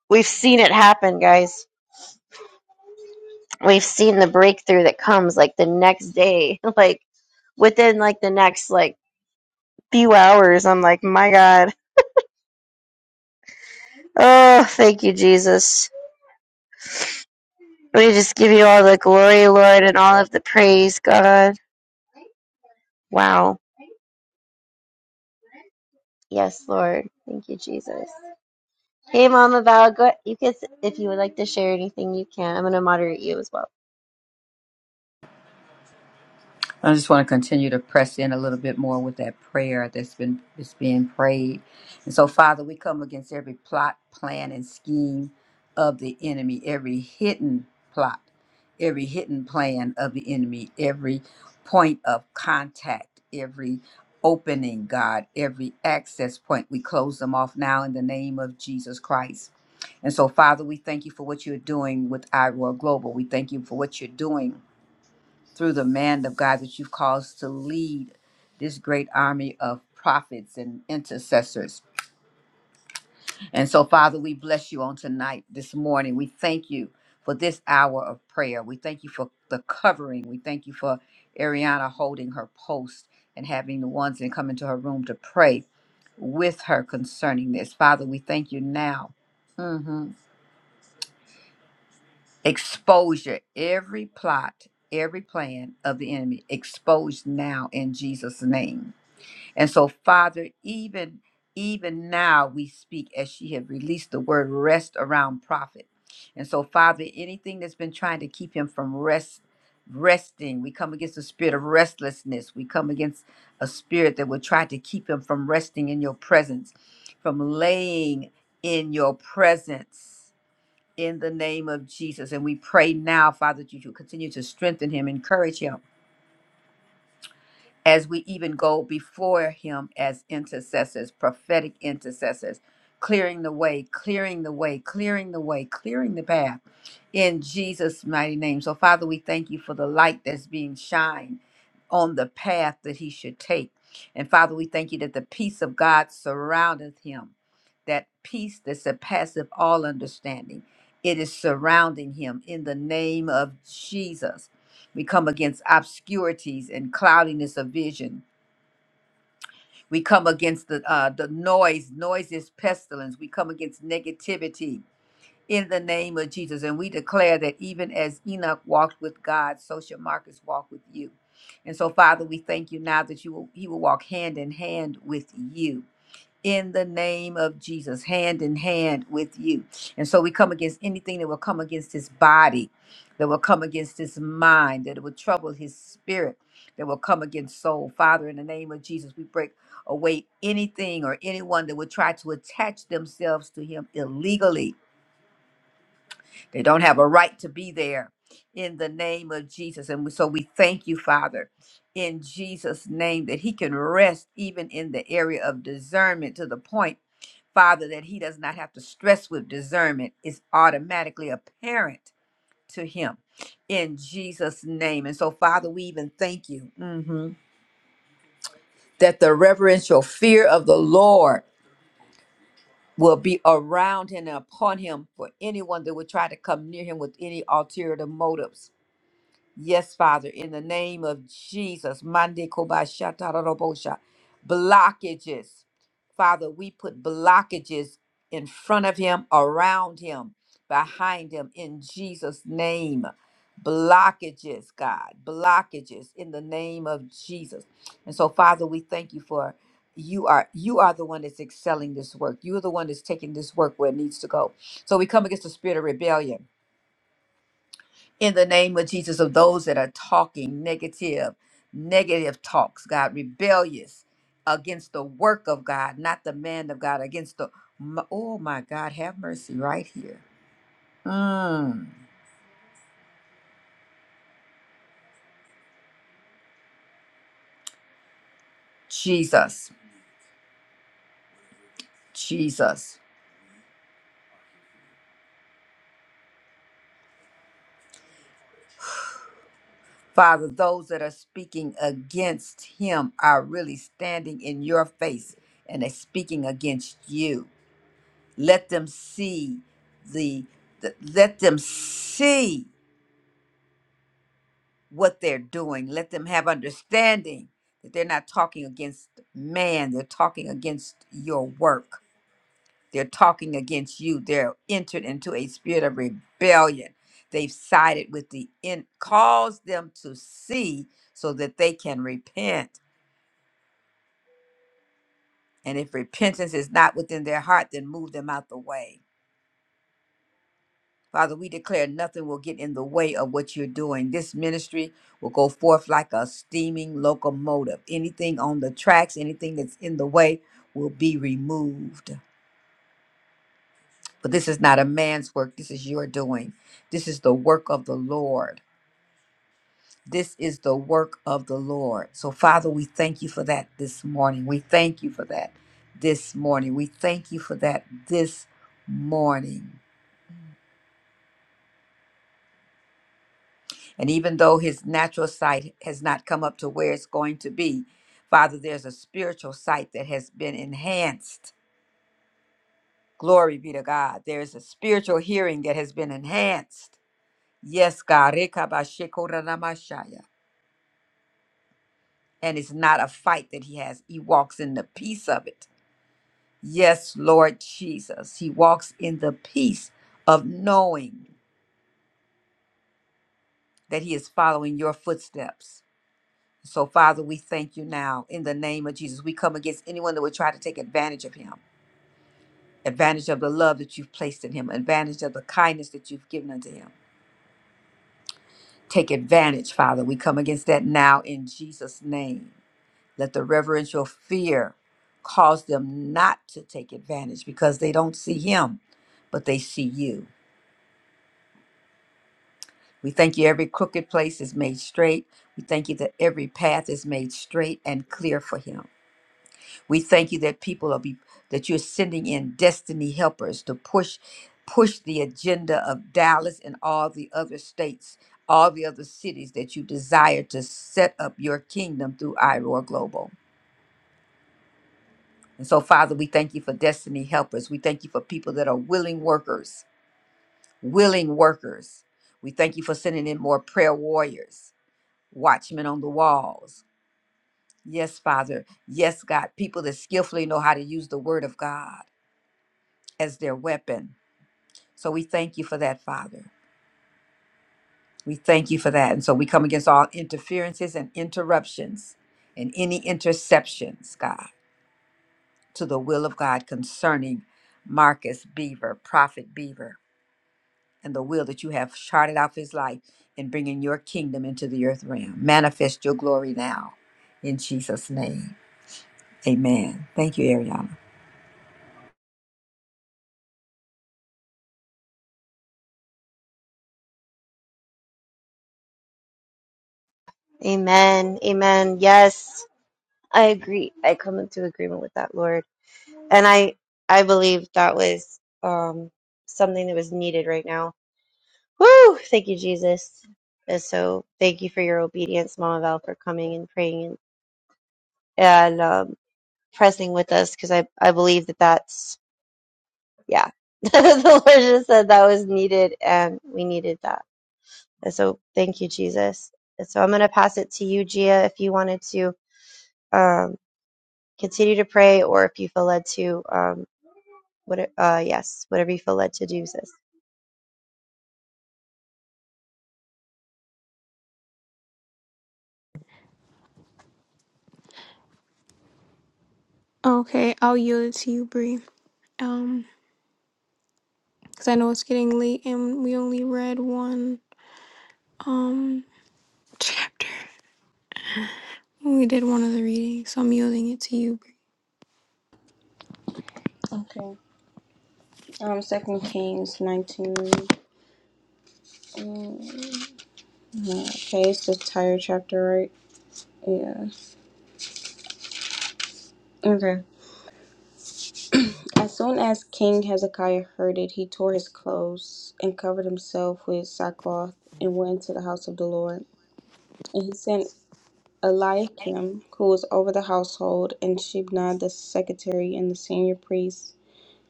[SPEAKER 4] We've seen it happen, guys. We've seen the breakthrough that comes like the next day, like within like the next like few hours. I'm like, my God. Oh, thank you, Jesus. We just give you all the glory, Lord, and all of the praise, God. Wow. Yes, Lord. Thank you, Jesus. Hey, Mama Val, go. You can, if you would like to share anything, you can. I'm going to moderate you as well.
[SPEAKER 5] I just want to continue to press in a little bit more with that prayer that's been is being prayed. And so, Father, we come against every plot, plan, and scheme of the enemy, every hidden plot, every hidden plan of the enemy, every point of contact, every opening, God, every access point. We close them off now in the name of Jesus Christ. And so, Father, we thank you for what you're doing with Iroar Global. We thank you for what you're doing through the man of God that you've caused to lead this great army of prophets and intercessors. And so, Father, we bless you on tonight, this morning. We thank you for this hour of prayer. We thank you for the covering. We thank you for Ariana holding her post and having the ones that come into her room to pray with her concerning this. Father, we thank you now. Mhm. Exposure, every plot, every plan of the enemy, exposed now in Jesus' name. And so, Father, even even now we speak as she had released the word rest around prophet. And so, Father, anything that's been trying to keep him from rest, resting, we come against the spirit of restlessness. We come against a spirit that would try to keep him from resting in your presence, from laying in your presence. In the name of Jesus. And we pray now, Father, that you continue to strengthen him, encourage him as we even go before him as intercessors, prophetic intercessors, clearing the way, clearing the way, clearing the way, clearing the path in Jesus' mighty name. So, Father, we thank you for the light that's being shined on the path that he should take. And, Father, we thank you that the peace of God surroundeth him, that peace that surpasseth all understanding. It is surrounding him in the name of Jesus. We come against obscurities and cloudiness of vision. We come against the uh, the noise. Noise is pestilence. We come against negativity in the name of Jesus, and we declare that even as Enoch walked with God, so shall Marcus walk with you. And so, Father, we thank you now that you will, he will walk hand in hand with you in the name of Jesus, hand in hand with you. And so we come against anything that will come against his body, that will come against his mind, that will trouble his spirit, that will come against soul. Father, in the name of Jesus, we break away anything or anyone that would try to attach themselves to him illegally they don't have a right to be there in the name of Jesus. And so we thank you, Father, in Jesus' name, that He can rest even in the area of discernment to the point, Father, that He does not have to stress with discernment. It's automatically apparent to Him in Jesus' name. And so, Father, we even thank you mhm, that the reverential fear of the Lord. Will be around him and upon him for anyone that would try to come near him with any ulterior motives. Yes, Father, in the name of Jesus, Mande Kobashatarabosha, blockages. Father, we put blockages in front of him, around him, behind him, in Jesus' name. Blockages, God, blockages in the name of Jesus. And so, Father, we thank you for you are you are the one that's excelling this work. You are the one that's taking this work where it needs to go. So we come against the spirit of rebellion in the name of Jesus of those that are talking negative, negative talks, God, rebellious against the work of God, not the man of God, against the, m- oh my God, have mercy right here. Mm, Jesus, Jesus. Father, those that are speaking against him are really standing in your face and they're speaking against you. Let them see the, the let them see. what they're doing. Let them have understanding that they're not talking against man, they're talking against your work. They're talking against you. They're entered into a spirit of rebellion. They've sided with the in cause them to see so that they can repent. And if repentance is not within their heart, then move them out the way Father, we declare nothing will get in the way of what you're doing. This ministry will go forth like a steaming locomotive. Anything on the tracks, anything that's in the way will be removed. For this is not a man's work, this is your doing. This is the work of the Lord. This is the work of the Lord. So, Father, we thank you for that this morning. We thank you for that this morning. We thank you for that this morning. And even though his natural sight has not come up to where it's going to be, Father, there's a spiritual sight that has been enhanced. Glory be to God. There's a spiritual hearing that has been enhanced. Yes, God. Rekabashikoranamashaya. And it's not a fight that he has, he walks in the peace of it. Yes, Lord Jesus. He walks in the peace of knowing that he is following your footsteps. So, Father, we thank you now in the name of Jesus. We come against anyone that would try to take advantage of him, advantage of the love that you've placed in him, advantage of the kindness that you've given unto him. Take advantage, Father. We come against that now in Jesus' name. Let the reverential fear cause them not to take advantage because they don't see him, but they see you. We thank you every crooked place is made straight. We thank you that every path is made straight and clear for him. We thank you that people are be that you're sending in destiny helpers to push push the agenda of Dallas and all the other states, all the other cities that you desire to set up your kingdom through IROAR Global. And so, Father, we thank you for destiny helpers. We thank you for people that are willing workers, willing workers. We thank you for sending in more prayer warriors, watchmen on the walls. Yes, Father. Yes, God. People that skillfully know how to use the word of God as their weapon So we thank you for that, Father. We thank you for that. And so we come against all interferences and interruptions and any interceptions, God, to the will of God concerning Marcus Beaver, Prophet Beaver, and the will that you have charted out for his life in bringing your kingdom into the earth realm. Manifest your glory now in Jesus' name. Amen. Thank you, Ariana.
[SPEAKER 4] Amen. Amen. Yes. I agree. I come into agreement with that, Lord. And I I believe that was um something that was needed right now. Woo! Thank you, Jesus. And so thank you for your obedience, Mama Val, for coming and praying and, and um pressing with us because I, I believe that that's yeah. the Lord just said that was needed and we needed that. And so thank you, Jesus. And so I'm gonna pass it to you, Gia, if you wanted to um continue to pray or if you feel led to. um What? Uh, yes, whatever you feel led to do, sis.
[SPEAKER 1] Okay, I'll yield it to you, Bree. Um, because I know it's getting late and we only read one um chapter. We did one of the readings, so I'm yielding it to you,
[SPEAKER 2] Okay. Um, Second Kings nineteen. mm, yeah, Okay, it's the entire chapter, right? Yeah. Okay. As soon as King Hezekiah heard it, he tore his clothes and covered himself with sackcloth and went into the house of the Lord. and he sent. Eliakim, who was over the household, and Shebna the secretary and the senior priest,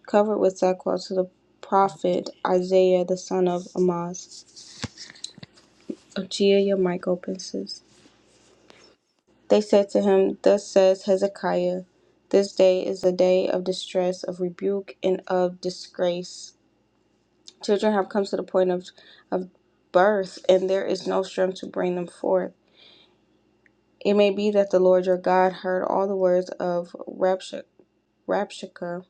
[SPEAKER 2] covered with sackcloth to the prophet Isaiah the son of Amoz. Ochia, your mic opens. They said to him, Thus says Hezekiah, This day is a day of distress, of rebuke, and of disgrace. Children have come to the point of, of birth, and there is no strength to bring them forth. It may be that the Lord your God heard all the words of Rabshakeh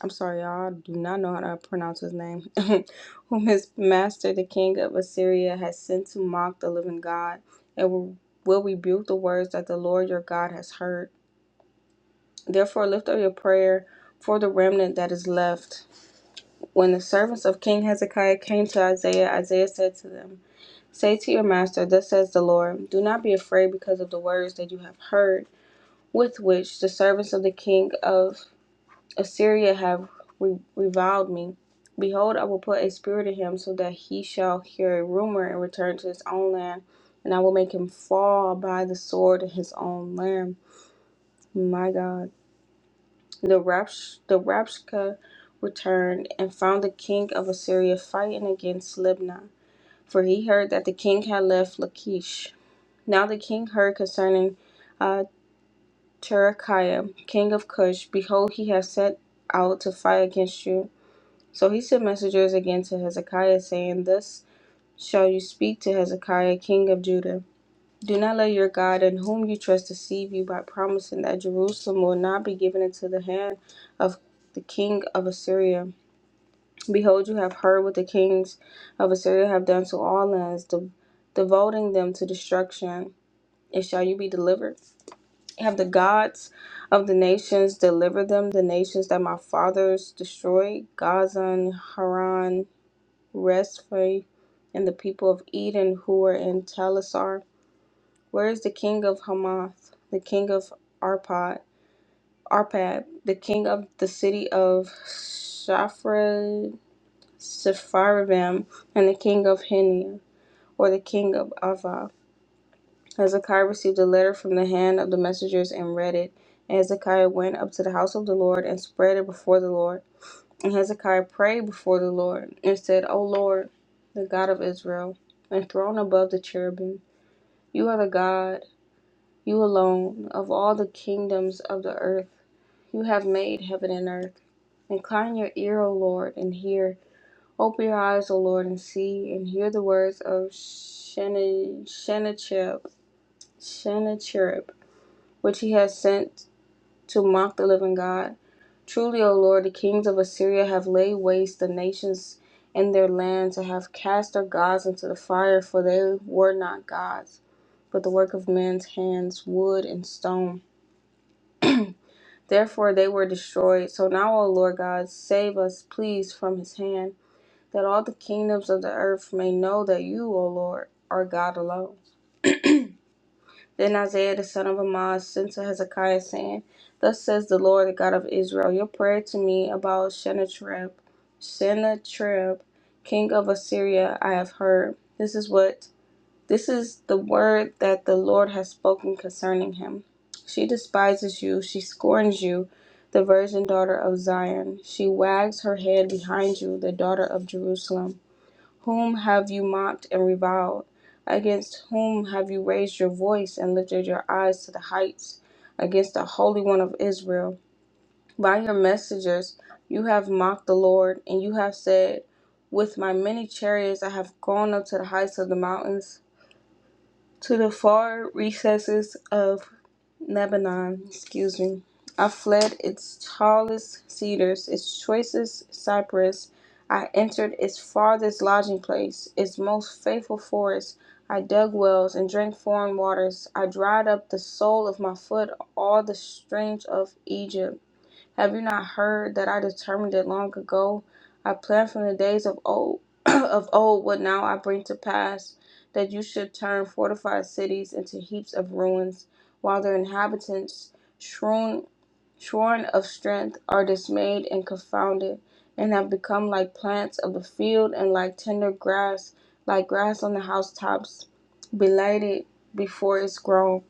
[SPEAKER 2] I'm sorry, y'all. I do not know how to pronounce his name. Whom his master, the king of Assyria, has sent to mock the living God, and will, will rebuke the words that the Lord your God has heard. Therefore, lift up your prayer for the remnant that is left. When the servants of King Hezekiah came to Isaiah, Isaiah said to them, Say to your master, Thus says the Lord, Do not be afraid because of the words that you have heard, with which the servants of the king of Assyria have re- reviled me. Behold, I will put a spirit in him, so that he shall hear a rumor and return to his own land, and I will make him fall by the sword in his own land. My God. The Rapsh- the Rapshka returned and found the king of Assyria fighting against Libnah, for he heard that the king had left Lachish. Now the king heard concerning uh, Terekiah, king of Cush, behold, he has set out to fight against you. So he sent messengers again to Hezekiah, saying, Thus shall you speak to Hezekiah, king of Judah. Do not let your God in whom you trust deceive you by promising that Jerusalem will not be given into the hand of the king of Assyria. Behold, you have heard what the kings of Assyria have done to all lands, de- devoting them to destruction. And shall you be delivered? Have the gods of the nations delivered them, the nations that my fathers destroyed, Gaza and Haran, Rezphi, and the people of Eden who were in Telassar? Where is the king of Hamath, the king of Arpad, Arpad, the king of the city of Shafra, Sepharvaim, and the king of Henia, or the king of Ava? Hezekiah received a letter from the hand of the messengers and read it. And Hezekiah went up to the house of the Lord and spread it before the Lord. And Hezekiah prayed before the Lord and said, O Lord, the God of Israel, enthroned above the cherubim, you are the God, you alone, of all the kingdoms of the earth. You have made heaven and earth. Incline your ear, O Lord, and hear. Open your eyes, O Lord, and see, and hear the words of Shene- Shenachib, Shenachib, which he has sent to mock the living God. Truly, O Lord, the kings of Assyria have laid waste the nations and their lands, and have cast their gods into the fire, for they were not gods, but the work of men's hands, wood and stone. Therefore they were destroyed. So now, O Lord God, save us, please, from his hand, that all the kingdoms of the earth may know that you, O Lord, are God alone. Then Isaiah the son of Amoz sent to Hezekiah, saying, Thus says the Lord, the God of Israel, Your prayer to me about Sennacherib, Sennacherib, king of Assyria, I have heard. This is what this is the word that the Lord has spoken concerning him. She despises you, she scorns you, the virgin daughter of Zion. She wags her head behind you, the daughter of Jerusalem. Whom have you mocked and reviled? Against whom have you raised your voice and lifted your eyes to the heights? Against the Holy One of Israel. By your messengers you have mocked the Lord, and you have said, With my many chariots I have gone up to the heights of the mountains. To the far recesses of Lebanon, excuse me, I fled its tallest cedars, its choicest cypress. I entered its farthest lodging place, its most faithful forest. I dug wells and drank foreign waters. I dried up the sole of my foot, all the streams of Egypt. Have you not heard that I determined it long ago? I planned from the days of old of old what now I bring to pass, that you should turn fortified cities into heaps of ruins, while their inhabitants, shorn, shorn of strength, are dismayed and confounded, and have become like plants of the field and like tender grass, like grass on the housetops, belated before it's grown.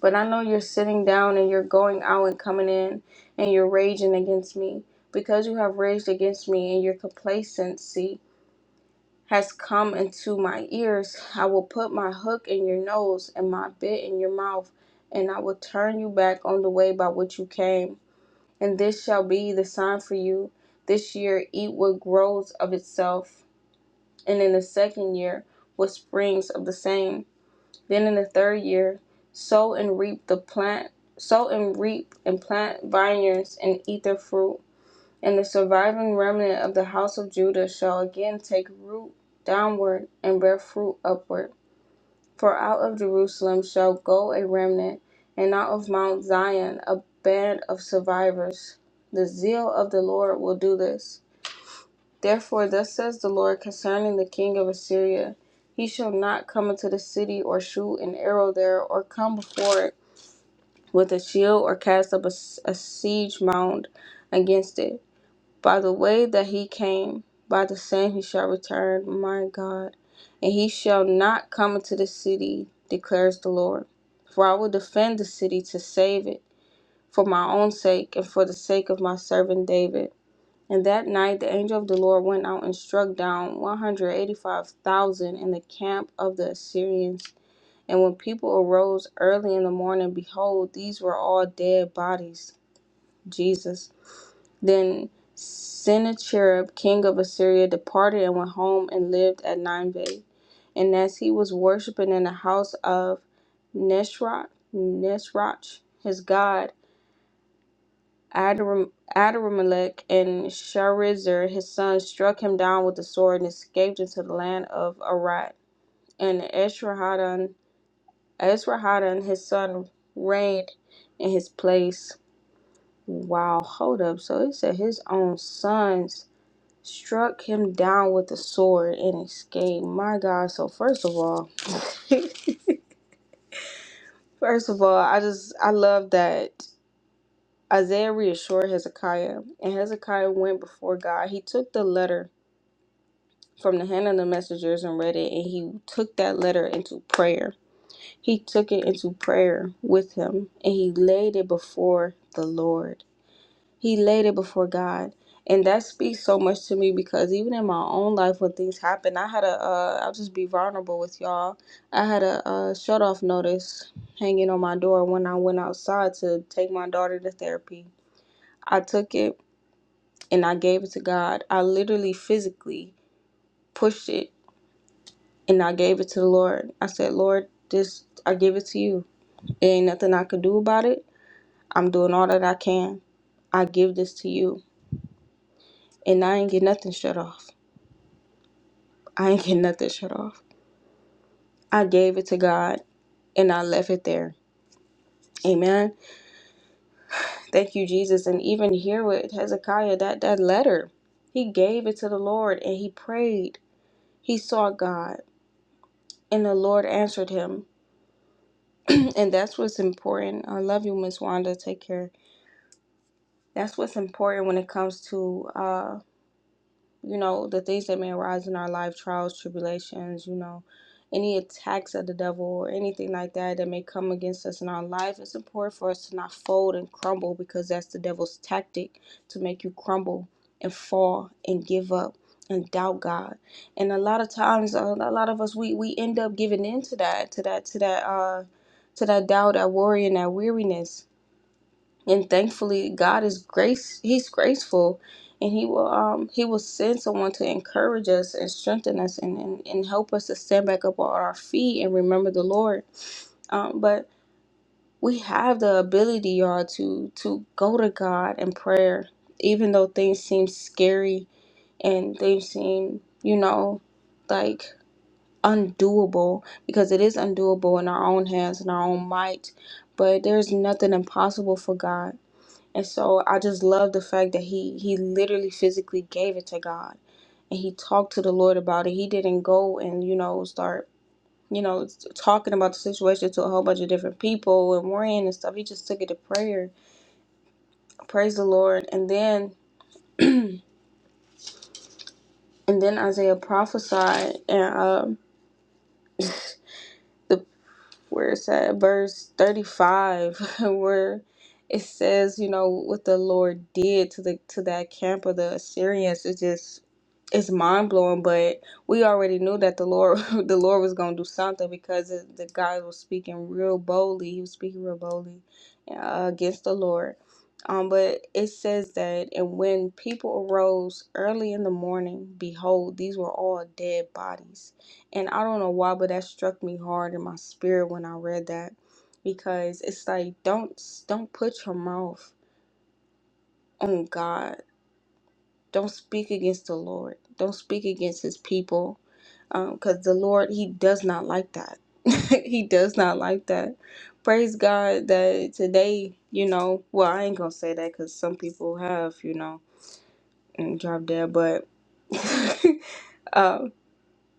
[SPEAKER 2] But I know you're sitting down and you're going out and coming in and you're raging against me because you have raged against me and your complacency has come into my ears. I will put my hook in your nose and my bit in your mouth, and I will turn you back on the way by which you came. And this shall be the sign for you. This year, eat what grows of itself, and in the second year, what springs of the same. Then in the third year, sow and reap the plant, sow and reap and plant vineyards and eat their fruit. And the surviving remnant of the house of Judah shall again take root downward and bear fruit upward. For out of Jerusalem shall go a remnant, and out of Mount Zion a band of survivors. The zeal of the Lord will do this. Therefore, thus says the Lord concerning the king of Assyria He shall not come into the city, or shoot an arrow there, or come before it with a shield, or cast up a a siege mound against it. By the way that he came, by the same he shall return, my God. And he shall not come into the city, declares the Lord. For I will defend the city to save it, for my own sake, and for the sake of my servant David. And that night the angel of the Lord went out and struck down 185,000 in the camp of the Assyrians. And when people arose early in the morning, behold, these were all dead bodies. Jesus. Then Sennacherib, king of Assyria, departed and went home and lived at Nineveh. And as he was worshiping in the house of Neshrach, Neshrach, his god, Adoram- Adoramelech and Sharezer his son struck him down with the sword and escaped into the land of Arad. And Esarhaddon, Esarhaddon his son reigned in his place. Wow, hold up. So it said his own sons struck him down with the sword and escaped. My God. So first of all, first of all, I just I love that Isaiah reassured Hezekiah, and Hezekiah went before God. He took the letter from the hand of the messengers and read it, and he took that letter into prayer. He took it into prayer with him, and he laid it before the Lord. He laid it before God. And that speaks so much to me because even in my own life, when things happen, I had a, uh, I'll just be vulnerable with y'all. I had a, uh shut off notice hanging on my door when I went outside to take my daughter to therapy. I took it and I gave it to God. I literally physically pushed it and I gave it to the Lord. I said, Lord, this I give it to you. There ain't nothing I could do about it. I'm doing all that I can. I give this to you. And I ain't get nothing shut off. I ain't get nothing shut off. I gave it to God and I left it there. Amen. Thank you, Jesus. And even here with Hezekiah, that, that letter, he gave it to the Lord and he prayed. He sought God and the Lord answered him. and that's what's important. I love you, Miss Wanda. Take care. that's what's important when it comes to uh you know the things that may arise in our life trials tribulations you know any attacks of the devil or anything like that that may come against us in our life it's important for us to not fold and crumble because that's the devil's tactic to make you crumble and fall and give up and doubt god and a lot of times uh, a lot of us we we end up giving in to that to that to that uh to that doubt that worry and that weariness and thankfully god is grace he's graceful and he will um he will send someone to encourage us and strengthen us and and, and help us to stand back up on our feet and remember the lord um but we have the ability y'all to to go to god in prayer even though things seem scary and they seem you know like undoable because it is undoable in our own hands and our own might but there's nothing impossible for god and so I just love the fact that he he literally physically gave it to God, and he talked to the Lord about it. He didn't go and you know start you know s- talking about the situation to a whole bunch of different people and worrying and stuff. He just took it to prayer. Praise the Lord. And then and then Isaiah prophesied and um where it's at verse 35 where it says you know what the lord did to the to that camp of the assyrians it's just it's mind-blowing but we already knew that the lord the lord was going to do something because the the guy was speaking real boldly he was speaking real boldly uh, against the lord um, but it says that, and when people arose early in the morning, behold, these were all dead bodies and I don't know why, but that struck me hard in my spirit when I read that because it's like don't don't put your mouth on God. Don't speak against the Lord. Don't speak against his people because the Lord he does not like that. he does not like that. Praise God that today, you know, well, I ain't gonna say that because some people have, you know, and drop dead, but um,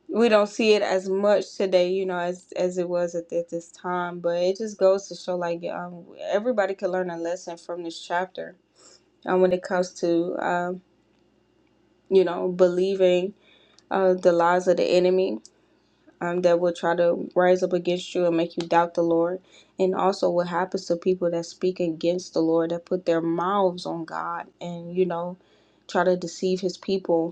[SPEAKER 2] we don't see it as much today, you know, as as it was at, at this time. But it just goes to show, like, um, everybody could learn a lesson from this chapter um, when it comes to, um, you know, believing uh, the lies of the enemy um, that will try to rise up against you and make you doubt the Lord, and also what happens to people that speak against the Lord, that put their mouths on God, and you know, try to deceive His people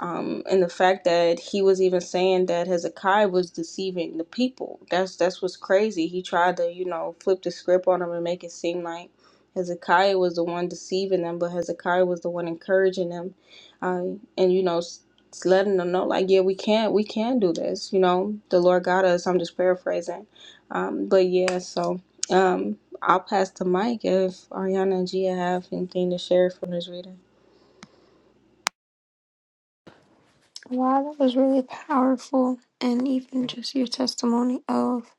[SPEAKER 2] um, and the fact that he was even saying that Hezekiah was deceiving the people. That's that's what's crazy. He tried to you know flip the script on him and make it seem like Hezekiah was the one deceiving them, but Hezekiah was the one encouraging them, uh, and you know s- s- letting them know like yeah we can we can do this. You know the Lord got us. I'm just paraphrasing, um, but yeah. So um, I'll pass the mic if Ariana and Gia have anything to share from this reading.
[SPEAKER 1] Wow, that was really powerful. And even just your testimony of,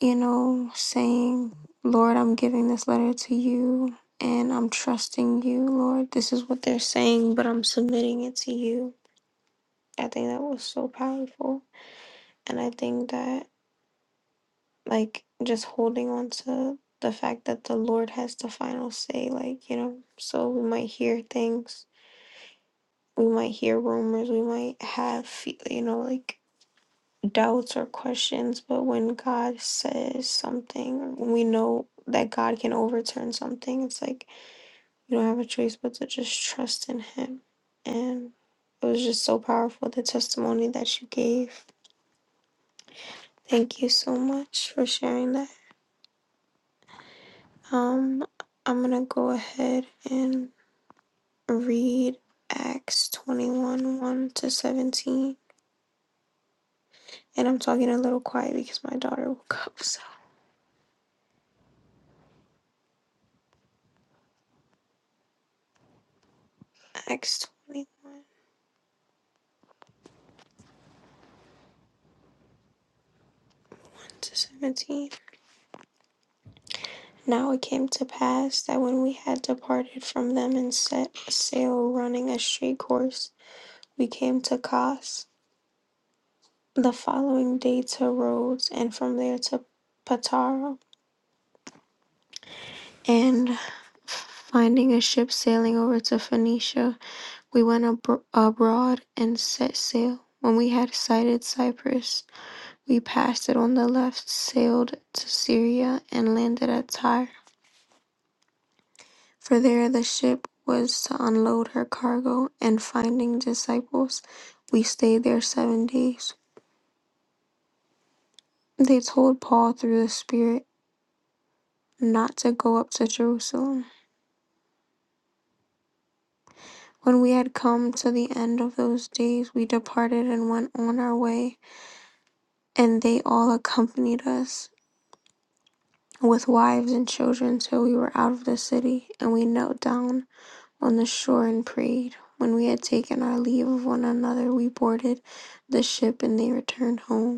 [SPEAKER 1] you know, saying, Lord, I'm giving this letter to you and I'm trusting you, Lord. This is what they're saying, but I'm submitting it to you. I think that was so powerful. And I think that, like, just holding on to the fact that the Lord has the final say, like, you know, so we might hear things, we might hear rumors, we might have, fe- you know, like, doubts or questions, but when God says something, or when we know that God can overturn something, it's like you don't have a choice but to just trust in Him. And it was just so powerful the testimony that you gave. Thank you so much for sharing that. Um, I'm gonna go ahead and read Acts 21 1 to 17. And I'm talking a little quiet because my daughter woke up. So, Acts 21 to 17. Now it came to pass that when we had departed from them and set sail running a straight course, we came to Kos. The following day to Rhodes, and from there to Patara. And finding a ship sailing over to Phoenicia, we went abro- abroad and set sail. When we had sighted Cyprus, we passed it on the left, sailed to Syria, and landed at Tyre. For there the ship was to unload her cargo, and finding disciples, we stayed there seven days. They told Paul through the Spirit not to go up to Jerusalem. When we had come to the end of those days, we departed and went on our way, and they all accompanied us with wives and children till we were out of the city, and we knelt down on the shore and prayed. When we had taken our leave of one another, we boarded the ship and they returned home.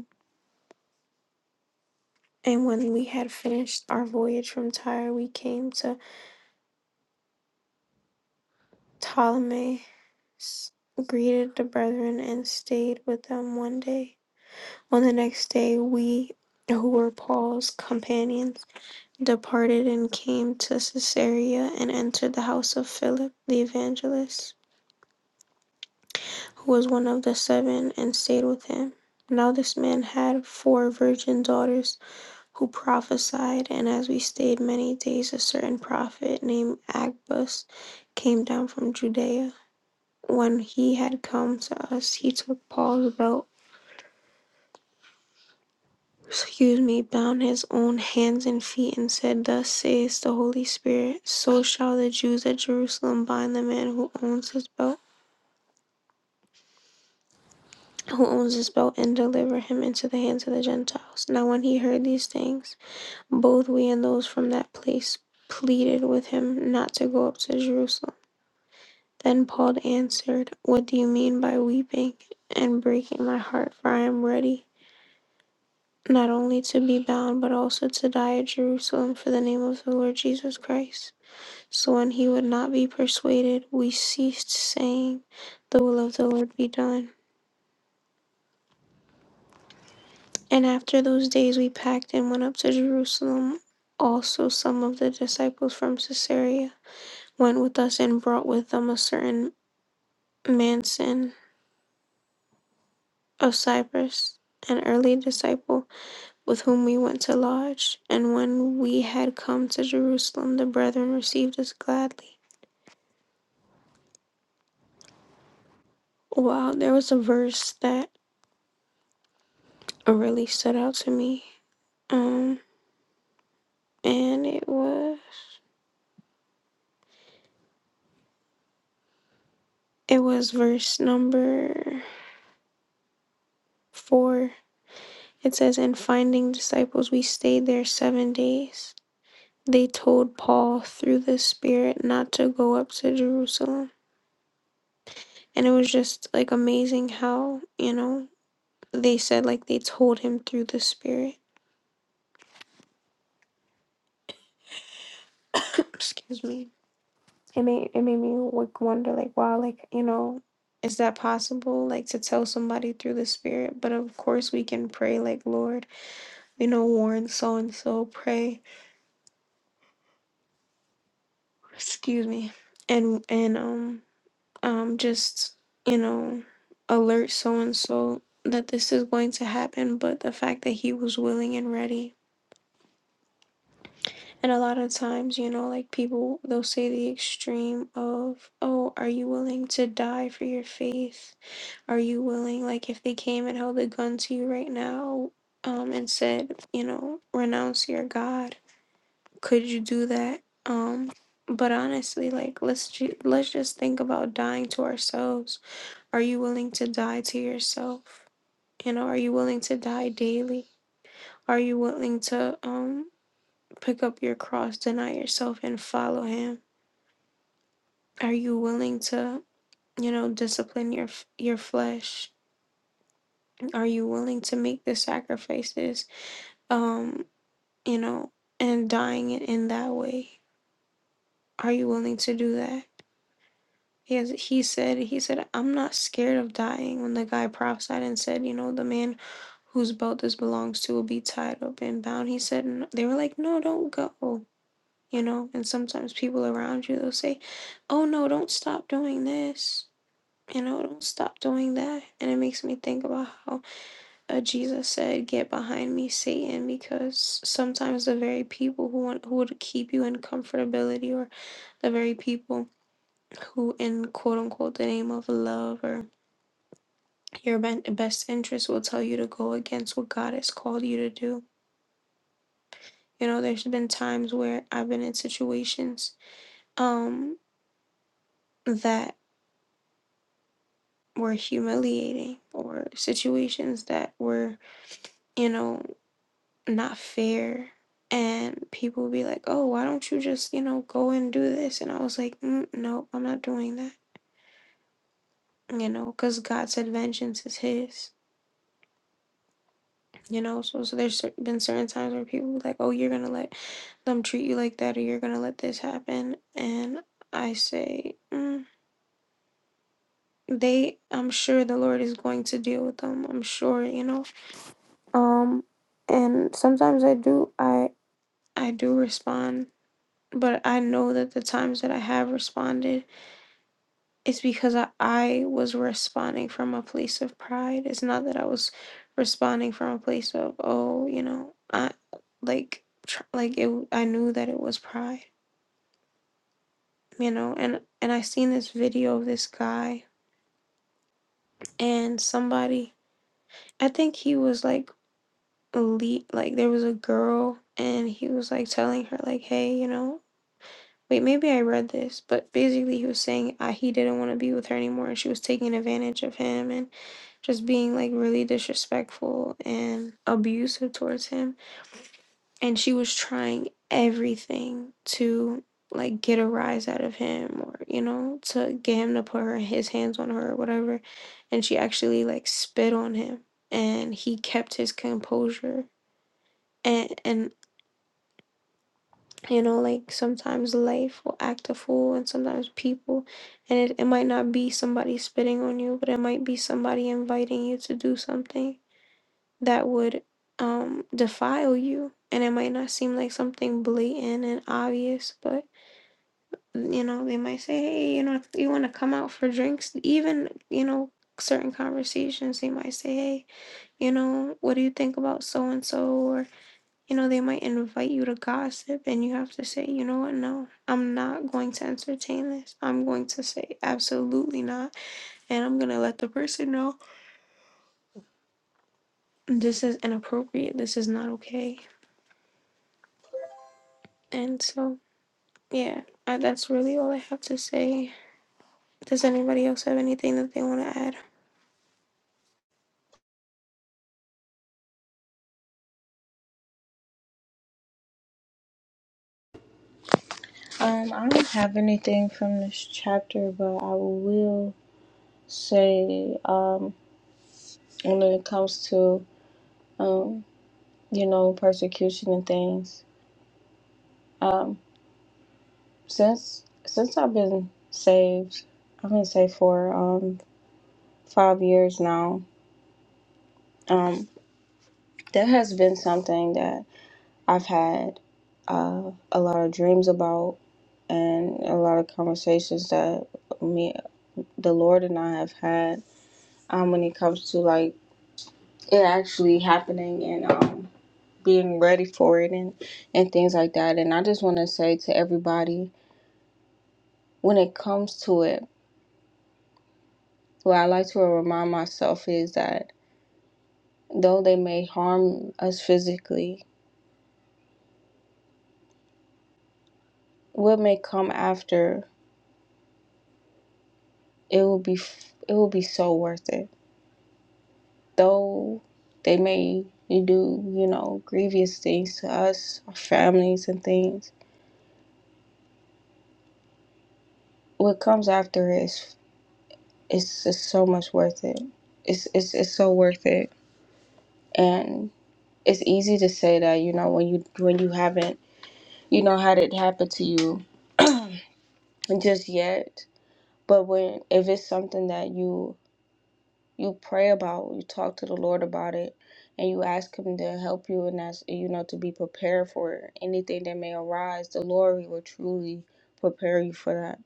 [SPEAKER 1] And when we had finished our voyage from Tyre, we came to Ptolemy, greeted the brethren, and stayed with them one day. On the next day, we who were Paul's companions departed and came to Caesarea and entered the house of Philip the evangelist, who was one of the seven, and stayed with him. Now, this man had four virgin daughters who prophesied, and as we stayed many days, a certain prophet named Agabus came down from Judea. When he had come to us, he took Paul's belt, excuse me, bound his own hands and feet, and said, Thus saith the Holy Spirit, so shall the Jews at Jerusalem bind the man who owns his belt. Who owns his belt and deliver him into the hands of the Gentiles. Now, when he heard these things, both we and those from that place pleaded with him not to go up to Jerusalem. Then Paul answered, What do you mean by weeping and breaking my heart? For I am ready not only to be bound, but also to die at Jerusalem for the name of the Lord Jesus Christ. So when he would not be persuaded, we ceased saying, The will of the Lord be done. And after those days we packed and went up to Jerusalem. Also, some of the disciples from Caesarea went with us and brought with them a certain Manson of Cyprus, an early disciple with whom we went to lodge. And when we had come to Jerusalem, the brethren received us gladly. Wow, there was a verse that really stood out to me. Um, and it was it was verse number four. It says, "And finding disciples, we stayed there seven days. They told Paul through the Spirit not to go up to Jerusalem, and it was just like amazing how you know they said like they told him through the Spirit." excuse me it made it made me like wonder like wow like you know is that possible like to tell somebody through the spirit but of course we can pray like lord you know warn so and so pray excuse me and and um um just you know alert so and so that this is going to happen but the fact that he was willing and ready and a lot of times you know like people they'll say the extreme of oh are you willing to die for your faith Are you willing, like, if they came and held a gun to you right now, um, and said, you know, renounce your God, could you do that? Um, but honestly, like, let's ju- let's just think about dying to ourselves. Are you willing to die to yourself? You know, are you willing to die daily? Are you willing to um pick up your cross, deny yourself, and follow Him? Are you willing to, you know, discipline your f- your flesh? Are you willing to make the sacrifices? um, you know, and dying in, in that way. Are you willing to do that? He has, he said he said I'm not scared of dying. When the guy prophesied and said, you know, the man whose belt this belongs to will be tied up and bound. He said "N- they were like, no, don't go. You know, and sometimes people around you they'll say, oh no, don't stop doing this. You know, don't stop doing that. And it makes me think about how uh, Jesus said, "Get behind me, Satan," because sometimes the very people who want who would keep you in comfortability, or the very people who, in quote unquote, the name of love or your ben- best interest, will tell you to go against what God has called you to do. You know, there's been times where I've been in situations um, that were humiliating, or situations that were, you know. not fair. And people be like, oh, why don't you just, you know, go and do this? And I was like, mm, no, I'm not doing that, you know, because God said vengeance is His, you know. So, so there's cer- been certain times where people be like, oh, you're going to let them treat you like that or you're going to let this happen. And I say, mm, they, I'm sure the Lord is going to deal with them. I'm sure, you know. Um, and sometimes I do, I, I do respond but I know that the times that I have responded, it's because I, I was responding from a place of pride. It's not that I was responding from a place of, oh, you know, I like, tr- like it, I knew that it was pride, you know, and, and I seen this video of this guy and somebody, I think he was like, elite, like there was a girl and he was like telling her like, hey, you know, Wait, maybe I read this, but basically he was saying uh, he didn't want to be with her anymore, and she was taking advantage of him and just being like really disrespectful and abusive towards him. And she was trying everything to like get a rise out of him or you know to get him to put her his hands on her or whatever. And she actually like spit on him, and he kept his composure. And and you know like sometimes life will act a fool and sometimes people and it, it might not be somebody spitting on you but it might be somebody inviting you to do something that would um defile you and it might not seem like something blatant and obvious but you know they might say hey you know if you want to come out for drinks even you know certain conversations they might say hey you know what do you think about so and so or you know, they might invite you to gossip and you have to say, you know what, no, I'm not going to entertain this. I'm going to say absolutely not. And I'm going to let the person know this is inappropriate. This is not okay. And so, yeah, I, that's really all I have to say. Does anybody else have anything that they want to add?
[SPEAKER 2] Um, I don't have anything from this chapter, but I will say, um, when it comes to, um, you know, persecution and things, um, since since I've been saved, I've been saved for um five years now. Um, that has been something that I've had uh, a lot of dreams about, and a lot of conversations that me, the Lord, and I have had. Um, when it comes to like it actually happening and um being ready for it and and things like that and i just want to say to everybody when it comes to it what i like to remind myself is that though they may harm us physically what may come after it will be f- it will be so worth it though they may do you know grievous things to us our families and things what comes after is it's just so much worth it it's it's, it's so worth it and it's easy to say that you know when you when you haven't you know had it happen to you just yet but when if it's something that you you pray about you talk to the lord about it and you ask him to help you and that's you know to be prepared for anything that may arise the lord will truly prepare you for that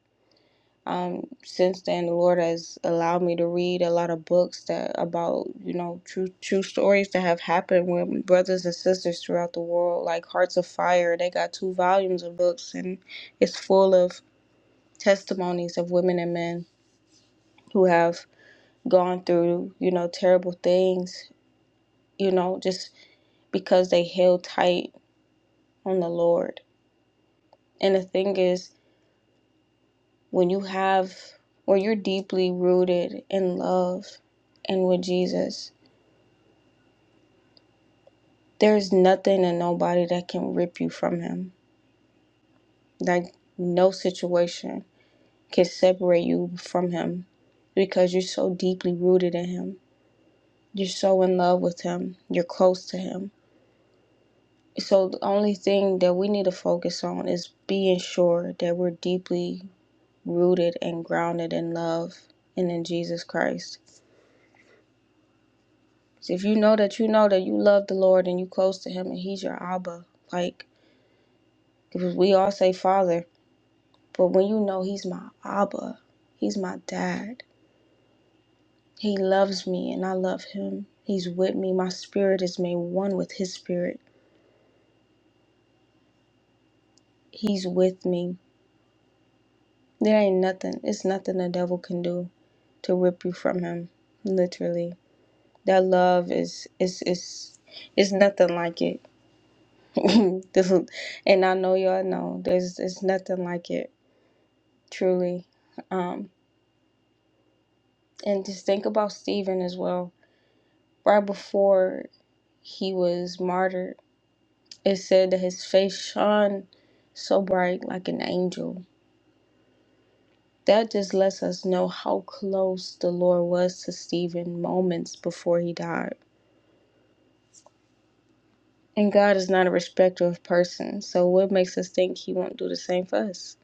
[SPEAKER 2] um, since then, the Lord has allowed me to read a lot of books that about you know true true stories that have happened with brothers and sisters throughout the world, like Hearts of Fire. They got two volumes of books, and it's full of testimonies of women and men who have gone through you know terrible things, you know, just because they held tight on the Lord. And the thing is, when you have when you're deeply rooted in love and with Jesus There's nothing and nobody that can rip you from him. Like, no situation can separate you from him because you're so deeply rooted in him. You're so in love with him. You're close to him. So, the only thing that we need to focus on is being sure that we're deeply rooted and grounded in love and in Jesus Christ. So if you know that you know that you love the Lord and you close to him and he's your Abba, like, because we all say Father, But when you know he's my Abba, he's my dad. He loves me and I love him. He's with me. My spirit is made one with his spirit. He's with me. There ain't nothing, it's nothing the devil can do to rip you from him. Literally. That love is is is it's nothing like it. This- is- and I know y'all know there's it's nothing like it, truly. Um and just think about Stephen as well. Right before he was martyred It said that his face shone so bright like an angel. That just lets us know how close the Lord was to Stephen moments before he died. And God is not a respecter of persons, so what makes us think he won't do the same for us?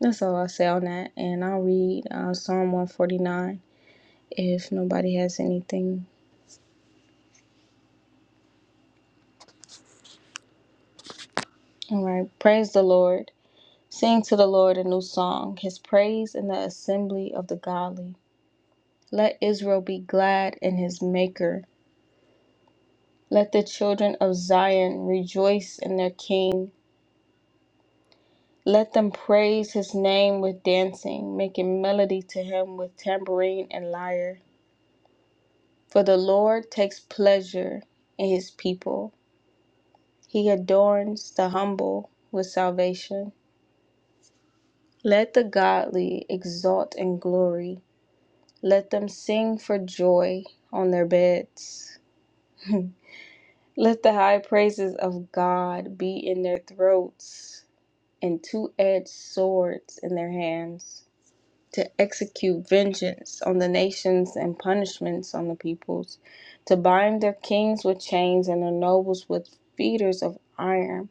[SPEAKER 2] That's all i say on that. And I'll read uh, Psalm 149 if nobody has anything. All right. Praise the Lord. Sing to the Lord a new song, his praise in the assembly of the godly. Let Israel be glad in his maker. Let the children of Zion rejoice in their king. Let them praise his name with dancing, making melody to him with tambourine and lyre. For the Lord takes pleasure in his people, he adorns the humble with salvation. Let the godly exult in glory. Let them sing for joy on their beds. Let the high praises of God be in their throats and two edged swords in their hands to execute vengeance on the nations and punishments on the peoples, to bind their kings with chains and their nobles with fetters of iron,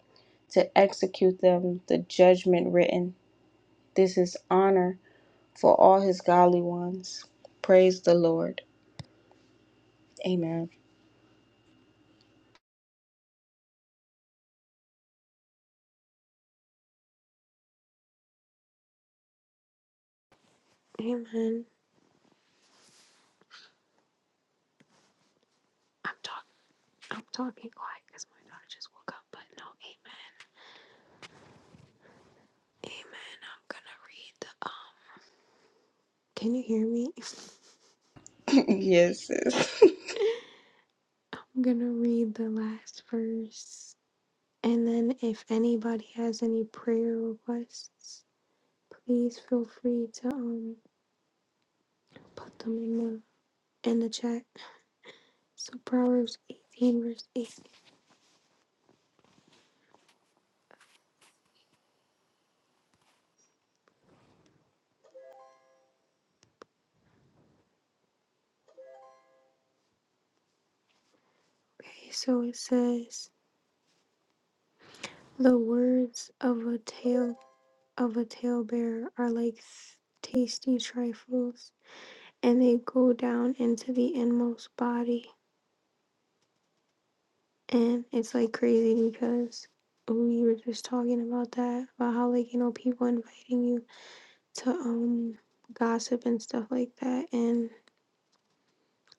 [SPEAKER 2] to execute them the judgment written. This is honor for all his godly ones. Praise the Lord. Amen.
[SPEAKER 1] Amen. I'm talking. I'm talking quiet because my daughter just woke up. But no, amen. Amen. I'm gonna read the. Um, can you hear me?
[SPEAKER 2] yes, sis.
[SPEAKER 1] I'm gonna read the last verse. And then if anybody has any prayer requests, please feel free to um put them in the in the chat. So Proverbs 18 verse 8. Okay, so it says the words of a tale of a talebearer are like s- tasty trifles and they go down into the inmost body. And it's like crazy because we were just talking about that, about how like, you know, people inviting you to um gossip and stuff like that and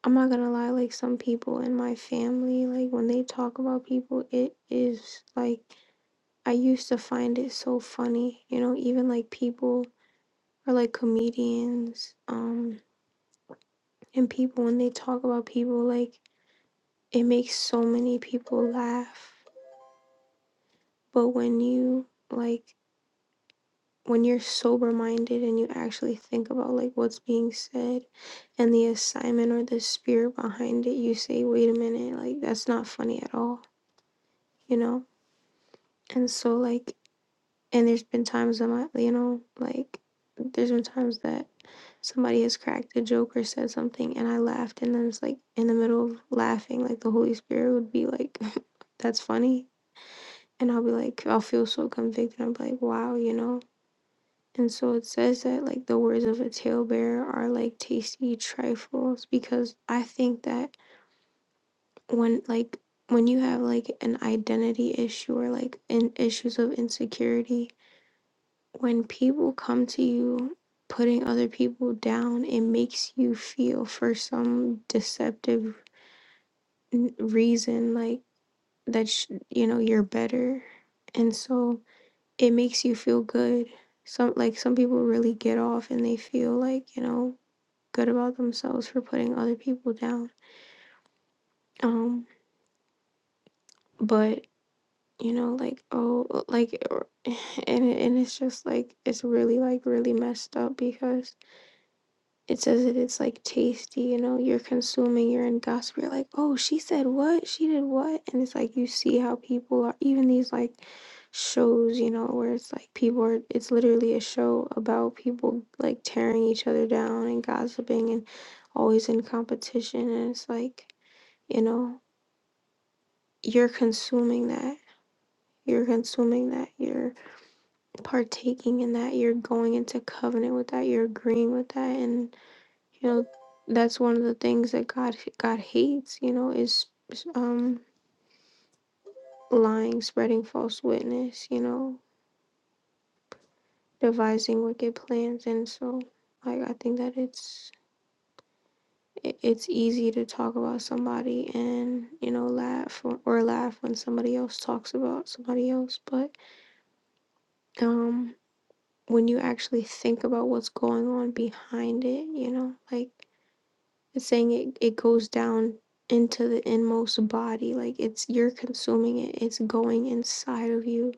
[SPEAKER 1] I'm not gonna lie, like some people in my family, like when they talk about people, it is like I used to find it so funny, you know, even like people or like comedians, um, and people when they talk about people, like it makes so many people laugh. But when you like when you're sober minded and you actually think about like what's being said and the assignment or the spirit behind it, you say, wait a minute, like that's not funny at all, you know? And so, like, and there's been times I'm, you know, like, there's been times that somebody has cracked a joke or said something and I laughed, and then it's like in the middle of laughing, like the Holy Spirit would be like, that's funny. And I'll be like, I'll feel so convicted. i am like, wow, you know? And so it says that like the words of a talebearer are like tasty trifles because I think that when like when you have like an identity issue or like in issues of insecurity, when people come to you putting other people down, it makes you feel for some deceptive n- reason like that sh- you know you're better. And so it makes you feel good some like some people really get off and they feel like you know good about themselves for putting other people down. Um, but you know, like oh, like, and and it's just like it's really like really messed up because it says that it's like tasty. You know, you're consuming, you're in gossip. You're like, oh, she said what? She did what? And it's like you see how people are. Even these like shows, you know, where it's like people are. It's literally a show about people like tearing each other down and gossiping and always in competition. And it's like you know you're consuming that. You're consuming that. You're partaking in that. You're going into covenant with that. You're agreeing with that. And you know, that's one of the things that God God hates. You know, is um lying, spreading false witness. You know, devising wicked plans. And so, like, I think that it's it's easy to talk about somebody and you know laugh or, or laugh when somebody else talks about somebody else but um when you actually think about what's going on behind it, you know, like it's saying it, it goes down into the inmost body, like it's you're consuming it, it's going inside of you,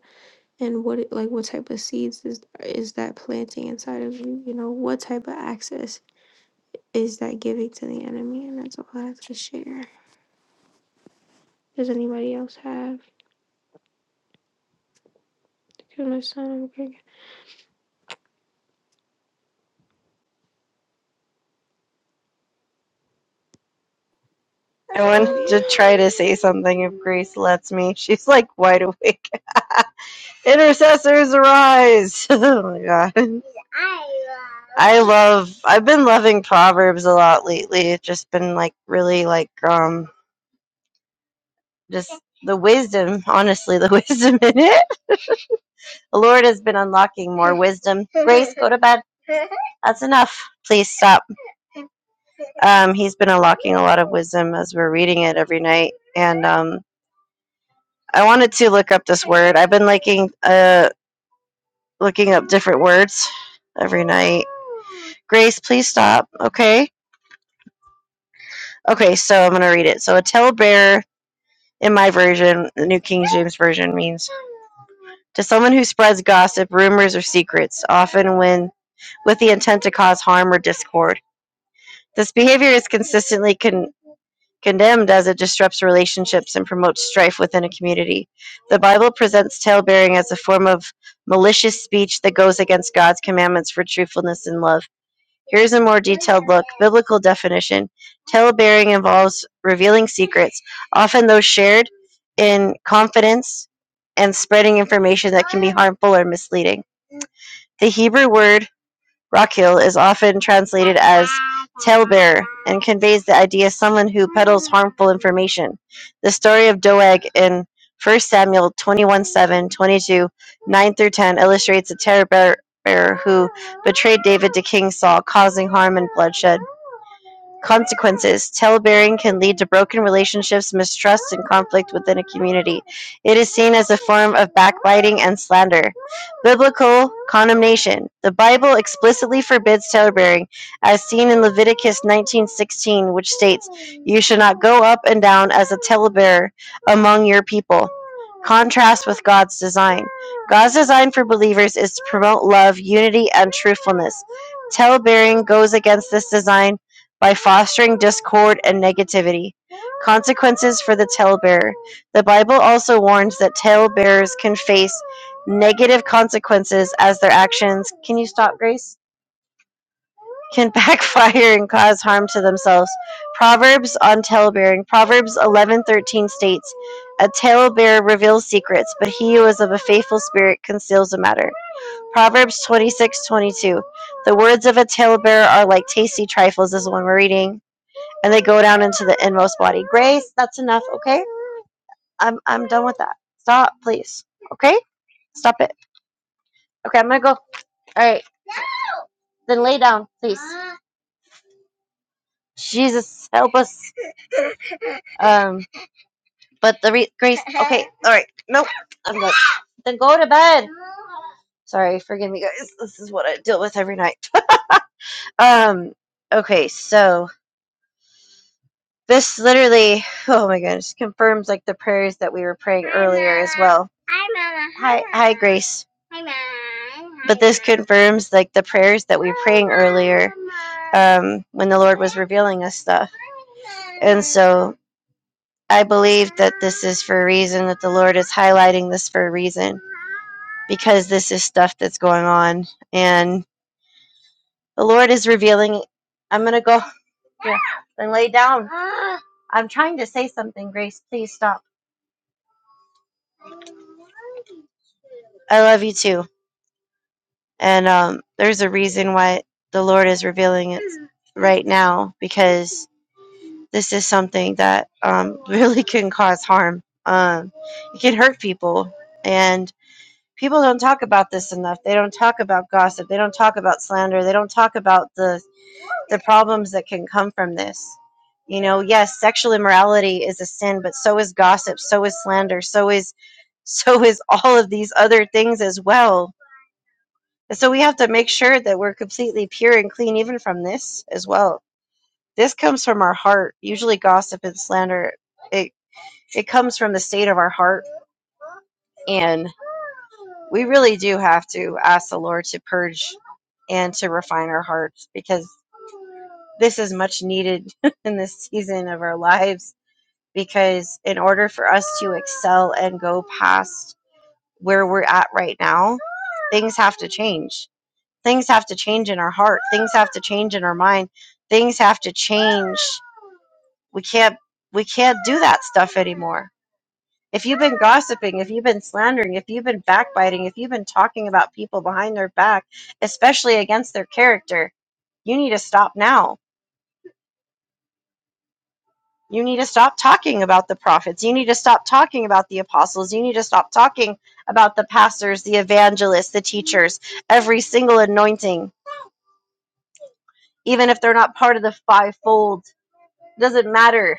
[SPEAKER 1] and what it, like what type of seeds is is that planting inside of you, you know, what type of access is that giving to the enemy, and that's all I have to share. Does anybody else have? Because my son, I'm
[SPEAKER 4] I want
[SPEAKER 1] Oh yeah,
[SPEAKER 4] to try to say something if Grace lets me. She's like wide awake. Intercessors arise! oh my god. I love. I've been loving Proverbs a lot lately. It's just been like really like um just the wisdom. Honestly, the wisdom in it. The Lord has been unlocking more wisdom. Grace, go to bed. That's enough. Please stop. Um, he's been unlocking a lot of wisdom as we're reading it every night, and um I wanted to look up this word. I've been liking uh looking up different words every night. Grace, please stop. Okay. Okay, so I'm gonna read it. So a talebearer in my version, the New King James Version means to someone who spreads gossip, rumors, or secrets, often when with the intent to cause harm or discord. This behavior is consistently con. condemned as it disrupts relationships and promotes strife within a community. The Bible presents talebearing as a form of malicious speech that goes against God's commandments for truthfulness and love. Here's a more detailed look. Biblical definition. Talebearing involves revealing secrets, often those shared in confidence, and spreading information that can be harmful or misleading. The Hebrew word Rockhill is often translated as "talebearer" and conveys the idea of someone who peddles harmful information. The story of Doeg in First Samuel twenty-one-seven, twenty-two, nine through ten illustrates a talebearer who betrayed David to King Saul, causing harm and bloodshed. Consequences: Tale-bearing can lead to broken relationships, mistrust, and conflict within a community. It is seen as a form of backbiting and slander. Biblical condemnation: The Bible explicitly forbids tale-bearing, as seen in Leviticus 19:16, which states, "You shall not go up and down as a tale-bearer among your people." Contrast with God's design. God's design for believers is to promote love, unity, and truthfulness. Tale-bearing goes against this design by fostering discord and negativity, consequences for the talebearer. The Bible also warns that talebearers can face negative consequences as their actions can you stop, Grace? Can backfire and cause harm to themselves. Proverbs on talebearing. Proverbs eleven thirteen states, A talebearer reveals secrets, but he who is of a faithful spirit conceals a matter. Proverbs twenty six twenty two. The words of a talebearer are like tasty trifles, is the one we're reading and they go down into the inmost body. Grace, that's enough, okay? I'm I'm done with that. Stop, please. Okay? Stop it. Okay, I'm gonna go. Alright, then lay down, please. Jesus, help us. Um, but the re- Grace, okay, alright, nope, I'm good. Then go to bed. Sorry, forgive me, guys. This is what I deal with every night. um, okay, so This literally, oh my goodness, confirms like the prayers that we were praying hi, earlier Mama. as well. Hi, hi, hi Grace. But this Mama. confirms like the prayers that we were praying earlier um, when the Lord was revealing us stuff. And so I believe that this is for a reason, that the Lord is highlighting this for a reason, because this is stuff that's going on. And the Lord is revealing. I'm going to go here, then lay down. I'm trying to say something, Grace. Please stop. I love you too. And um, there's a reason why the Lord is revealing it right now because this is something that um, really can cause harm. Um, it can hurt people. And people don't talk about this enough. They don't talk about gossip. They don't talk about slander. They don't talk about the, the problems that can come from this. You know, yes, sexual immorality is a sin, but so is gossip, so is slander, so is so is all of these other things as well And so we have to make sure that we're completely pure and clean even from this as well. This comes from our heart. Usually gossip and slander it it comes from the state of our heart and we really do have to ask the Lord to purge and to refine our hearts because this is much needed in this season of our lives because in order for us to excel and go past where we're at right now, things have to change Things have to change in our heart. Things have to change in our mind. Things have to change. We can't we can't do that stuff anymore. If you've been gossiping, if you've been slandering, if you've been backbiting, if you've been talking about people behind their back, especially against their character, you need to stop now. You need to stop talking about the prophets. You need to stop talking about the apostles. You need to stop talking about the pastors, the evangelists, the teachers, every single anointing, even if they're not part of the fivefold Doesn't matter.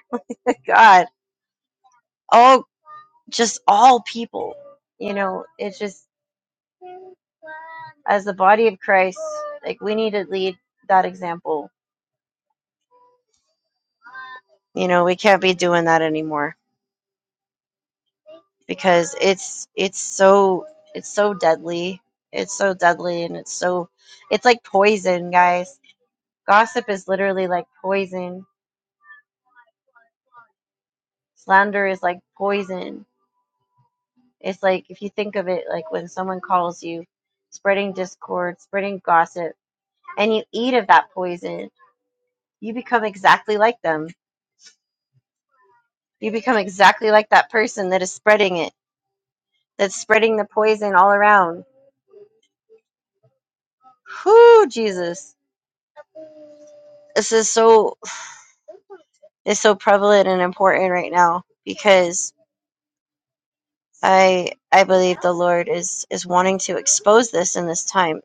[SPEAKER 4] God, all just all people. You know, it's just as the body of Christ, like we need to lead that example. You know, we can't be doing that anymore because it's it's so it's so deadly. It's so deadly and it's so it's like poison, guys. Gossip is literally like poison. Slander is like poison. It's like if you think of it like when someone calls you spreading discord, spreading gossip and you eat of that poison, you become exactly like them. You become exactly like that person that is spreading it, that's spreading the poison all around. Whoo, Jesus. This is so is so prevalent and important right now because I I believe the Lord is is wanting to expose this in this time.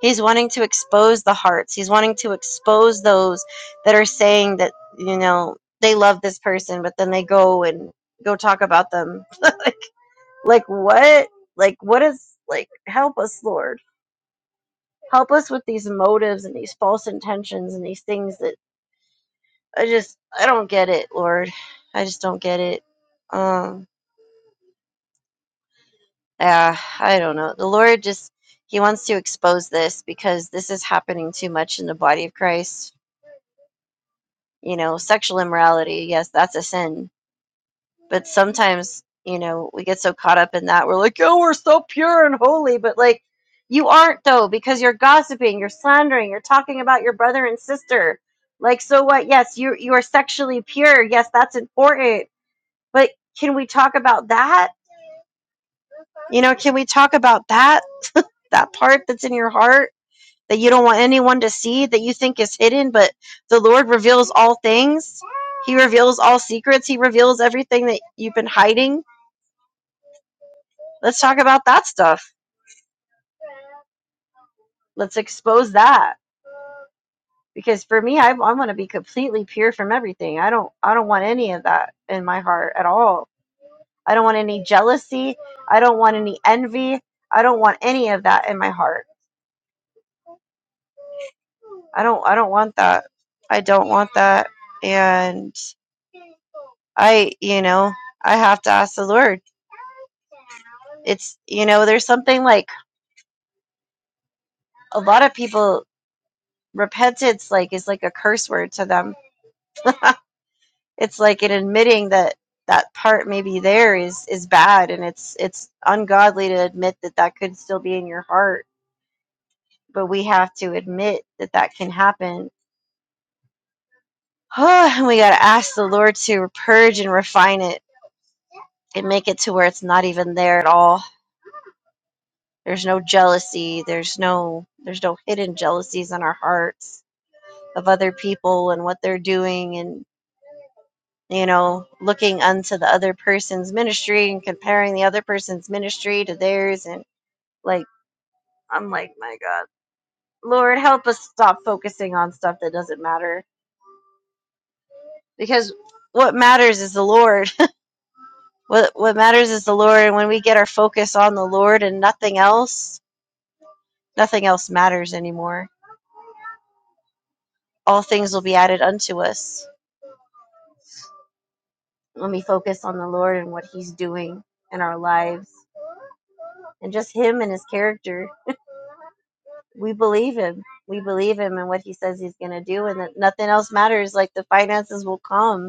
[SPEAKER 4] He's wanting to expose the hearts. He's wanting to expose those that are saying that, you know, they love this person, but then they go and go talk about them Like what? Like what is like help us, Lord. Help us with these motives and these false intentions and these things that I just I don't get it, Lord. I just don't get it. Um yeah, I don't know. The Lord just he wants to expose this because this is happening too much in the body of Christ. You know, sexual immorality, yes, that's a sin but sometimes you know we get so caught up in that we're like oh we're so pure and holy but like you aren't though because you're gossiping you're slandering you're talking about your brother and sister like so what yes you you are sexually pure yes that's important but can we talk about that you know can we talk about that that part that's in your heart that you don't want anyone to see that you think is hidden but the lord reveals all things he reveals all secrets he reveals everything that you've been hiding Let's talk about that stuff. Let's expose that because for me, I, I want to be completely pure from everything. I don't I don't want any of that in my heart at all. I don't want any jealousy. I don't want any envy. I don't want any of that in my heart. I don't I don't want that. I don't want that. And I, you know, I have to ask the Lord. It's you know, there's something like a lot of people repentance like is like a curse word to them. it's like in admitting that that part maybe there is is bad and it's it's ungodly to admit that that could still be in your heart but we have to admit that that can happen Oh, and we got to ask the lord to purge and refine it and make it to where it's not even there at all there's no jealousy there's no there's no hidden jealousies in our hearts of other people and what they're doing and you know looking unto the other person's ministry and comparing the other person's ministry to theirs and Like, I'm like, my God, Lord, help us stop focusing on stuff that doesn't matter. Because what matters is the Lord. What what matters is the Lord. And when we get our focus on the Lord and nothing else, nothing else matters anymore. All things will be added unto us when we focus on the Lord and what He's doing in our lives and just Him and His character. We believe Him. We believe Him and what He says He's going to do, and that nothing else matters. Like the finances will come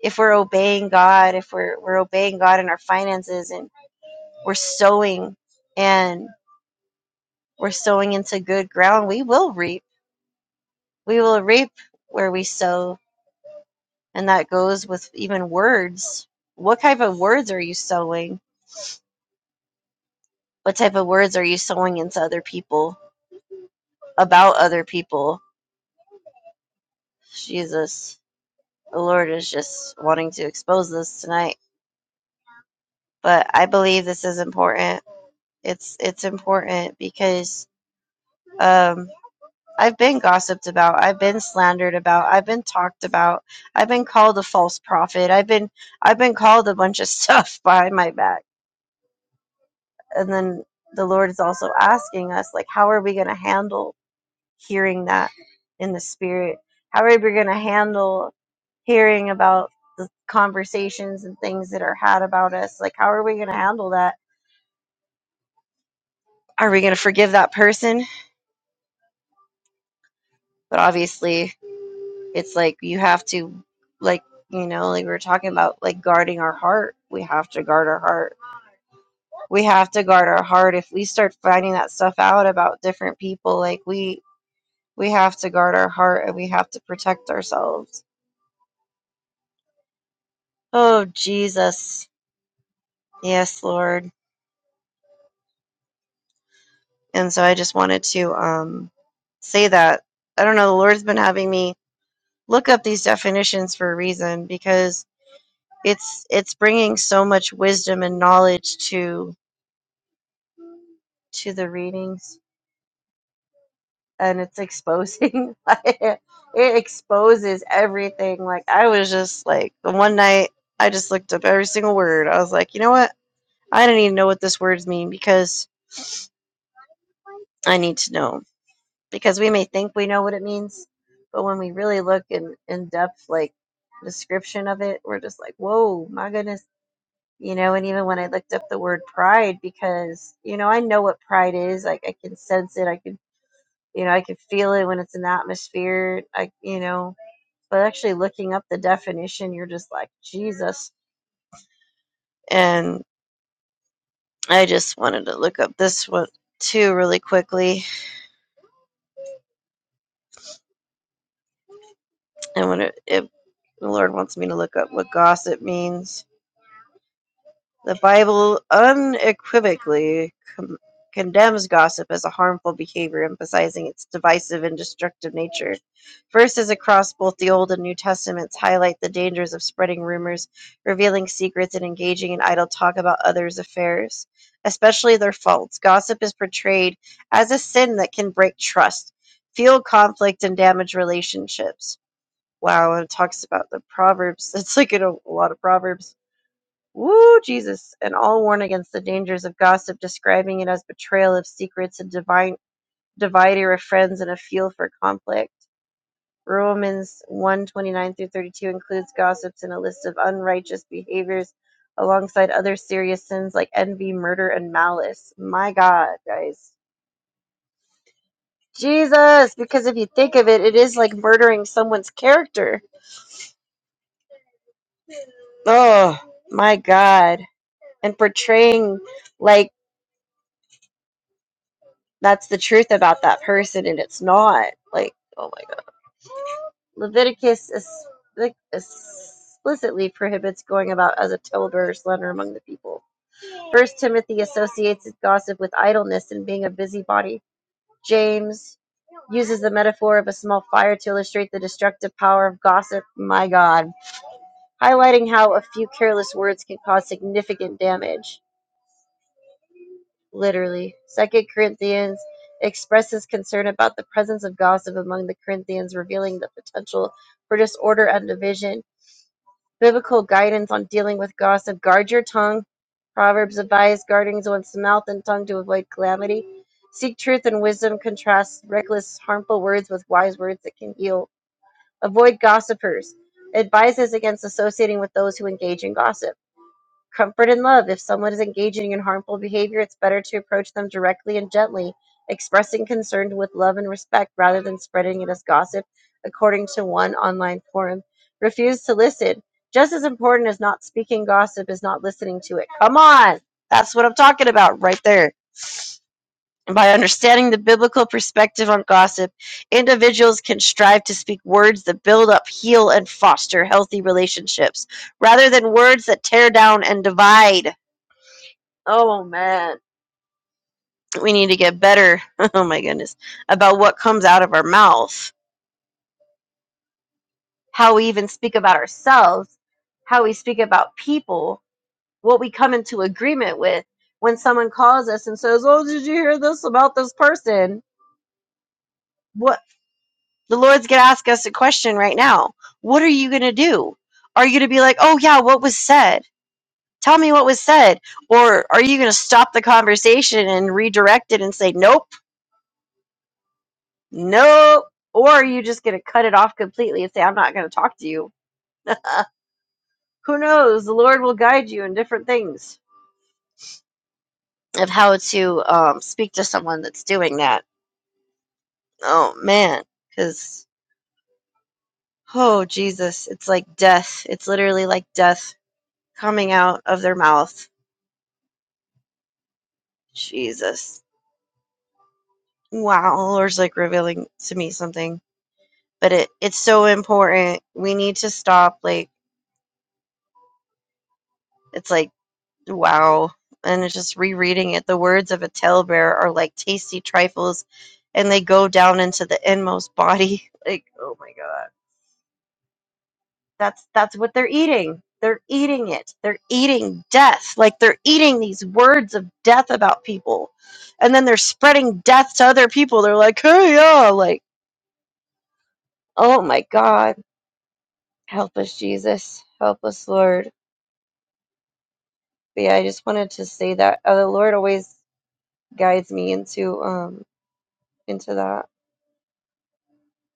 [SPEAKER 4] if we're obeying God, if we're we're obeying God in our finances and we're sowing and we're sowing into good ground, we will reap. We will reap where we sow, and that goes with even words. What type of words are you sowing? What type of words are you sowing into other people about other people? Jesus, the Lord is just wanting to expose this tonight, but I believe this is important. It's it's important because um, I've been gossiped about. I've been slandered about. I've been talked about. I've been called a false prophet. I've been I've been called a bunch of stuff behind my back. And then the Lord is also asking us like how are we going to handle hearing that in the spirit? How are we going to handle hearing about the conversations and things that are had about us? Like how are we going to handle that? Are we going to forgive that person? But obviously, it's like you have to like you know like we are talking about like guarding our heart we have to guard our heart we have to guard our heart if we start finding that stuff out about different people like we we have to guard our heart and we have to protect ourselves oh jesus yes lord and so i just wanted to um say that i don't know the lord's been having me look up these definitions for a reason because it's it's bringing so much wisdom and knowledge to to the readings and it's exposing like it exposes everything like i was just like the one night i just looked up every single word i was like you know what i don't even know what this words mean because i need to know because we may think we know what it means but when we really look in in depth like description of it we're just like whoa my goodness you know and even when i looked up the word pride because you know i know what pride is like i can sense it i can You know, I can feel it when it's in the atmosphere. I, you know, but actually looking up the definition, you're just like Jesus. And I just wanted to look up this one too really quickly. And when it, it the Lord wants me to look up what gossip means The Bible unequivocally com- condemns gossip as a harmful behavior, emphasizing its divisive and destructive nature. Verses across both the Old and New Testaments highlight the dangers of spreading rumors, revealing secrets, and engaging in idle talk about others' affairs, especially their faults. Gossip is portrayed as a sin that can break trust, fuel conflict, and damage relationships. Wow, it talks about the Proverbs. It's like in a, a lot of Proverbs Woo, Jesus. And all warn against the dangers of gossip, describing it as betrayal of secrets and divine divider of friends and a fuel for conflict. Romans one twenty nine through 32 includes gossips in a list of unrighteous behaviors alongside other serious sins like envy, murder, and malice. My God, guys. Jesus, because if you think of it, it is like murdering someone's character. Oh, my God. And portraying like that's the truth about that person and it's not like oh my god leviticus is, like, explicitly prohibits going about as a teller or slander among the people first timothy associates gossip with idleness and being a busybody james uses the metaphor of a small fire to illustrate the destructive power of gossip my god highlighting how a few careless words can cause significant damage literally. Second Corinthians expresses concern about the presence of gossip among the Corinthians, revealing the potential for disorder and division. Biblical guidance on dealing with gossip: guard your tongue. Proverbs advise guarding one's mouth and tongue to avoid calamity. Seek truth and wisdom. Contrast reckless, harmful words with wise words that can heal. Avoid gossipers. Advises against associating with those who engage in gossip Comfort and love. If someone is engaging in harmful behavior, it's better to approach them directly and gently, expressing concern with love and respect rather than spreading it as gossip, according to one online forum. Refuse to listen. Just as important as not speaking gossip is not listening to it. Come on! That's what I'm talking about right there. And by understanding the biblical perspective on gossip, individuals can strive to speak words that build up, heal, and foster healthy relationships, rather than words that tear down and divide. Oh man, we need to get better. Oh my goodness, about what comes out of our mouth, how we even speak about ourselves, how we speak about people, what we come into agreement with. When someone calls us and says, "Oh, did you hear this about this person?" What the Lord's gonna ask us a question right now. What are you gonna do? Are you gonna be like, "Oh yeah, what was said? Tell me what was said," or are you gonna stop the conversation and redirect it and say, "Nope"? Nope. Or are you just going to cut it off completely and say, I'm not going to talk to you? Uh, who knows? The Lord will guide you in different things of how to um, speak to someone that's doing that. Oh, man. Because, oh, Jesus, it's like death. It's literally like death coming out of their mouth. Jesus. Wow. The Lord's like revealing to me something. But it, it's so important. We need to stop. Like, it's like, Wow. And it's just rereading it, the words of a talebearer are like tasty trifles and they go down into the inmost body. Like, oh my god. That's that's what they're eating. They're eating it. They're eating death. Like they're eating these words of death about people. And then they're spreading death to other people. They're like, hey yeah, like, oh my god. Help us, Jesus. Help us, Lord. But yeah, I just wanted to say that uh, the Lord always guides me into um into that.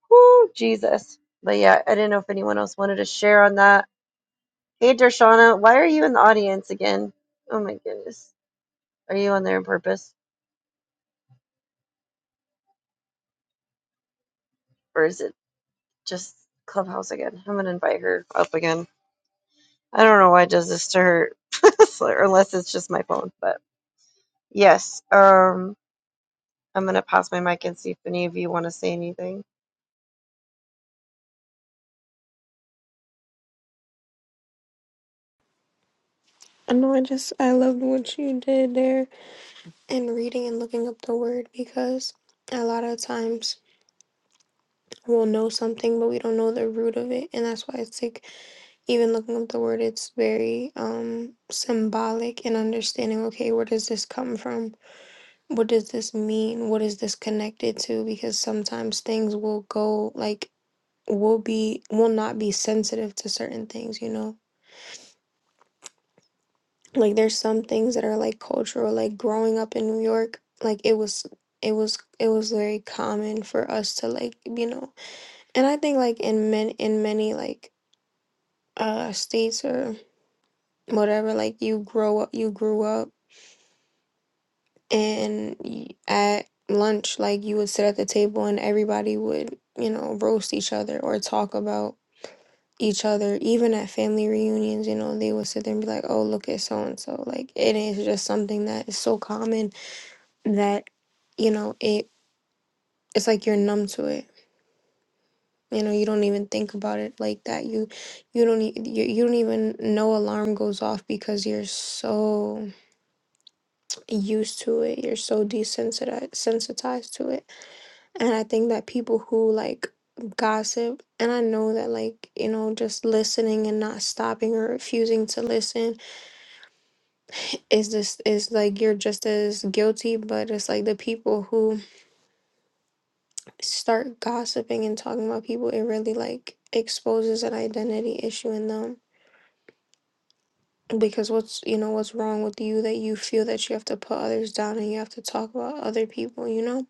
[SPEAKER 4] Woo, Jesus. But yeah, I didn't know if anyone else wanted to share on that. Hey, Darshana, why are you in the audience again? Oh my goodness. Are you on there on purpose? Or is it just Clubhouse again? I'm going to invite her up again. I don't know why it does this to her, So- unless it's just my phone. But yes, um, I'm going to pass my mic and see if any of you want to say anything.
[SPEAKER 1] I know. I just I loved what you did there and reading and looking up the word because a lot of times we'll know something but we don't know the root of it and that's why it's like even looking up the word it's very um symbolic and understanding okay where does this come from what does this mean what is this connected to because sometimes things will go like will be will not be sensitive to certain things you know like there's some things that are like cultural like growing up in new york like it was it was it was very common for us to like you know and i think like in men in many like uh states or whatever like you grow up you grew up and y- at lunch like you would sit at the table and everybody would you know roast each other or talk about each other even at family reunions you know they would sit there and be like oh look at so and so like it is just something that is so common that you know it it's like you're numb to it you know you don't even think about it like that you you don't e- you, you don't even know alarm goes off because you're so used to it you're so desensitized sensitized to it and i think that people who like gossip and i know that like you know just listening and not stopping or refusing to listen is this is like you're just as guilty but it's like the people who start gossiping and talking about people, it really like exposes an identity issue in them. Because what's you know, what's wrong with you that you feel that you have to put others down and you have to talk about other people, you know?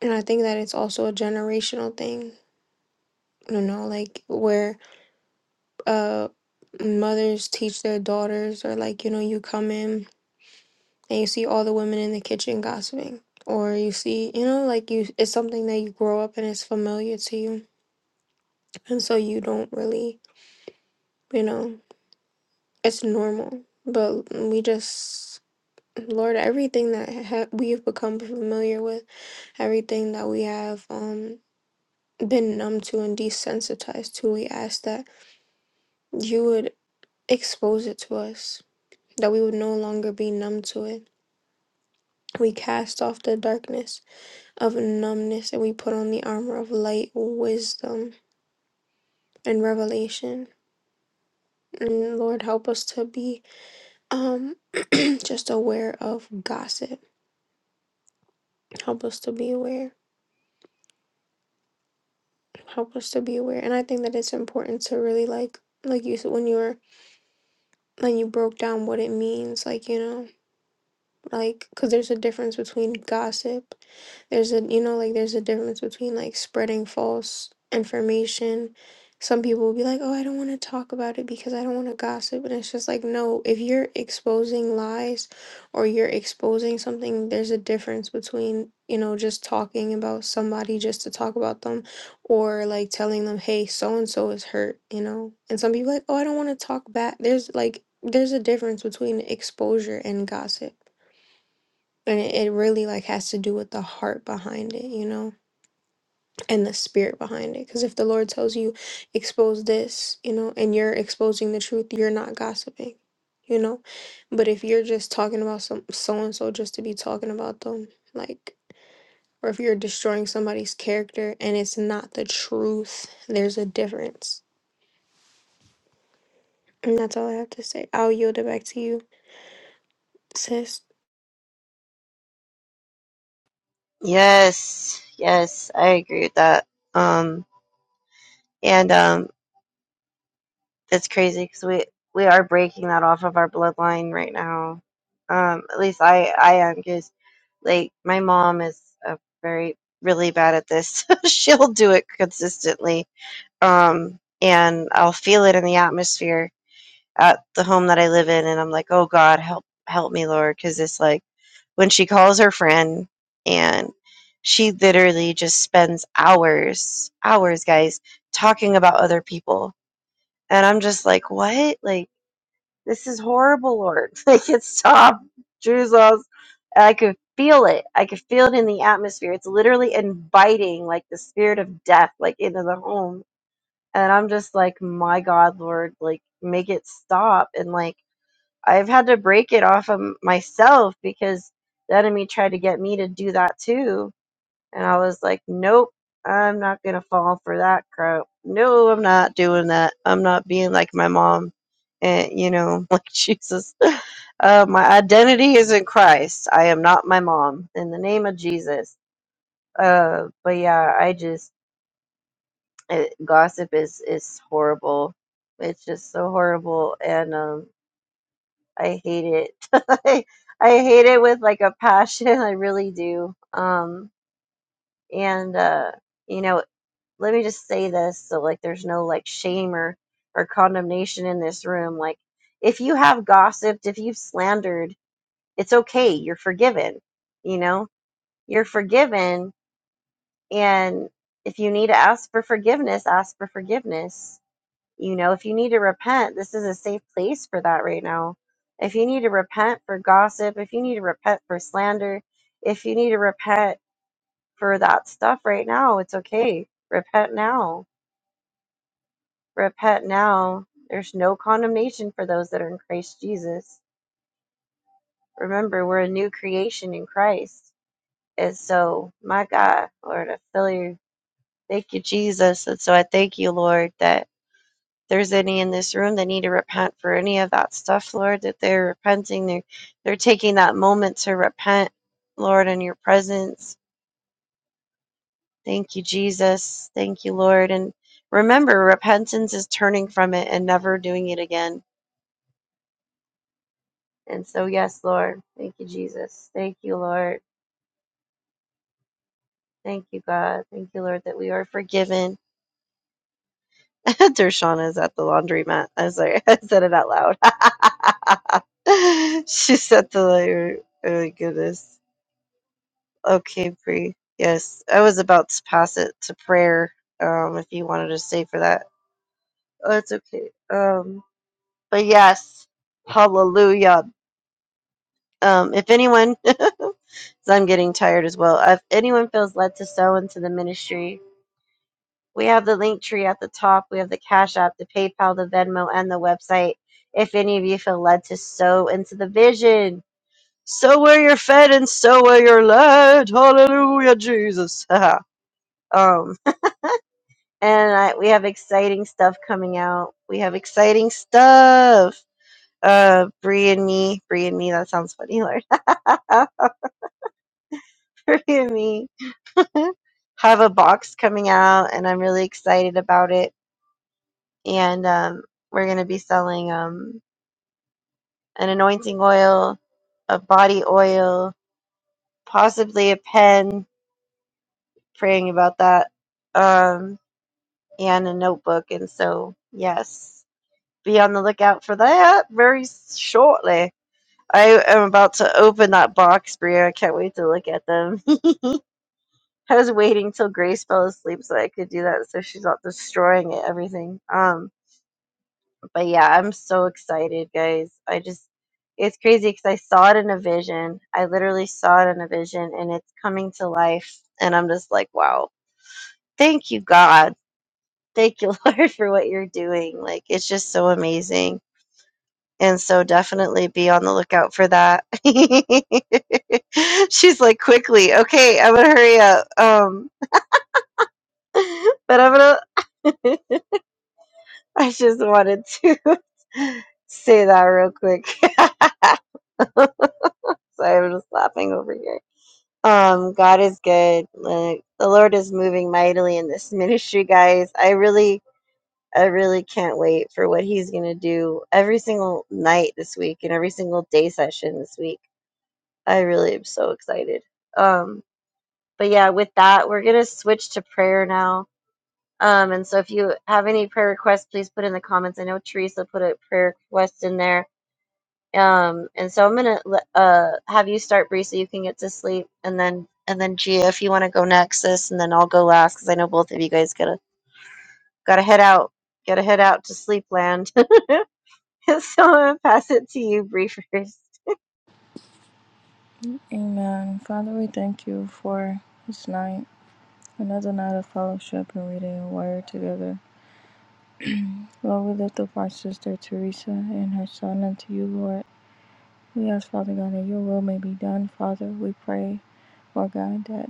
[SPEAKER 1] And I think that it's also a generational thing, you know, like where uh mothers teach their daughters or like, you know, you come in and you see all the women in the kitchen gossiping. Or you see, you know, like you, it's something that you grow up and it's familiar to you. And so you don't really, you know. It's normal, but we just, Lord, everything that ha- we have become familiar with, everything that we have um been numb to and desensitized to, we ask that you would expose it to us, that we would no longer be numb to it. We cast off the darkness of numbness and we put on the armor of light, wisdom, and revelation. And Lord, help us to be um just aware of gossip. Help us to be aware. help us to be aware. And I think that it's important to really like, like you said, when you were, when you broke down what it means, like, you know, like, because there's a difference between gossip there's a you know like there's a difference between like spreading false information some people will be like oh i don't want to talk about it because i don't want to gossip and it's just like no if you're exposing lies or you're exposing something there's a difference between you know just talking about somebody just to talk about them or like telling them hey so and so is hurt you know and some people like oh i don't want to talk back there's like there's a difference between exposure and gossip and it, it really like has to do with the heart behind it you know and the spirit behind it because if the lord tells you expose this you know and you're exposing the truth you're not gossiping you know but if you're just talking about some so and so just to be talking about them like or if you're destroying somebody's character and it's not the truth there's a difference and that's all i have to say i'll yield it back to you sis
[SPEAKER 4] Yes, yes, I agree with that. Um, and um, It's crazy because we we are breaking that off of our bloodline right now. Um, at least I I am because like my mom is uh, very really bad at this. She'll do it consistently. Um, and I'll feel it in the atmosphere at the home that I live in, and I'm like, oh God, help help me, Lord, because it's like when she calls her friend and she literally just spends hours hours guys talking about other people and i'm just like what like this is horrible, Lord. Make it stop, Jesus. I could feel it. I could feel it in the atmosphere. It's literally inviting like the spirit of death like into the home. And I'm just like, my God, Lord, like make it stop. And like I've had to break it off of myself because the enemy tried to get me to do that too and I was like, nope, I'm not going to fall for that crap. No, I'm not doing that. I'm not being like my mom. And, you know, like Jesus. Uh, my identity is in Christ. I am not my mom. In the name of Jesus. Uh, but yeah, I just, it, gossip is, is horrible. It's just so horrible. And um, I hate it. I, I hate it with like a passion. I really do. Um, and, uh, you know let me just say this so like there's no like shame or or condemnation in this room like if you have gossiped if you've slandered it's okay you're forgiven you know you're forgiven and if you need to ask for forgiveness ask for forgiveness you know if you need to repent this is a safe place for that right now if you need to repent for gossip if you need to repent for slander if you need to repent for that stuff right now it's okay repent now Repent now. There's no condemnation for those that are in Christ Jesus. Remember, we're a new creation in Christ. And so, my God, Lord, I feel you. Thank you, Jesus. And so I thank you, Lord, that there's any in this room that need to repent for any of that stuff, Lord, that they're repenting. They're, they're taking that moment to repent, Lord, in your presence. Thank you, Jesus. Thank you, Lord. And remember, repentance is turning from it and never doing it again And so, yes, Lord, thank you, Jesus. Thank you, Lord. Thank you, God. Thank you, Lord, that we are forgiven. Dershana is at the laundromat. I was like, I said it out loud. She's at the laundry. Oh my goodness. Okay, Bree. Yes, I was about to pass it to prayer. Um, if you wanted to stay for that, oh, it's okay. Um, but yes, hallelujah. Um, if anyone, because I'm getting tired as well, if anyone feels led to sow into the ministry, we have the link tree at the top. We have the Cash App, the PayPal, the Venmo, and the website. If any of you feel led to sow into the vision, sow where you're fed and sow where you're led. Hallelujah, Jesus. um, and I, we have exciting stuff coming out. We have exciting stuff. Uh, Bree and me, Bree and me. That sounds funny, Lord. Bree and me. have a box coming out and I'm really excited about it. And um, we're going to be selling um, an anointing oil, a body oil, possibly a pen, praying about that, um, and a notebook. And so, yes, be on the lookout for that very shortly. I am about to open that box, Bria. I can't wait to look at them. I was waiting till Grace fell asleep so I could do that, so she's not destroying it, everything. Um, But yeah, I'm so excited, guys. I just, it's crazy because I saw it in a vision. I literally saw it in a vision and it's coming to life. And I'm just like, wow, thank you, God. Thank you, Lord, for what you're doing. Like, it's just so amazing. And so definitely be on the lookout for that. She's like, quickly, okay, I'm gonna hurry up. Um, but I'm gonna, I just wanted to say that real quick. so I'm just laughing over here. Um, God is good. Like, the Lord is moving mightily in this ministry, guys. I really, I really can't wait for what He's gonna do every single night this week and every single day session this week. I really am so excited. Um, but yeah, with that, we're gonna switch to prayer now. Um, and so if you have any prayer requests, please put in the comments. I know Teresa put a prayer request in there Um, and so I'm gonna let- uh have you start, Bree, so you can get to sleep, and then and then Gia, if you want to go next, sis, and then I'll go last because I know both of you guys gotta gotta head out, gotta head out to sleep land. so I'm gonna pass it to you, Bree, first.
[SPEAKER 2] Amen. Father, we thank you for this night, another night of fellowship and reading your word together. Lord, we lift up our sister Teresa and her son unto you, Lord. We ask, Father God, that your will may be done, Father. We pray, Lord God, that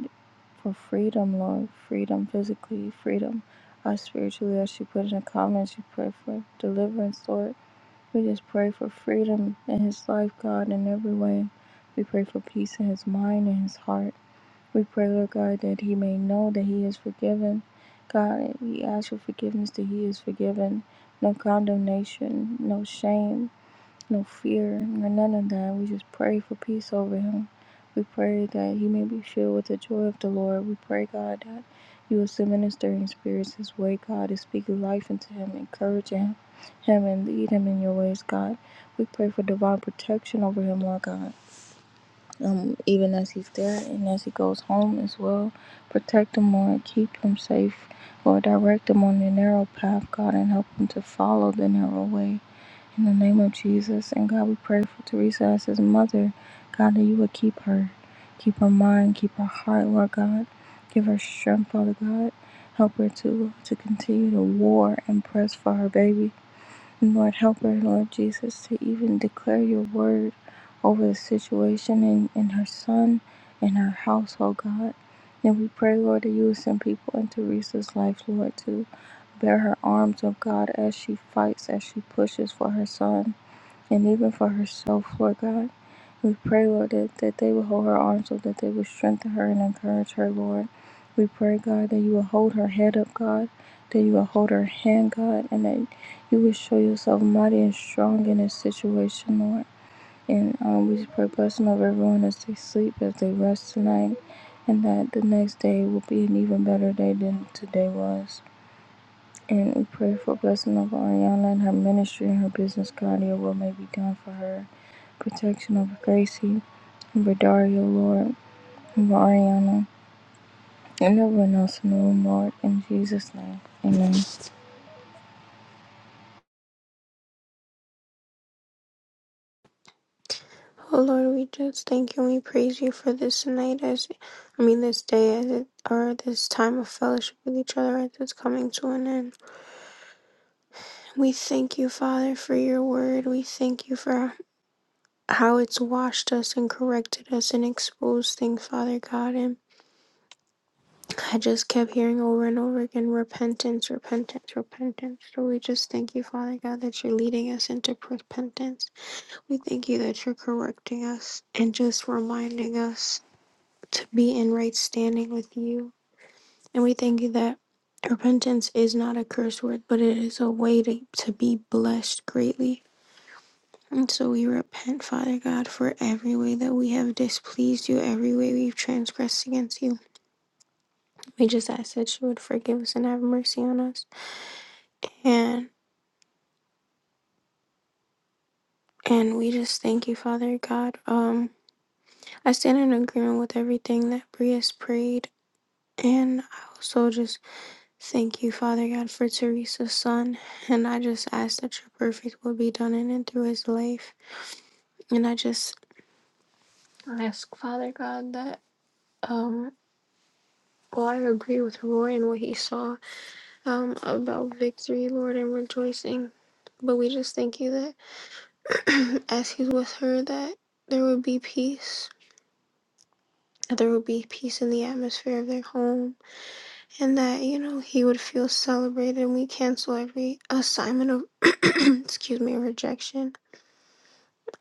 [SPEAKER 2] for freedom, Lord, freedom physically, freedom us spiritually, as she put in a comment, she prayed for deliverance, Lord. We just pray for freedom in his life, God, in every way. We pray for peace in his mind and his heart. We pray, Lord God, that he may know that he is forgiven. God, we ask for forgiveness that he is forgiven. No condemnation, no shame, no fear, or none of that. We just pray for peace over him. We pray that he may be filled with the joy of the Lord. We pray, God, that you will send ministering spirits his way, God, to speak life into him, encourage him, him and lead him in your ways, God. We pray for divine protection over him, Lord God um, even as he's there and as he goes home as well. Protect him, Lord. Keep him safe. Lord, direct him on the narrow path, God, and help him to follow the narrow way. In the name of Jesus. And God, we pray for Teresa as his mother. God, that you would keep her. Keep her mind, keep her heart, Lord God. Give her strength, Father God. Help her to, to continue to war and press for her baby. Lord, help her, Lord Jesus, to even declare your word over the situation and, and her son and her household, God. And we pray, Lord, that you would send people into Teresa's life, Lord, to bear her arms of God as she fights, as she pushes for her son, and even for herself, Lord God. We pray, Lord, that, that they will hold her arms up, that they will strengthen her and encourage her, Lord. We pray, God, that you will hold her head up, God, that you will hold her hand, God, and that you will show yourself mighty and strong in this situation, Lord. And um, we pray blessing over everyone as they sleep, as they rest tonight, and that the next day will be an even better day than today was. And we pray for blessing over Ariana and her ministry and her business, God, your will may be done for her. Protection over Gracie Bedario, Lord, and Ariana, and everyone else in the room, Lord, in Jesus' name. Amen.
[SPEAKER 1] O Lord, we just thank you and we praise you for this night as I mean this day as it or this time of fellowship with each other as it's coming to an end. We thank you, Father, for your word. We thank you for how it's washed us and corrected us and exposed things, Father God. And I just kept hearing over and over again repentance, repentance, repentance. So we just thank you, Father God, that you're leading us into repentance. We thank you that you're correcting us and just reminding us to be in right standing with you. And we thank you that repentance is not a curse word, but it is a way to, to be blessed greatly. And so we repent, Father God, for every way that we have displeased you, every way we've transgressed against you. We just ask that you would forgive us and have mercy on us. And and we just thank you, Father God. Um, I stand in agreement with everything that Bria's prayed, and I also just Thank you, Father God, for Teresa's son. And I just ask that your perfect will be done in and through his life. And I just ask, Father God, that, um, well, I agree with Roy and what he saw um, about victory, Lord, and rejoicing. But we just thank you that as he's with her, that there would be peace, that there would be peace in the atmosphere of their home, and that, you know, he would feel celebrated. And we cancel every assignment of, excuse me, rejection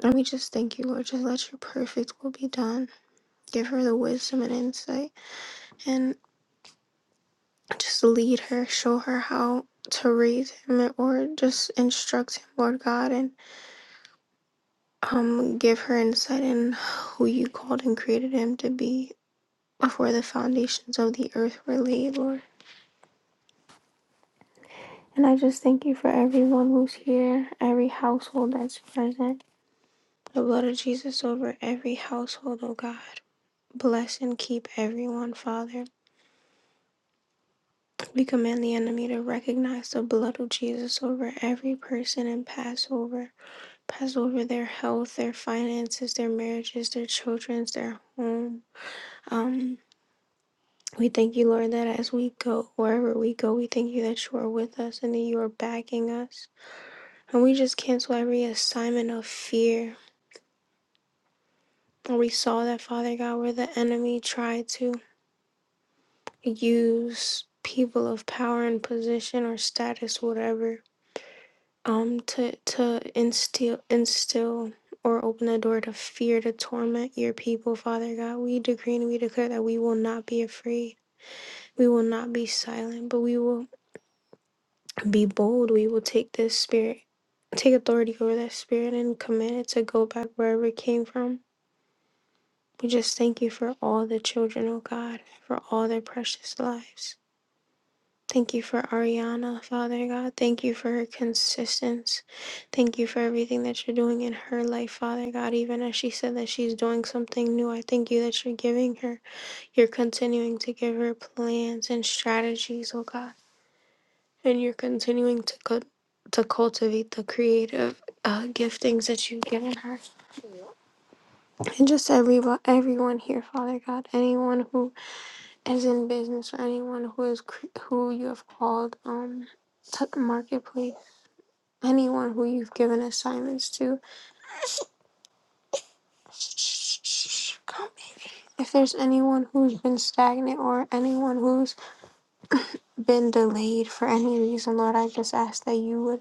[SPEAKER 1] And we just thank you, Lord. Just let your perfect will be done. Give her the wisdom and insight and just lead her, show her how to raise him or just instruct him, Lord God, and um give her insight in who you called and created him to be before the foundations of the earth were laid, Lord. And I just thank you for everyone who's here, every household that's present. The blood of Jesus over every household, oh God. Bless and keep everyone, Father. We command the enemy to recognize the blood of Jesus over every person and pass over, Pass over their health, their finances, their marriages, their children's, their home. Um, we thank you, Lord, that as we go, wherever we go, we thank you that you are with us and that you are backing us. And we just cancel every assignment of fear. And we saw that, Father God, where the enemy tried to use people of power and position or status, whatever um to to instill instill or open a door to fear to torment your people father god we decree and we declare that we will not be afraid we will not be silent but we will be bold we will take this spirit take authority over that spirit and command it to go back wherever it came from we just thank you for all the children oh god for all their precious lives Thank you for Ariana, Father God. Thank you for her consistency. Thank you for everything that you're doing in her life, Father God. Even as she said that she's doing something new, I thank you that you're giving her. You're continuing to give her plans and strategies, oh God. And you're continuing to cut. To cultivate the creative uh, giftings that you've given her, and just everyone, everyone here, Father God, anyone who as in business or anyone who is cr- who you have called um to the marketplace anyone who you've given assignments to Shh, shh, shh, come baby if there's anyone who's been stagnant or anyone who's been delayed for any reason lord i just ask that you would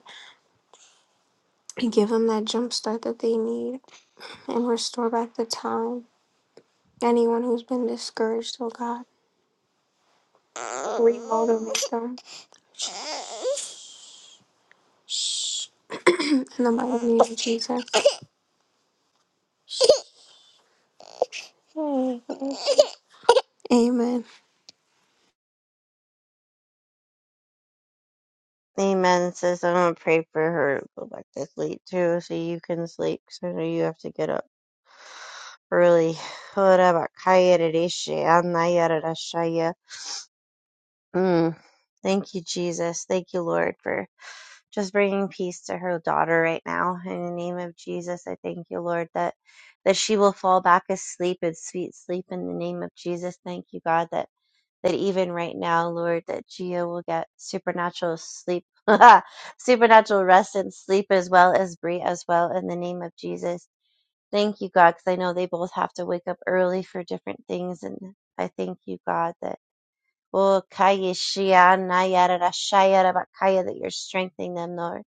[SPEAKER 1] give them that jump start that they need and restore back the time anyone who's been discouraged oh god remotivate them Shh. in the mighty name of jesus amen
[SPEAKER 4] Amen, sis. I'm gonna pray for her to go back to sleep too, so you can sleep. Cause I know you have to get up early. Mm, thank you, Jesus. Thank you, Lord, for just bringing peace to her daughter right now in the name of jesus i thank you lord that that she will fall back asleep in sweet sleep in the name of jesus thank you god that that even right now lord that gia will get supernatural sleep supernatural rest and sleep as well as brie as well in the name of jesus thank you god because i know they both have to wake up early for different things and i thank you god that Oh, Kaya Shia, Nayara, Shia, Rabakaya, that you're strengthening them, Lord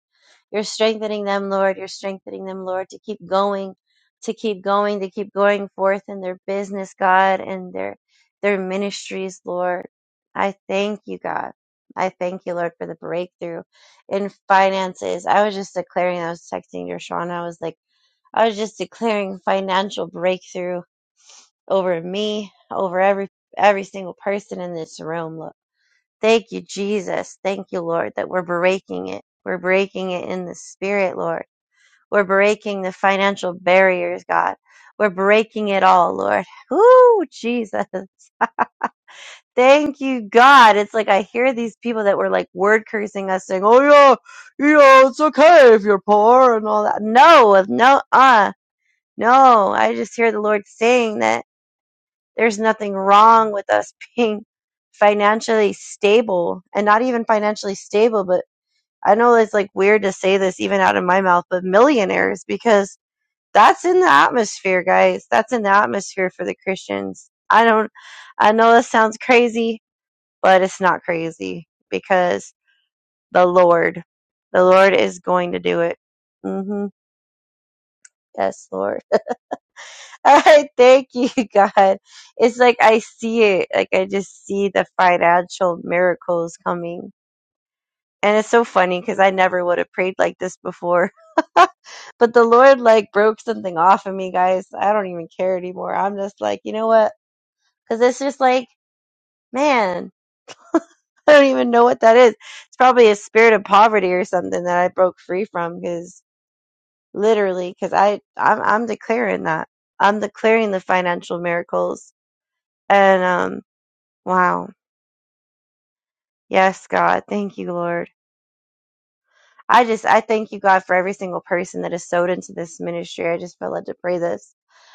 [SPEAKER 4] you're strengthening them, Lord. You're strengthening them, Lord, to keep going, to keep going, to keep going forth in their business, God, and their their ministries, Lord. I thank you, God. I thank you, Lord, for the breakthrough in finances. I was just declaring, I was texting your Sean. I was like, I was just declaring financial breakthrough over me, over every every single person in this room. Look, thank you, Jesus. Thank you, Lord, that we're breaking it. We're breaking it in the spirit, Lord we're breaking the financial barriers, God. We're breaking it all, Lord. Ooh, Jesus. Thank you, God. It's like I hear these people that were like word cursing us saying, Oh yeah, yeah, it's okay if you're poor and all that. No, no, uh, no. I just hear the Lord saying that there's nothing wrong with us being financially stable and not even financially stable, but I know it's like weird to say this even out of my mouth, but millionaires because that's in the atmosphere, guys. That's in the atmosphere for the Christians. I don't, I know this sounds crazy, but it's not crazy because the Lord, the Lord is going to do it. hmm Yes, Lord. I thank you, God. It's like I see it. Like I just see the financial miracles coming. And it's so funny because I never would have prayed like this before. but the Lord like broke something off of me, guys. I don't even care anymore. I'm just like, you know what? Because it's just like, man, I don't even know what that is. It's probably a spirit of poverty or something that I broke free from. Because literally, because I I'm, I'm declaring that I'm declaring the financial miracles. And um, wow, yes, God, thank you, Lord. I just I thank you, God, for every single person that is sowed into this ministry. I just felt led to pray this.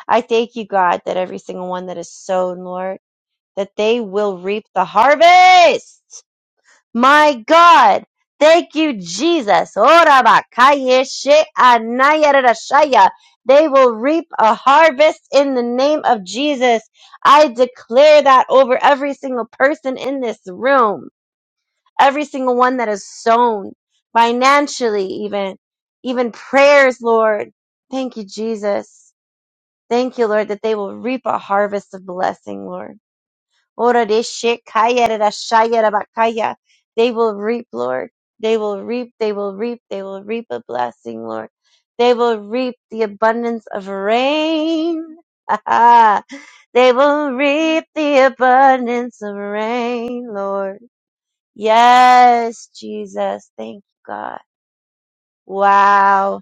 [SPEAKER 4] I thank you, God, that every single one that is sown, Lord, that they will reap the harvest My God. Thank you, Jesus. Ora bakaya she anaya rarashaya. They will reap a harvest in the name of Jesus. I declare that over every single person in this room, every single one that is sown financially, even, even prayers, Lord. Thank you, Jesus. Thank you, Lord, that they will reap a harvest of blessing, Lord. Ora de shekaya de da shaya da bakaya. They will reap, Lord. They will reap, they will reap, they will reap a blessing, Lord. They will reap the abundance of rain. they will reap the abundance of rain, Lord. Yes, Jesus. Thank you, God. Wow.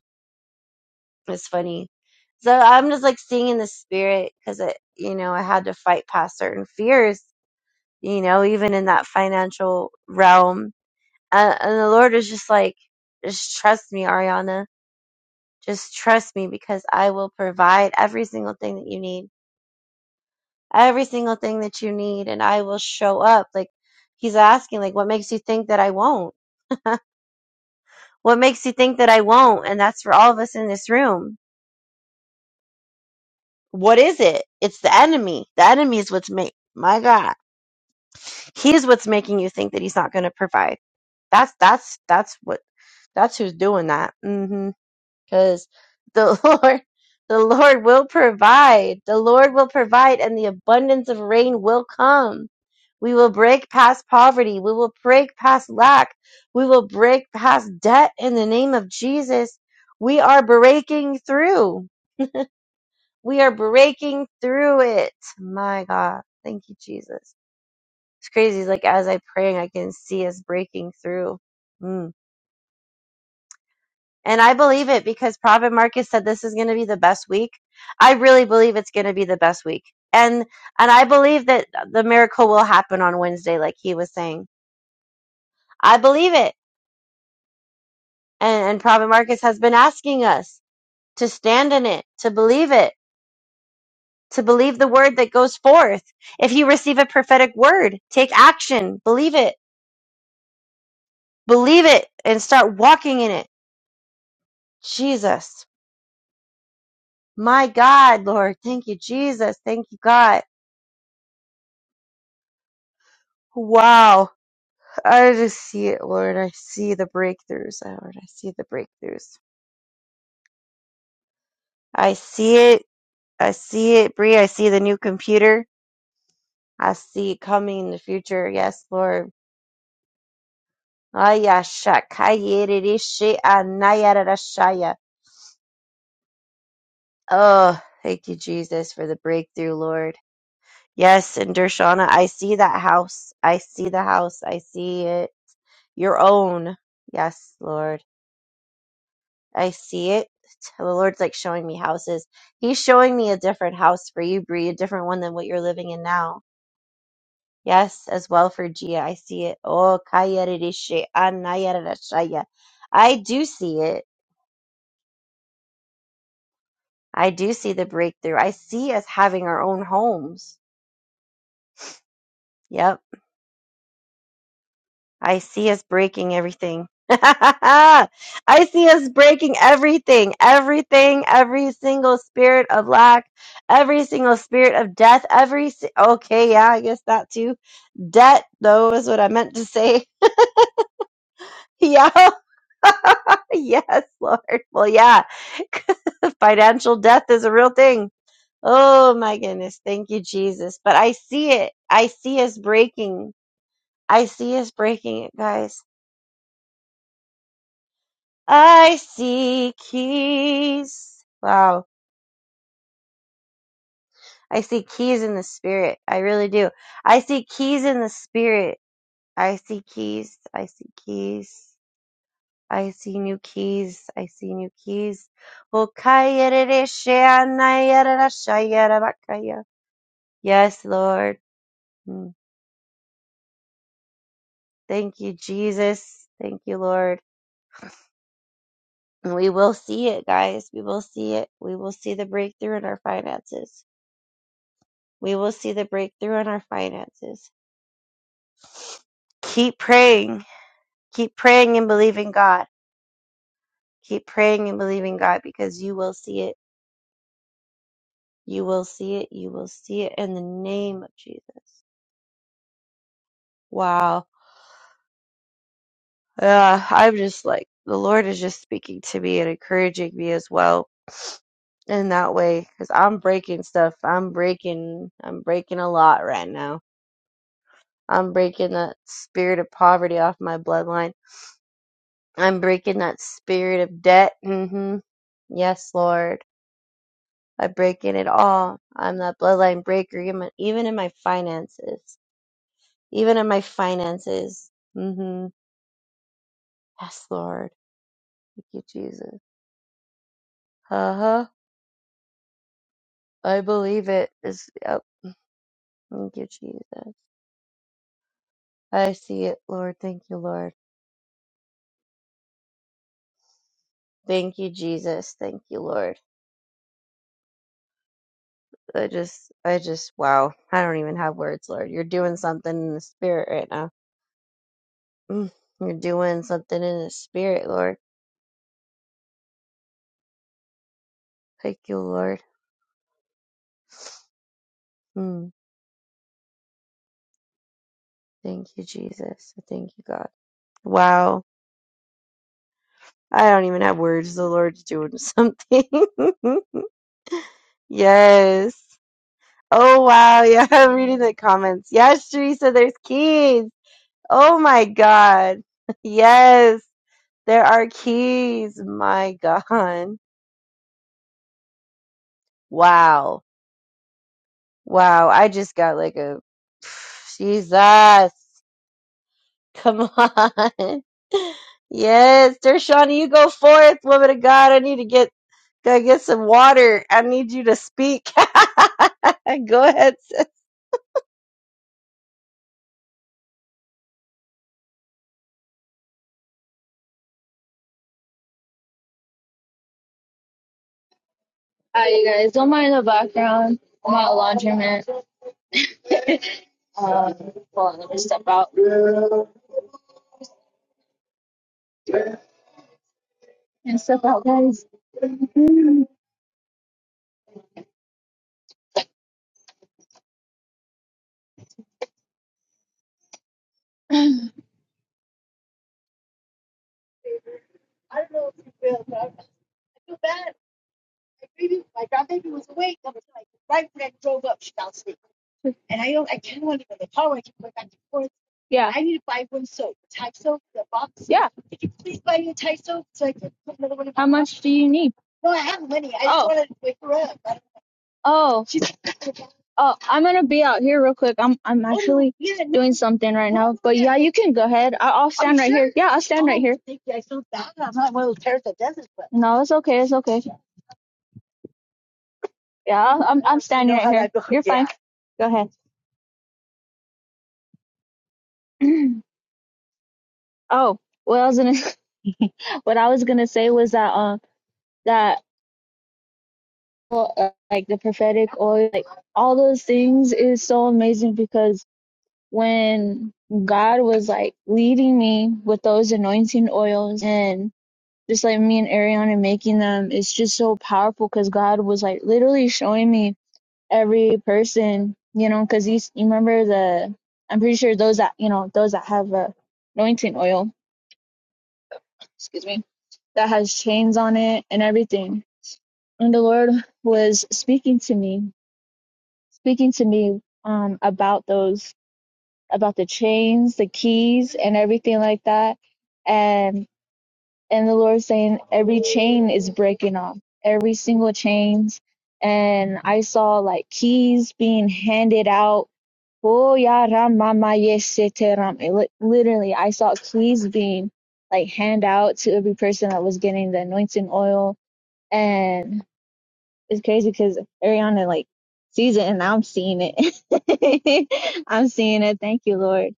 [SPEAKER 4] It's funny. So I'm just like seeing in the spirit because it, you know, I had to fight past certain fears you know, even in that financial realm. And, and the Lord is just like, just trust me, Ariana. Just trust me because I will provide every single thing that you need, every single thing that you need, and I will show up. Like, He's asking, like, what makes you think that I won't? What makes you think that I won't? And that's for all of us in this room. What is it? It's the enemy. The enemy is what's make my God. He's what's making you think that he's not going to provide. That's that's that's what that's who's doing that. hmm because the Lord, the Lord will provide. The Lord will provide, and the abundance of rain will come. We will break past poverty. We will break past lack. We will break past debt in the name of Jesus. We are breaking through. We are breaking through it. My God. Thank you, Jesus. It's crazy. Like as I'm praying, I can see us breaking through. Mm. And I believe it because Prophet Marcus said this is going to be the best week. I really believe it's going to be the best week. And and I believe that the miracle will happen on Wednesday like he was saying. I believe it. And and Prophet Marcus has been asking us to stand in it, to believe it, to believe the word that goes forth. If you receive a prophetic word, take action, believe it. Believe it and start walking in it. Jesus. My God, Lord. Thank you Jesus. Thank you God. Wow I just see it, Lord. I see the breakthroughs, Lord. I see the breakthroughs. I see it. I see it, Bree. I see the new computer. I see it coming in the future. Yes, Lord. Ayashakayerishayanayaradashaya. Oh, thank you, Jesus, for the breakthrough, Lord. Yes, and Dershana, I see that house. I see the house. I see it. Your own. Yes, Lord. I see it. The Lord's like showing me houses. He's showing me a different house for you, Bree, a different one than what you're living in now. Yes, as well for Gia. I see it. Oh, kayarirashe, anayarashaya. I do see it. I do see the breakthrough. I see us having our own homes. Yep. I see us breaking everything. I see us breaking everything, everything, every single spirit of lack, every single spirit of death, every. Si- okay, yeah, I guess that too. Debt, though, is what I meant to say. Yeah, yes, Lord. Well, yeah, financial death is a real thing. Oh my goodness. Thank you, Jesus. But I see it. I see us breaking. I see us breaking it, guys. I see keys. Wow. I see keys in the spirit. I really do. I see keys in the spirit. I see keys. I see keys. I see new keys. I see new keys. okayerere Yes, Lord. Mm. Thank you, Jesus. Thank you, Lord. And we will see it, guys. We will see it. We will see the breakthrough in our finances. We will see the breakthrough in our finances keep praying. Keep praying and believing God. Keep praying and believing God because you will see it. You will see it. You will see it in the name of Jesus. Wow. Yeah, I'm just like, the Lord is just speaking to me and encouraging me as well in that way because I'm breaking stuff. I'm breaking, I'm breaking a lot right now. I'm breaking that spirit of poverty off my bloodline. I'm breaking that spirit of debt. hmm Yes, Lord. I break in it all. I'm that bloodline breaker, even even in my finances. Even in my finances. hmm Yes, Lord. Thank you, Jesus. Uh-huh. I believe it. It's, yep. Thank you, Jesus. I see it, Lord. Thank you, Lord. Thank you, Jesus. Thank you, Lord. I just, I just, wow. I don't even have words, Lord. You're doing something in the spirit right now. Mm. You're doing something in the spirit, Lord. Thank you, Lord. Mm. Thank you, Jesus. Thank you, God. Wow. I don't even have words. The Lord's doing something. yes. Oh, wow. Yeah, I'm reading the comments. Yes, Teresa, there's keys. Oh, my God. Yes, there are keys. My God. Wow. Wow. I just got like a Jesus. Come on. Yes, Dershana, you go forth, woman of God. I need to get go get some water. I need you to speak. go ahead, sis.
[SPEAKER 6] Hi, you guys. Don't mind the background. I'm at a laundromat. Um, hold on, let me step out. And step out, guys. Yeah. I need to buy one soap. Tide soap, the box. Yeah. Could you please buy me a Tide soap so I can put another one in How much do you need? No, I have money. I just oh. want to wake her up. I don't- Oh, oh, I'm gonna be out here real quick. I'm I'm Oh, actually yeah, no, doing something right no, now. But yeah, yeah, you can go ahead. I, I'll stand right here. sure? Yeah, I'll stand right Oh, here. Thank you. I feel bad. I'm not one of those parents that does it. But. No, it's okay. It's okay. Yeah, I'm, I'm standing right here. You're fine. Go ahead. oh, what I was gonna what I was gonna say was that um that well, uh, like the prophetic oil, like all those things is so amazing because when God was like leading me with those anointing oils and just like me and Ariana making them, it's just so powerful because God was like literally showing me every person, you know, because you, you remember the, I'm pretty sure those that, you know, those that have uh, anointing oil, excuse me, that has chains on it and everything. And the Lord was speaking to me, speaking to me um, about those, about the chains, the keys, and everything like that. And and the Lord saying every chain is breaking off, every single chains. And I saw like keys being handed out Oh yeah, Ramamaye Seteram. It li- literally, I saw keys being like hand out to every person that was getting the anointing oil, and it's crazy because Ariana like sees it, and I'm seeing it. I'm seeing it. Thank you, Lord.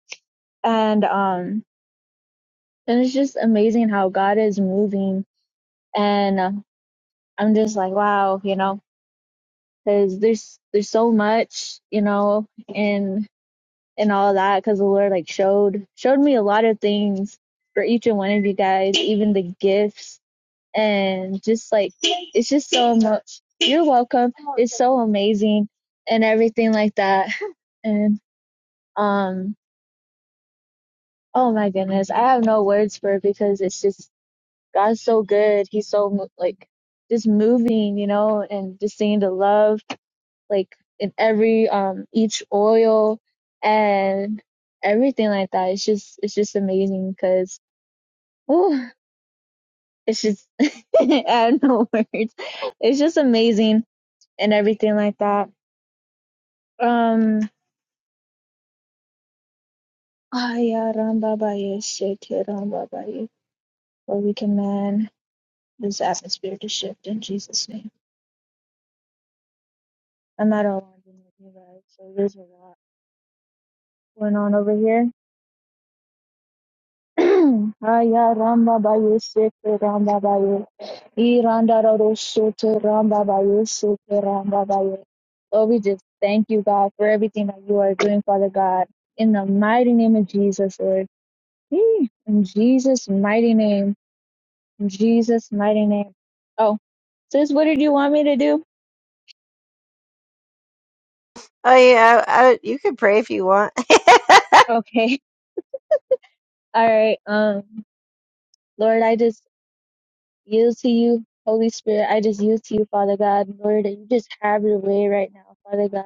[SPEAKER 6] And um, and it's just amazing how God is moving, and uh, I'm just like, wow, you know, because there's there's so much, you know, in. and all that because the Lord like showed showed me a lot of things for each and one of you guys, even the gifts and just like it's just so much. You're welcome. It's so amazing and everything like that. And um, oh my goodness, I have no words for it because it's just God's so good. He's so like just moving, you know, and just seeing the love like in every um each oil and everything like that. It's just it's just amazing because oh, it's just I have no words. It's just amazing and everything like that. Um, ah, yeah, Ram Baba, yeah, shit, yeah, Ram Baba, yeah. Where we command this atmosphere to shift in Jesus' name. I'm not all on with you guys, so there's a lot going on over here. Aya Ramba Baye Seke Ramba Baye. Iranda Roro Soto Ramba Baye Seke Ramba Baye. Lord, we just thank you, God, for everything that you are doing, Father God. In the mighty name of Jesus, Lord. Mm, In Jesus' mighty name. In Jesus' mighty name. Oh, sis, what did you want me to do?
[SPEAKER 4] Oh yeah, I, I, you can pray if you want.
[SPEAKER 6] Okay. All right. Um, Lord, I just yield to you. Holy Spirit, I just yield to you, Father God. Lord, that you just have your way right now, Father God.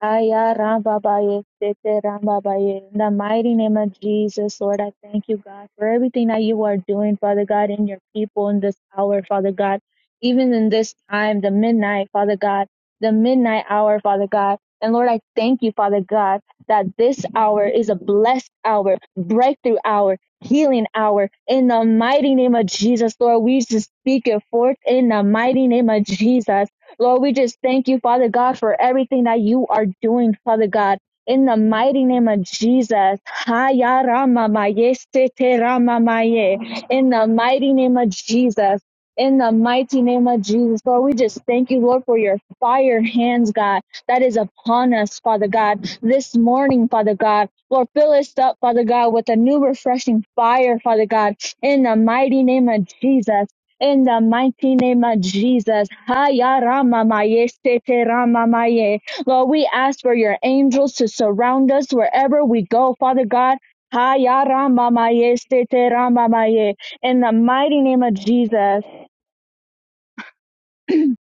[SPEAKER 6] Aya Rambabaye, Sete Rambabaye. In the mighty name of Jesus, Lord, I thank you, God, for everything that you are doing, Father God, in your people in this hour, Father God. Even in this time, the midnight, Father God, the midnight hour, Father God. And Lord, I thank you, Father God, that this hour is a blessed hour, breakthrough hour, healing hour. In the mighty name of Jesus, Lord, we just speak it forth in the mighty name of Jesus. Lord, we just thank you, Father God, for everything that you are doing, Father God. In the mighty name of Jesus. Haya rama maye sete rama maye. In the mighty name of Jesus. In the mighty name of Jesus, Lord, we just thank you, Lord, for your fire hands, God, that is upon us, Father God, this morning, Father God. Lord, fill us up, Father God, with a new refreshing fire, Father God, in the mighty name of Jesus. In the mighty name of Jesus. Haya Rama Maye, Sete Rama Maye. Lord, we ask for your angels to surround us wherever we go, Father God. Haya Rama Maye, Sete Rama Maye. In the mighty name of Jesus.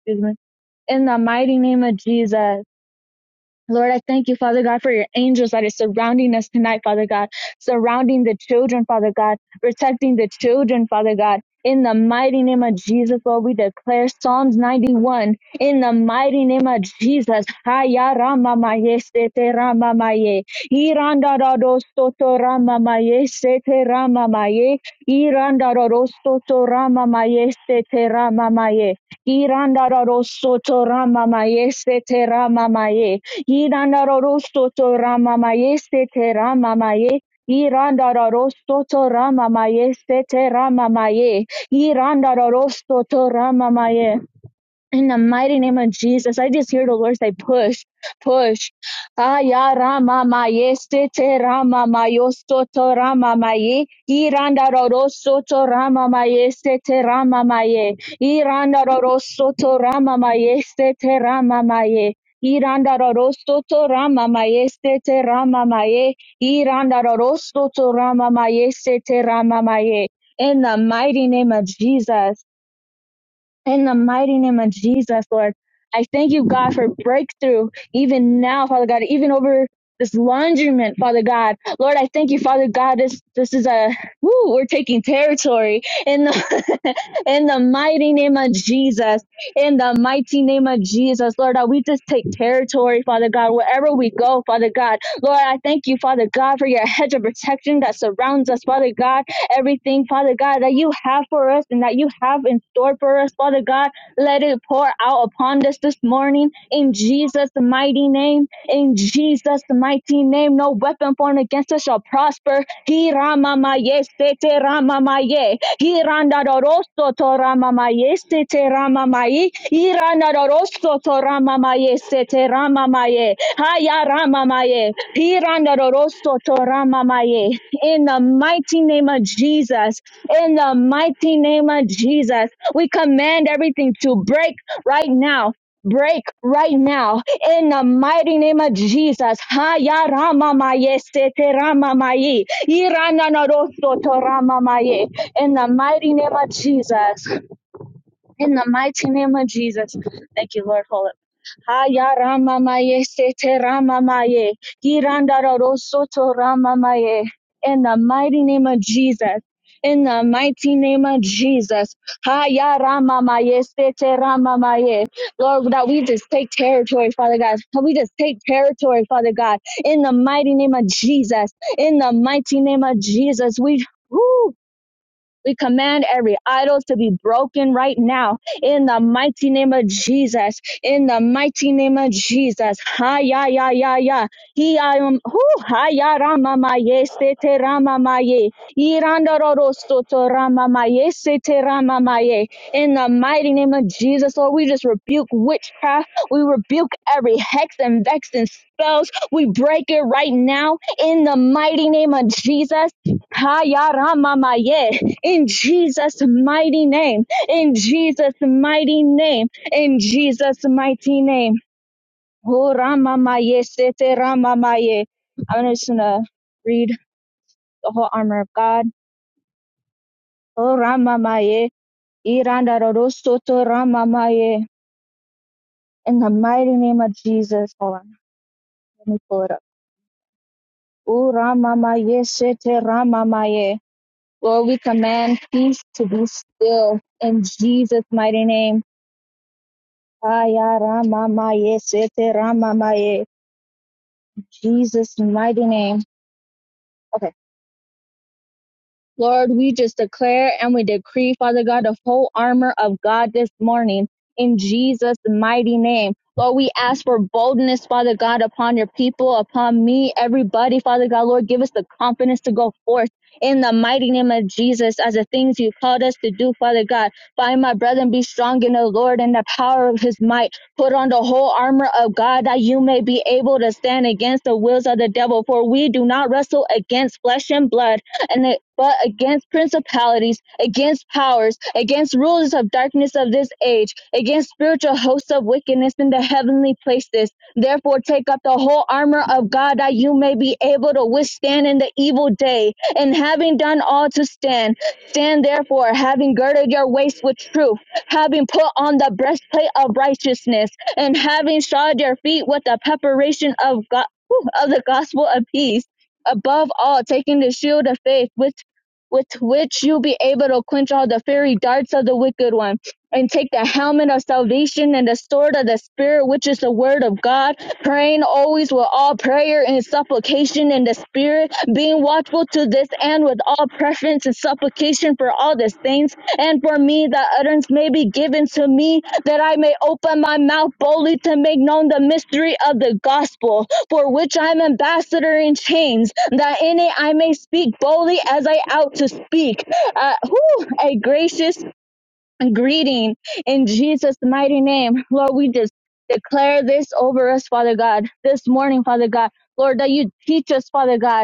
[SPEAKER 6] Excuse me. In the mighty name of Jesus. Lord, I thank you, Father God, for your angels that is surrounding us tonight, Father God, surrounding the children, Father God, protecting the children, Father God. In the mighty name of Jesus, Lord, we declare Psalms 91. In the mighty name of Jesus. Haya rama maye sete rama maye. Iranda da soto rama maye sete rama maye. Iranda da soto rama maye sete rama maye. Iranda da soto rama maye sete rama maye. Yidandarosto rama mayeste te rama maye. Irandarosto to rama mayeste te rama maye. Irandarosto to rama in the mighty name of Jesus, I just hear the Lord say, push, push. Aya rama ma yeste te rama ma yosto rama maye. ye. Iranda roroso to rama ma yeste te rama maye. ye. Iranda roroso to rama ma yeste te rama maye. ye. Iranda roroso to rama ma yeste te rama maye. ye. Iranda roroso to rama ma yeste te rama maye. In the mighty name of Jesus. In the mighty name of Jesus, Lord, I thank you, God, for breakthrough even now, Father God, even over this laundryment, Father God. Lord, I thank you, Father God. This this is a woo, we're taking territory in the in the mighty name of Jesus. In the mighty name of Jesus, Lord, that we just take territory, Father God, wherever we go, Father God. Lord, I thank you, Father God, for your hedge of protection that surrounds us, Father God everything, Father God, that you have for us and that you have in store for us, Father God. Let it pour out upon us this morning in Jesus' mighty name. In Jesus' mighty name, no weapon formed against us shall prosper. He ramamaye, sete ramamaye. He randaroso to ramamaye, sete ramamaye. He randaroso to ramamaye, sete ramamaye. Haya ramamaye. He randaroso to ramamaye in the mighty name of Jesus. In the mighty name of Jesus, we command everything to break right now. Break right now in the mighty name of Jesus. Haya rama maye sete rama maye. Irana na rosto to rama maye. In the mighty name of Jesus. In the mighty name of Jesus. Thank you, Lord. Haya Ramamaye Sete Ramamaye. Hirandaro Soto Ramamaye. In the mighty name of Jesus. In the mighty name of Jesus. Haya Ramamaye Sete Ramamaye. Lord, that we just take territory, Father God. That we just take territory, Father God. In the mighty name of Jesus. In the mighty name of Jesus. We. woo! We command every idol to be broken right now in the mighty name of Jesus. In the mighty name of Jesus. Ha ya ya ya ya. He I am who ha ya rama ma ye se te rama ma ye. Iranda so rama ma ye se te rama ma In the mighty name of Jesus, Lord, we just rebuke witchcraft. We rebuke every hex and vex and spells. We break it right now in the mighty name of Jesus. Ha ya rama ma in Jesus' mighty name, in Jesus' mighty name, in Jesus' mighty name. Oh, Ramamaye, Sete Ramamaye. I'm just gonna read the whole armor of God. Oh, Ramamaye, Irandarosoto Ramamaye. In the mighty name of Jesus. Hold on, let me pull it up. Oh, Ramamaye, Sete Ramamaye. Lord, we command peace to be still in Jesus' mighty name. Aya Rama Maye Sete Rama Maye. Jesus' mighty name. Lord, we just declare and we decree, Father God, the whole armor of God this morning in Jesus' mighty name. Lord, we ask for boldness, Father God, upon your people, upon me, everybody, Father God. Lord, give us the confidence to go forth in the mighty name of Jesus as the things you called us to do, Father God. Find my brethren, be strong in the Lord and the power of his might. Put on the whole armor of God that you may be able to stand against the wills of the devil. For we do not wrestle against flesh and blood and it, but against principalities, against powers, against rulers of darkness of this age, against spiritual hosts of wickedness in the heavenly places. Therefore, take up the whole armor of God that you may be able to withstand in the evil day. And having done all to stand, stand therefore, having girded your waist with truth, having put on the breastplate of righteousness, and having shod your feet with the preparation of God. Of the gospel of peace, above all taking the shield of faith with with which you'll be able to quench all the fiery darts of the wicked one and take the helmet of salvation and the sword of the spirit which is the word of god praying always with all prayer and supplication in the spirit being watchful to this end with all preference and supplication for all the saints and for me that utterance may be given to me that i may open my mouth boldly to make known the mystery of the gospel for which I am ambassador in chains, that in it I may speak boldly as I ought to speak. Uh, whew, a gracious greeting in Jesus' mighty name. Lord, we just declare this over us, Father God, this morning, Father God. Lord, that you teach us, Father God.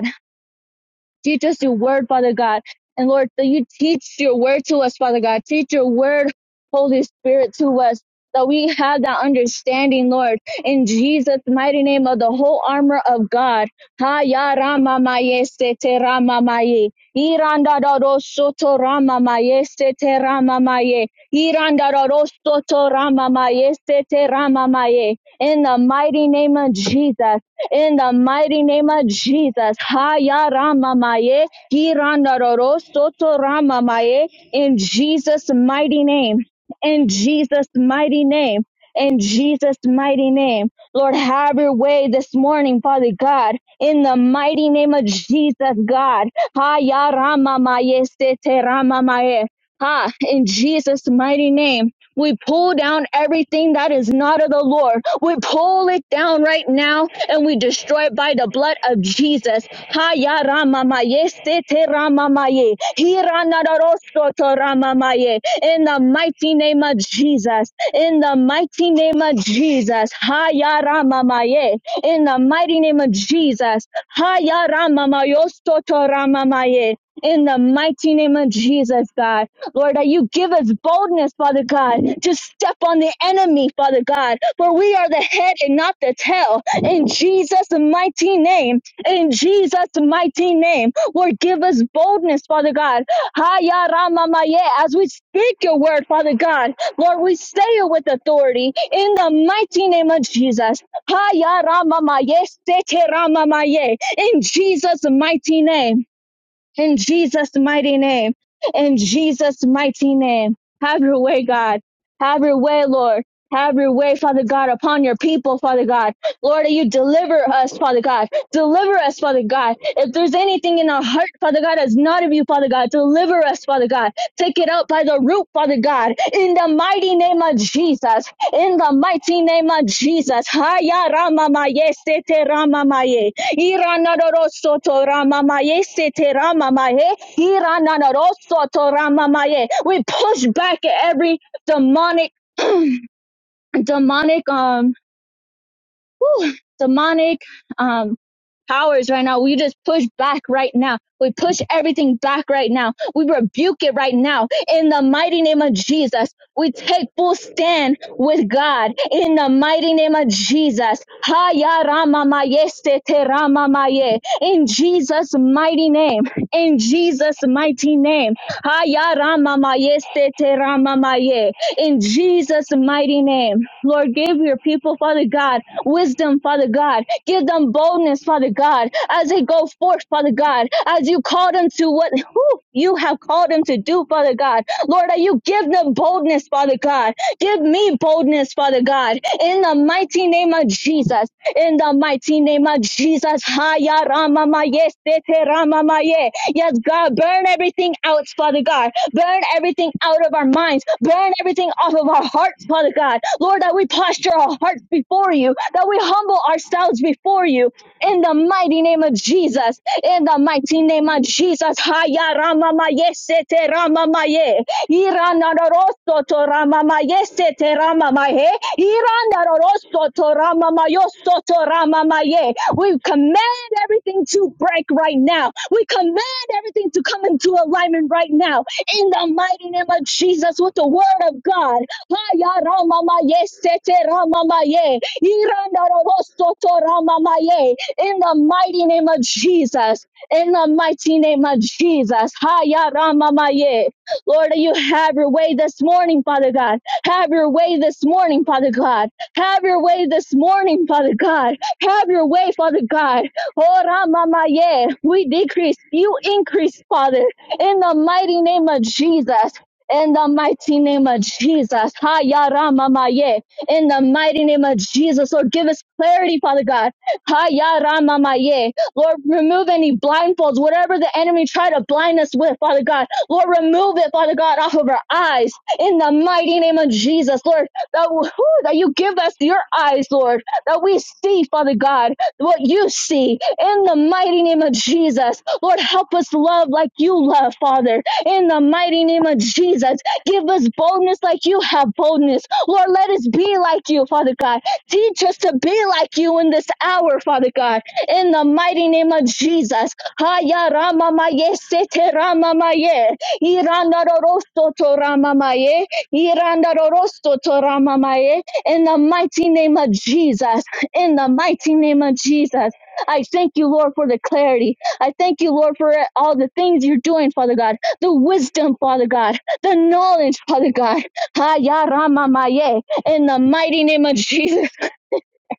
[SPEAKER 6] Teach us your word, Father God. And Lord, that you teach your word to us, Father God. Teach your word, Holy Spirit, to us. That we have that understanding, Lord, in Jesus' mighty name of the whole armor of God. Ha ya rama maye se te rama maye. Iranda da ro soto rama maye se te rama maye. Iranda da ro soto rama maye se te rama maye. In the mighty name of Jesus in the mighty name of Jesus. Haya Rama Maye, Kiranda Roro, Soto Rama Maye, in Jesus' mighty name. In Jesus' mighty name. In Jesus' mighty name. Lord, have your way this morning, Father God. In the mighty name of Jesus, God. Haya Rama Maye, Sete Rama Maye. Ha, in Jesus' mighty name. We pull down everything that is not of the Lord. We pull it down right now and we destroy it by the blood of Jesus. Haya ramamaye, sete ramamaye, hiranadarosoto ramamaye. In the mighty name of Jesus. In the mighty name of Jesus. Haya ramamaye. In the mighty name of Jesus. Haya ramamayosoto ramamaye. In the mighty name of Jesus, God. Lord, that you give us boldness, Father God, to step on the enemy, Father God, for we are the head and not the tail. In Jesus' mighty name, in Jesus' mighty name, Lord, give us boldness, Father God. Haya Rama Maye, As we speak your word, Father God, Lord, we say it with authority in the mighty name of Jesus. Haya Rama Maye, Sete Rama Maye, In Jesus' mighty name. In Jesus' mighty name. In Jesus' mighty name. Have your way, God. Have your way, Lord. Have your way, Father God, upon your people, Father God. Lord, that you deliver us, Father God. Deliver us, Father God. If there's anything in our heart, Father God, that's not of you, Father God, deliver us, Father God. Take it out by the root, Father God. In the mighty name of Jesus. In the mighty name of Jesus. Haya Rama Maye Sete Rama Maye. Iranadoroso Toramamaye Seteramamaye Iranadoroso Toramamaye. We push back every demonic demonic um whew, demonic um, powers right now. We just push back right now. We push everything back right now. We rebuke it right now. In the mighty name of Jesus, we take full stand with God. In the mighty name of Jesus. Haya rama maye se te rama In Jesus' mighty name. In Jesus' mighty name. Haya rama maye se te rama in Jesus' mighty name. Lord, give your people, Father God, wisdom, Father God. Give them boldness, Father God, as they go forth, Father God, as you call them to what whew, you have called them to do, Father God. Lord, that you give them boldness, Father God, Give me boldness, Father God, in the mighty name of Jesus. In the mighty name of Jesus. Haya Rama Maye, Sete Rama Maye. Yes, God, burn everything out, Father God. Burn everything out of our minds. Burn everything off of our hearts, Father God. Lord, that we posture our hearts before you, that we humble ourselves before you in the mighty name of Jesus. In the mighty name of Jesus. Haya rama maye sete rama maye. Irana rosto to rama maye sete rama maye. Irana rosto to rama mayo soto rama maye. We command everything to break right now. We command everything to come into alignment right now. In the mighty name of Jesus with the word of God. Haya rama maye sete rama maye. Irana rosto to rama maye in the mighty name of Jesus. In the mighty name of Jesus. Haya Rama Maye. Lord, you have your way this morning, Father God. Have your way this morning, Father God. Have your way this morning, Father God. Have your way, Father God. Oh, Rama Maye. We decrease, you increase, Father. In the mighty name of Jesus. In the mighty name of Jesus. Haya Rama Maye. In the mighty name of Jesus. Lord, give us clarity, Father God. Haya ramamaye. Lord, remove any blindfolds, whatever the enemy tried to blind us with, Father God. Lord, remove it, Father God, off of our eyes. In the mighty name of Jesus, Lord, that, whew, that you give us your eyes, Lord, that we see, Father God, what you see. In the mighty name of Jesus, Lord, help us love like you love, Father. In the mighty name of Jesus, give us boldness like you have boldness. Lord, let us be like you, Father God. Teach us to be like you in this hour, Father God, in the mighty name of Jesus. Haya rama maye sete rama maye. Iranda rorosto to rama maye. Iranda rorosto to rama maye. In the mighty name of Jesus. In the mighty name of Jesus. I thank you, Lord, for the clarity. I thank you, Lord, for all the things you're doing, Father God. The wisdom, Father God. The knowledge, Father God. Haya rama maye. In the mighty name of Jesus.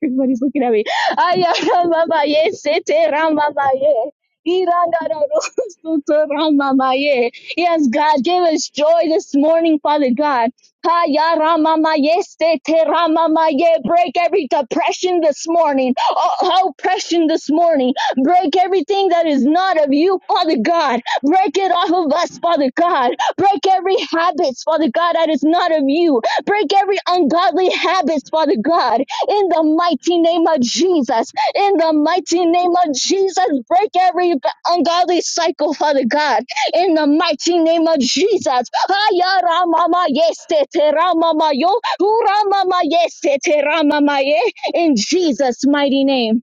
[SPEAKER 6] Everybody's looking at me. Ayaramamaye, sete ramamaye. Irangarorosoto ramamaye. Yes, God, give us joy this morning, Father God. Ayaramamaye, sete ramamaye. Break every depression this morning, oh, oppression this morning. Break everything that is not of you, Father God. Break it off of us, Father God. Break every habits, Father God, that is not of you. Break every ungodly habits, Father God in the mighty name of Jesus. In the mighty name of Jesus, break every ungodly cycle, Father God. In the mighty name of Jesus. Haya ramama yeste te ramama yo, hu ramama yeste te ramama ye. In Jesus' mighty name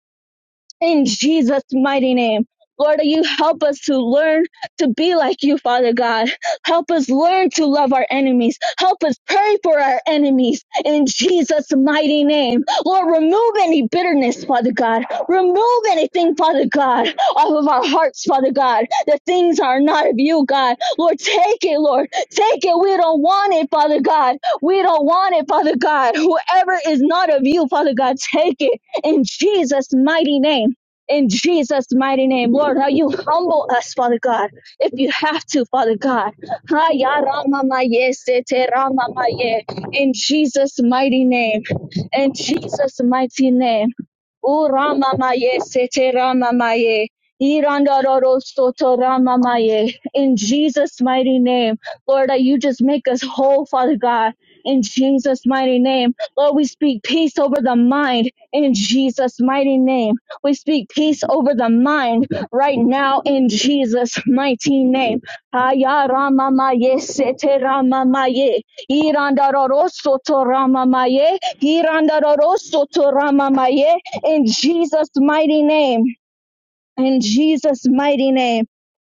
[SPEAKER 6] in Jesus' mighty name. Lord, you help us to learn to be like you, Father God. Help us learn to love our enemies. Help us pray for our enemies in Jesus' mighty name. Lord, remove any bitterness, Father God. Remove anything, Father God, off of our hearts, Father God. The things are not of you, God. Lord, take it, Lord. Take it. We don't want it, Father God. We don't want it, Father God. Whoever is not of you, Father God, take it in Jesus' mighty name in Jesus' mighty name, Lord, how you humble us, Father God, if you have to, Father God. Ha, ya, ra, ma, ye, se, te, ra, ma, ye. In Jesus' mighty name, in Jesus' mighty name. O Rama Maye, Sete Rama Uramamaye Rama Irandarosotoramamaye. In Jesus' mighty name, Lord, that you just make us whole, Father God. In Jesus' mighty name, Lord, we speak peace over the mind. In Jesus' mighty name, we speak peace over the mind right now. In Jesus' mighty name, Aya Rama Maye, Sete Rama Maye, Irandaro Soto Rama Ayaramamaye seteramamaye. Rama Irandarosotoramamaye in Jesus' mighty name. In Jesus' mighty name.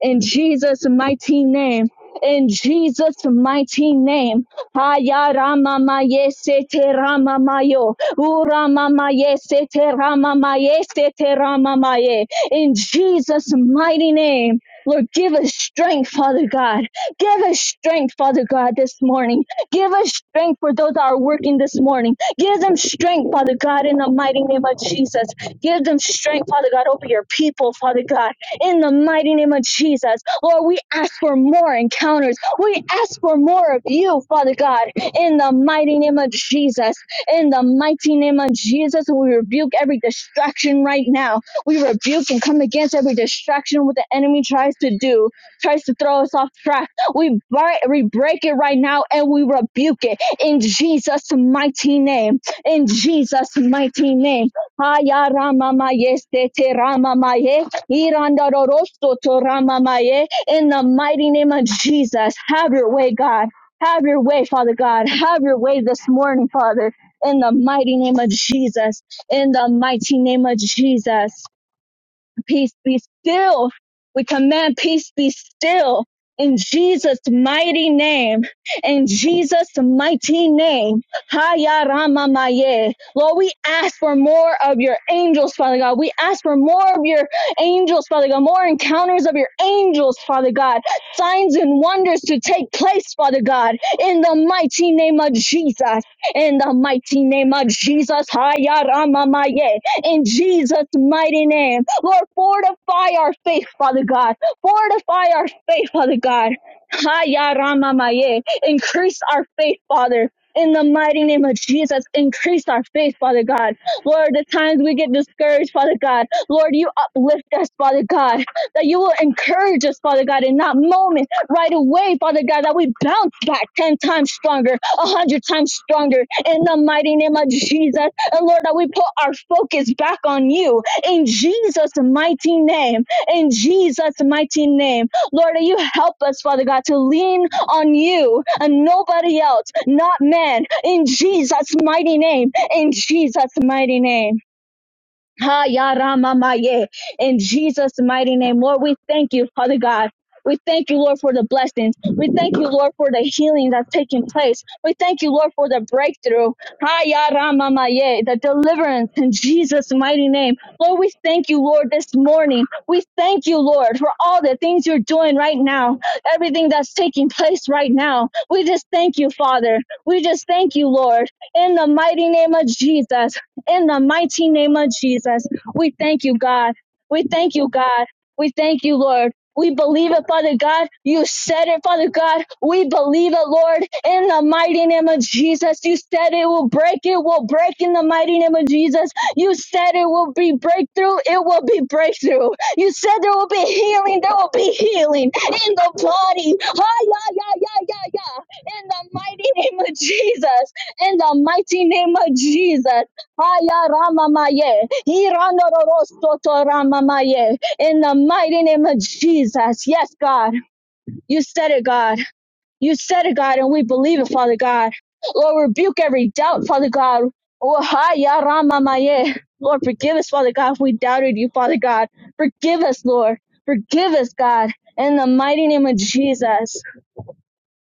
[SPEAKER 6] In Jesus' mighty name. In Jesus' mighty name. Haya rama maye sete rama mayo. Ura mama ye sete rama maye sete rama maye. In Jesus' mighty name. Lord, give us strength, Father God. Give us strength, Father God, this morning. Give us strength for those that are working this morning. Give them strength, Father God, in the mighty name of Jesus. Give them strength, Father God, over your people, Father God, in the mighty name of Jesus. Lord, we ask for more encounters. We ask for more of you, Father God, in the mighty name of Jesus. In the mighty name of Jesus, we rebuke every distraction right now. We rebuke and come against every distraction what the enemy tries to do, tries to throw us off track we, bre- we break it right now and we rebuke it in Jesus' mighty name. In Jesus' mighty name. Haya rama maye sete rama maye, iranda rorosto to rama maye. In the mighty name of Jesus, have your way, God. Have your way, Father God. Have your way this morning, Father. In the mighty name of Jesus. In the mighty name of Jesus peace be still. We command peace be still in Jesus' mighty name. In Jesus' mighty name. Haya Rama Maye. Lord, we ask for more of your angels, Father God. We ask for more of your angels, Father God. More encounters of your angels, Father God. Signs and wonders to take place, Father God. In the mighty name of Jesus. In the mighty name of Jesus. Haya Rama Maye in Jesus' mighty name. Lord, fortify our faith, Father God. Fortify our faith, Father God. Ha ya rama maye. Increase our faith, Father. In the mighty name of Jesus, increase our faith, Father God. Lord, the times we get discouraged, Father God. Lord, you uplift us, Father God. That you will encourage us, Father God, in that moment, right away, Father God, that we bounce back 10 times stronger, 100 times stronger. In the mighty name of Jesus, and Lord, that we put our focus back on you in Jesus' mighty name. In Jesus' mighty name. Lord, that you help us, Father God, to lean on you and nobody else, not man. In Jesus' mighty name. In Jesus' mighty name. Ha ya rama ma ye. In Jesus' mighty name, Lord, we thank you, Father God. We thank you, Lord, for the blessings. We thank you, Lord, for the healing that's taking place. We thank you, Lord, for the breakthrough. Ha ya rama ma ye, the deliverance in Jesus' mighty name. Lord, we thank you, Lord, this morning. We thank you, Lord, for all the things you're doing right now, everything that's taking place right now. We just thank you, Father. We just thank you, Lord, in the mighty name of Jesus. In the mighty name of Jesus, we thank you, God. We thank you, God. We thank you, Lord. We believe it, Father God. You said it, Father God. We believe it, Lord. In the mighty name of Jesus, you said it will break. It will break in the mighty name of Jesus. You said it will be breakthrough. It will be breakthrough. You said there will be healing. There will be healing in the body. Hi, yeah, yeah, yeah, yeah, yeah. In the mighty name of Jesus. In the mighty name of Jesus. Aya Ramamaye, Irandorosoto Ramamaye, in the mighty name of Jesus. Yes, God, you said it, God. You said it, God, and we believe it, Father God. Lord, rebuke every doubt, Father God. Oh, Aya Ramamaye. Lord, forgive us, Father God, if we doubted you, Father God. Forgive us, Lord. Forgive us, God, in the mighty name of Jesus.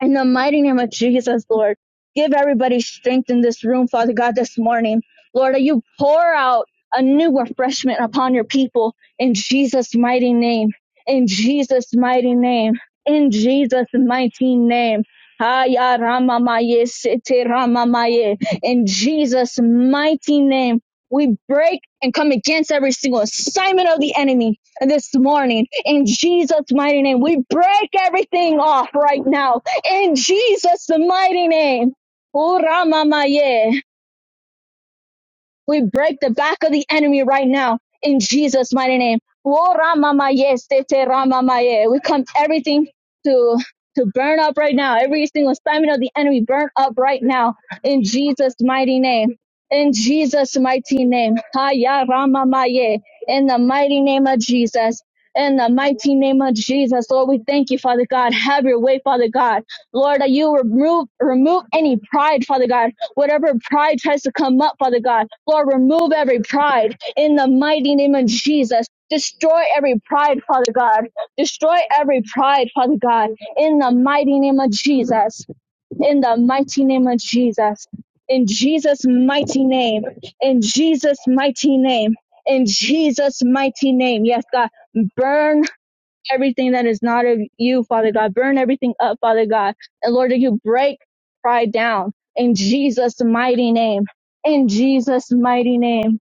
[SPEAKER 6] In the mighty name of Jesus, Lord, give everybody strength in this room, Father God, this morning. Lord, that you pour out a new refreshment upon your people in Jesus' mighty name. In Jesus' mighty name. In Jesus' mighty name. Haya ramamaye, sete ramamaye. In Jesus' mighty name. We break and come against every single assignment of the enemy this morning. In Jesus' mighty name, we break everything off right now in Jesus' mighty name. Uramamaye. We break the back of the enemy right now in Jesus' mighty name. We come everything to to burn up right now. Every single assignment of the enemy burn up right now in Jesus' mighty name. In Jesus' mighty name. Haya ramamaye. In the mighty name of Jesus. In the mighty name of Jesus, Lord, we thank you, Father God. Have your way, Father God. Lord, that you remove remove any pride, Father God. Whatever pride tries to come up, Father God, Lord, remove every pride in the mighty name of Jesus. Destroy every pride, Father God. Destroy every pride, Father God, in the mighty name of Jesus. In the mighty name of Jesus. In Jesus' mighty name. In Jesus' mighty name. In Jesus' mighty name. Yes, God. Burn everything that is not of you, Father God. Burn everything up, Father God. And Lord, that you break pride down in Jesus' mighty name. In Jesus' mighty name.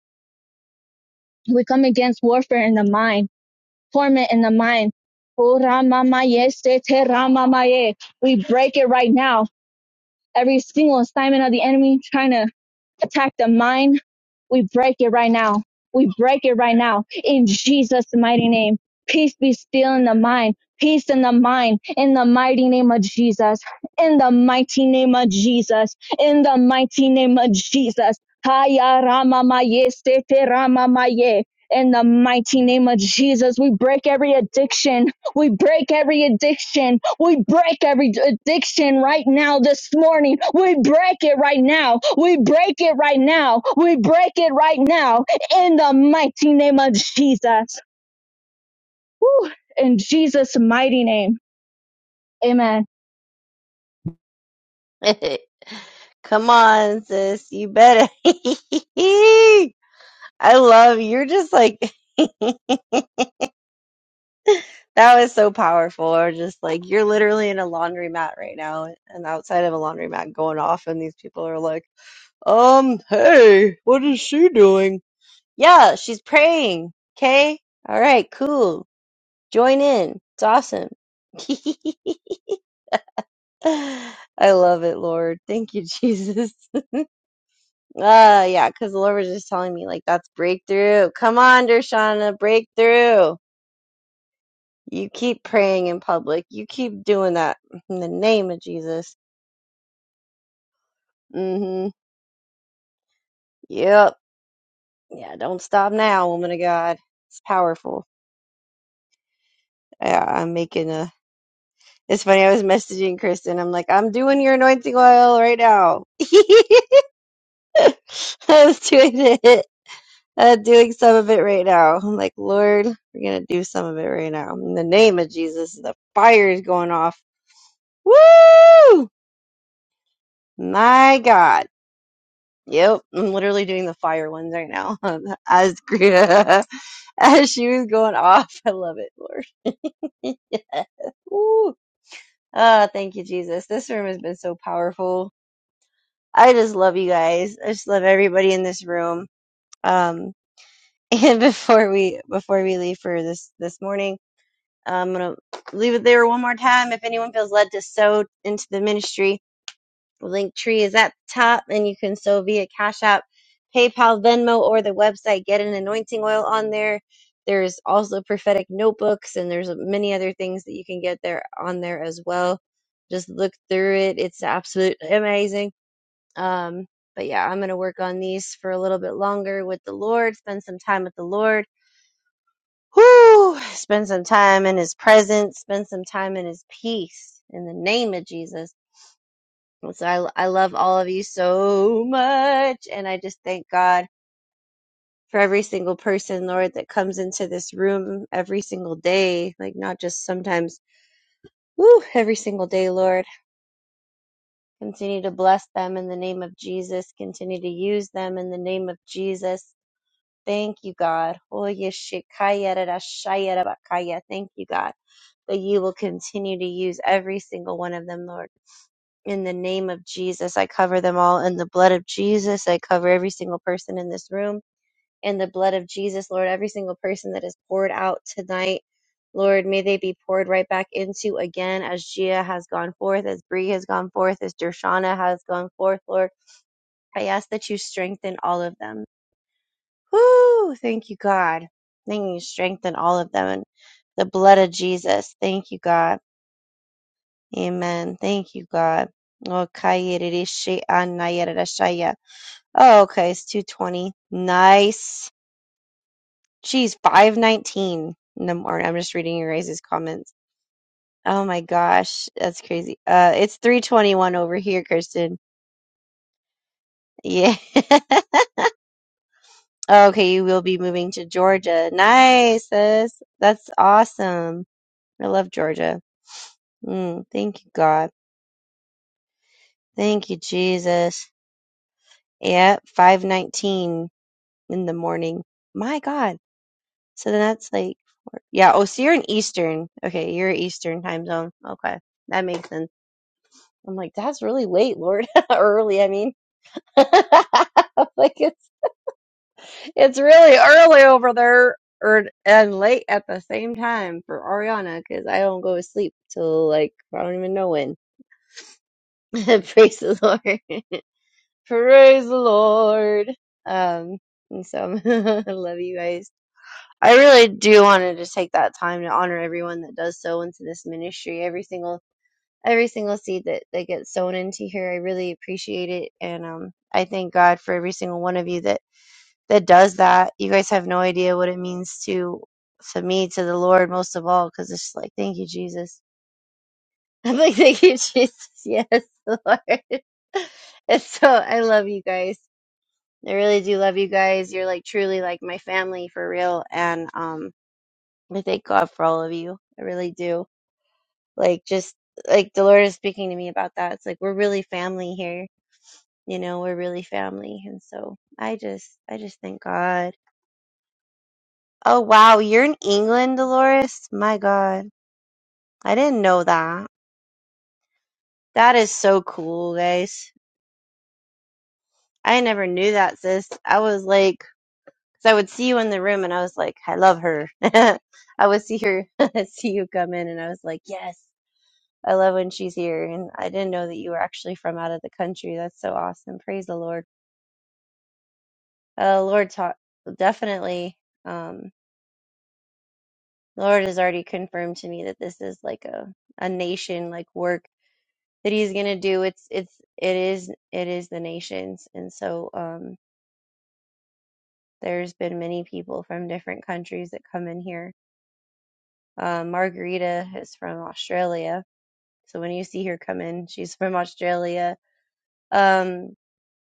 [SPEAKER 6] We come against warfare in the mind, torment in the mind. Oh, Ramamaye, Sete Ramamaye. We break it right now. Every single assignment of the enemy trying to attack the mind, we break it right now. We break it right now in Jesus' mighty name. Peace be still in the mind. Peace in the mind in the mighty name of Jesus. In the mighty name of Jesus. In the mighty name of Jesus. Haya Rama Maye Sete Rama Maye. In the mighty name of Jesus, we break every addiction we break every addiction. We break every addiction right now this morning. We break it right now. We break it right now. We break it right now in the mighty name of Jesus. Woo. In Jesus' mighty name. Amen.
[SPEAKER 4] Come on, sis. You better. I love you. you're just like that was so powerful. Or just like you're literally in a laundromat right now, and outside of a laundromat going off, and these people are like. Um, hey, what is she doing? Yeah, she's praying. Okay? Alright, cool. Join in. It's awesome. I love it, Lord. Thank you, Jesus. Ah, yeah, because the Lord was just telling me, like, that's breakthrough. Come on, Dershana, breakthrough. You keep praying in public. You keep doing that in the name of Jesus. Mm-hmm. Yep. Yeah, don't stop now, woman of God. It's powerful. Yeah, I'm making a It's funny. I was messaging Kristen. I'm like, I'm doing your anointing oil right now. I was doing it, uh, doing some of it right now. I'm like, Lord, we're gonna do some of it right now in the name of Jesus. The fire is going off. Woo! My God. Yep, I'm literally doing the fire ones right now. As as she was going off, I love it, Lord. Yes. Woo! Ah, thank you, Jesus. This room has been so powerful. I just love you guys. I just love everybody in this room. Um, and before we before we leave for this this morning, I'm gonna leave it there one more time. If anyone feels led to sow into the ministry, the link tree is at the top, and you can sow via Cash App, PayPal, Venmo, or the website. Get an anointing oil on there. There's also prophetic notebooks, and there's many other things that you can get there on there as well. Just look through it; it's absolutely amazing um, but yeah, I'm gonna work on these for a little bit longer with the Lord, spend some time with the Lord. Whoo! Spend some time in his presence, spend some time in his peace in the name of Jesus. So I, I love all of you so much and I just thank God for every single person, Lord, that comes into this room every single day, like not just sometimes, woo, every single day, Lord. Continue to bless them in the name of Jesus. Continue to use them in the name of Jesus Thank you, God. Oye, shikaya rara shaya rara bakaya. Thank you, God, that you will continue to use every single one of them, Lord. In the name of Jesus, I cover them all. In the blood of Jesus, I cover every single person in this room. In the blood of Jesus, Lord, every single person that is poured out tonight, Lord, may they be poured right back into again as Gia has gone forth, as Bree has gone forth, as Dershana has gone forth, Lord. I ask that you strengthen all of them. Whoo! Thank you, God. Thank you, strengthen all of them in the blood of Jesus. Thank you, God. Amen. Thank you, God. Oh, kayeredeshe anayererashaya. Oh, okay, it's 220. Nice. Geez, 519 in the morning. I'm just reading your guys' comments. Oh my gosh, that's crazy. Uh, it's 321 over here, Kirsten. Yeah. okay, you will be moving to Georgia. Nice, sis. That's awesome. I love Georgia. Mm, thank you, God. Thank you, Jesus. Yep, five nineteen in the morning. My God. So then that's like, four- yeah. Oh, so you're in Eastern. Okay, you're Eastern time zone. Okay, that makes sense. I'm like, that's really late, Lord. early, I mean. I'm like it's it's really early over there, or and late at the same time for Ariana because I don't go to sleep till like I don't even know when. Praise the Lord. Praise the Lord. Um, and so I love you guys. I really do want to just take that time to honor everyone that does sow into this ministry. Every single every single seed that, that gets sown into here. I really appreciate it. And um I thank God for every single one of you that that does that. You guys have no idea what it means to to me, to the Lord most of all, because it's just like thank you, Jesus. I'm like, thank you, Jesus. Yes, Lord. And so I love you guys. I really do love you guys. You're like truly like my family for real. And um I thank God for all of you. I really do. Like just like the Lord is speaking to me about that. It's like we're really family here. You know, we're really family. And so I just I just thank God. Oh wow, you're in England, Dolores? My God. I didn't know that. That is so cool, guys. I never knew that, sis. I was like Because I would see you in the room and I was like, I love her. I would see her, see you come in and I was like, yes, I love when she's here. And I didn't know that you were actually from out of the country. That's so awesome. Praise the Lord. Uh, Lord taught, definitely. Um, the Lord has already confirmed to me that this is like a, a nation like work that he's going to do. It's, it's, it is, it is the nations. And so, um, there's been many people from different countries that come in here. Uh, Margarita is from Australia So when you see her come in, she's from Australia. Um,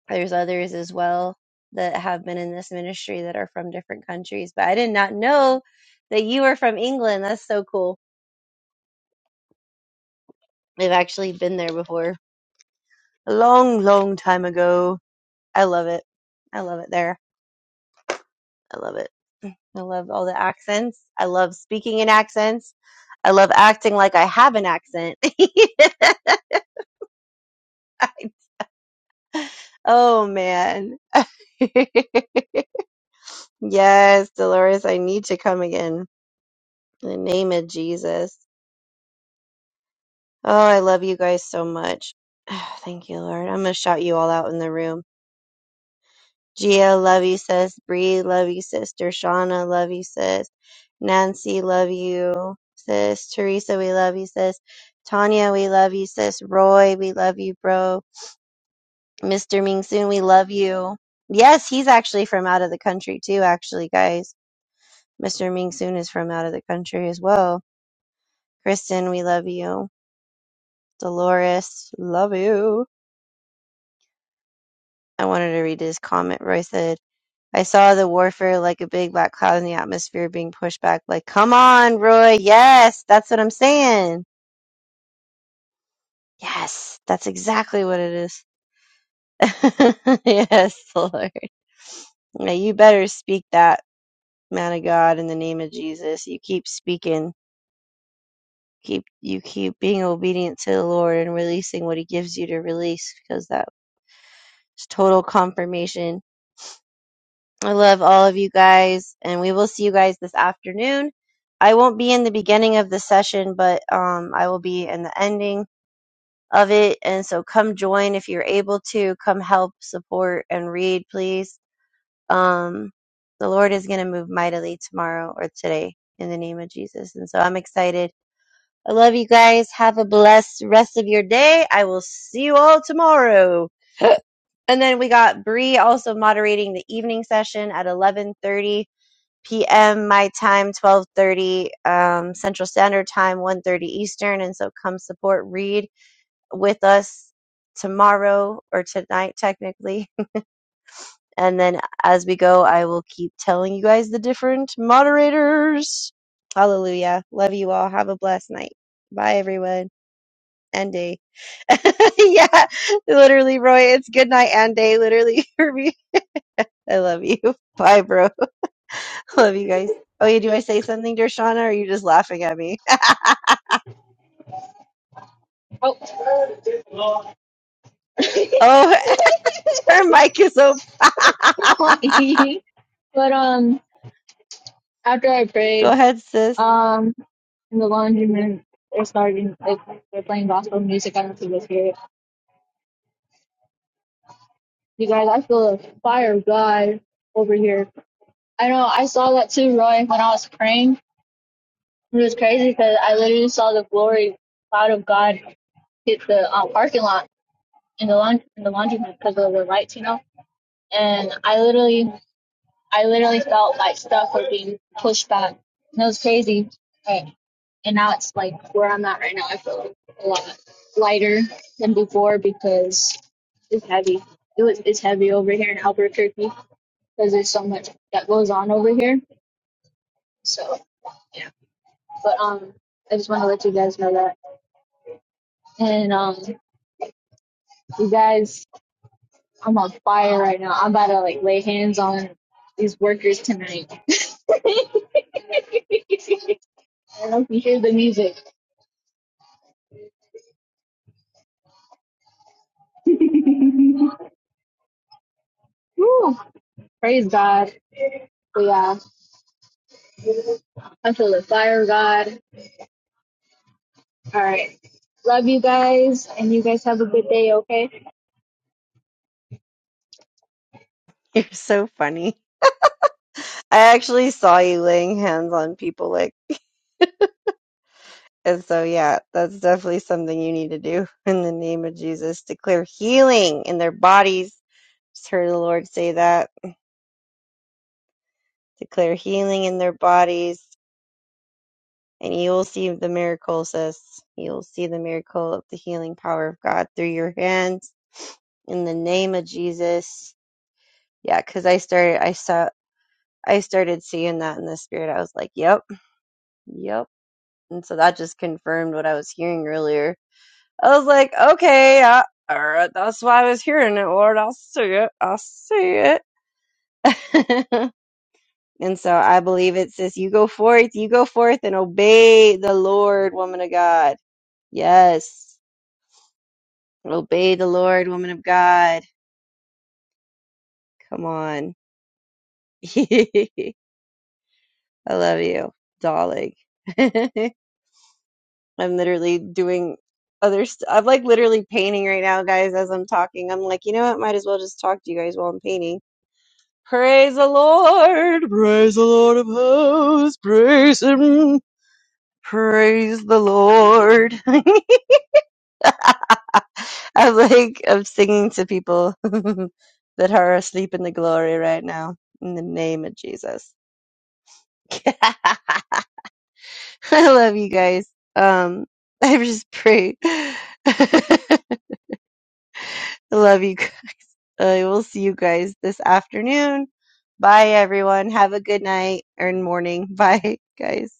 [SPEAKER 4] there's others as well that have been in this ministry that are from different countries. But I did not know that you were from England. That's so cool. I've actually been there before a long, long time ago. I love it. I love it there. I love it. I love all the accents. I love speaking in accents. I love acting like I have an accent. oh man. Yes, Dolores, I need to come again. In the name of Jesus. Oh, I love you guys so much. Thank you, Lord. I'm going to shout you all out in the room. Gia, love you, sis. Bree, love you, sister. Shauna, love you, sis. Nancy, love you, sis. Teresa, we love you, sis. Tanya, we love you, sis. Roy, we love you, bro. Mr. Ming Soon, we love you. Yes, he's actually from out of the country, too, actually, guys. Mr. Ming Soon is from out of the country as well Kristen, we love you. Dolores, love you. I wanted to read his comment. Roy said, I saw the warfare like a big black cloud in the atmosphere being pushed back. Like, come on, Roy. Yes, that's what I'm saying. Yes, that's exactly what it is. yes, Lord. Now you better speak that, man of God, in the name of Jesus. You keep speaking. Keep you keep being obedient to the Lord and releasing what He gives you to release because that is total confirmation I love all of you guys, and we will see you guys this afternoon. I won't be in the beginning of the session, but um, I will be in the ending of it. And so come join if you're able to. Come help, support, and read, please. Um, the Lord is going to move mightily tomorrow or today in the name of Jesus. And so I'm excited. I love you guys. Have a blessed rest of your day. I will see you all tomorrow. And then we got Bree also moderating the evening session at 11:30 p.m. my time, 12:30 um, Central Standard Time, one thirty Eastern. And so come support Read with us tomorrow or tonight, technically. And then as we go, I will keep telling you guys the different moderators. Hallelujah. Love you all. Have a blessed night. Bye, everyone. And day. yeah, literally, Roy. It's good night and day, literally, for me. I love you. Bye, bro. Love you guys. Oh, yeah. Do I say something, Dershana, or are you just laughing at me? Oh, her mic is open.
[SPEAKER 6] but um
[SPEAKER 4] Go ahead, sis.
[SPEAKER 6] in the- there's like they're playing gospel music this here. You guys, I feel the fire of God over here. I know I saw that too, Roy, when I was praying. It was crazy because I literally saw the glory cloud of God hit the um, parking lot in the laundry in the laundry room because of the lights, you know. And I literally, I literally felt like stuff was being pushed back. And it was crazy. And, and now it's like where I'm at right now. I feel like a lot lighter than before because it's heavy. It was it's heavy over here in Albuquerque because there's so much that goes on over here. So, but um, I just want to let you guys know that. And um, you guys I'm on fire right now. I'm about to like lay hands on these workers tonight. I don't know if you hear the music. Woo. Praise God. But yeah, I feel the fire of God. All right. Love you guys, and you guys have a good day, okay?
[SPEAKER 4] You're so funny. I actually saw you laying hands on people like and so yeah, that's definitely something you need to do in the name of Jesus. Declare healing in their bodies. Just heard the Lord say that. Declare healing in their bodies, and you will see the miracle, sis. You will see the miracle of the healing power of God through your hands in the name of Jesus. Yeah, because I started. I saw. I started seeing that in the spirit. I was like, yep, yep. And so that just confirmed what I was hearing earlier. I was like, okay, I, all right, that's why I was hearing it, Lord. I'll see it. I'll see it. and so I believe it says, you go forth, you go forth and obey the Lord, woman of God. Yes. Obey the Lord, woman of God. Come on. I love you, darling. I'm literally doing other st- I'm like literally painting right now, guys, as I'm talking. I'm like, you know what? Might as well just talk to you guys while I'm painting. Praise the Lord! Praise the Lord of hosts! Praise Him! Praise the Lord! I'm like, I'm singing to people that are asleep in the glory right now in the name of Jesus. I love you guys. Um, I just pray. I love you guys. I will see you guys this afternoon. Bye, everyone. Have a good night or morning. Bye, guys.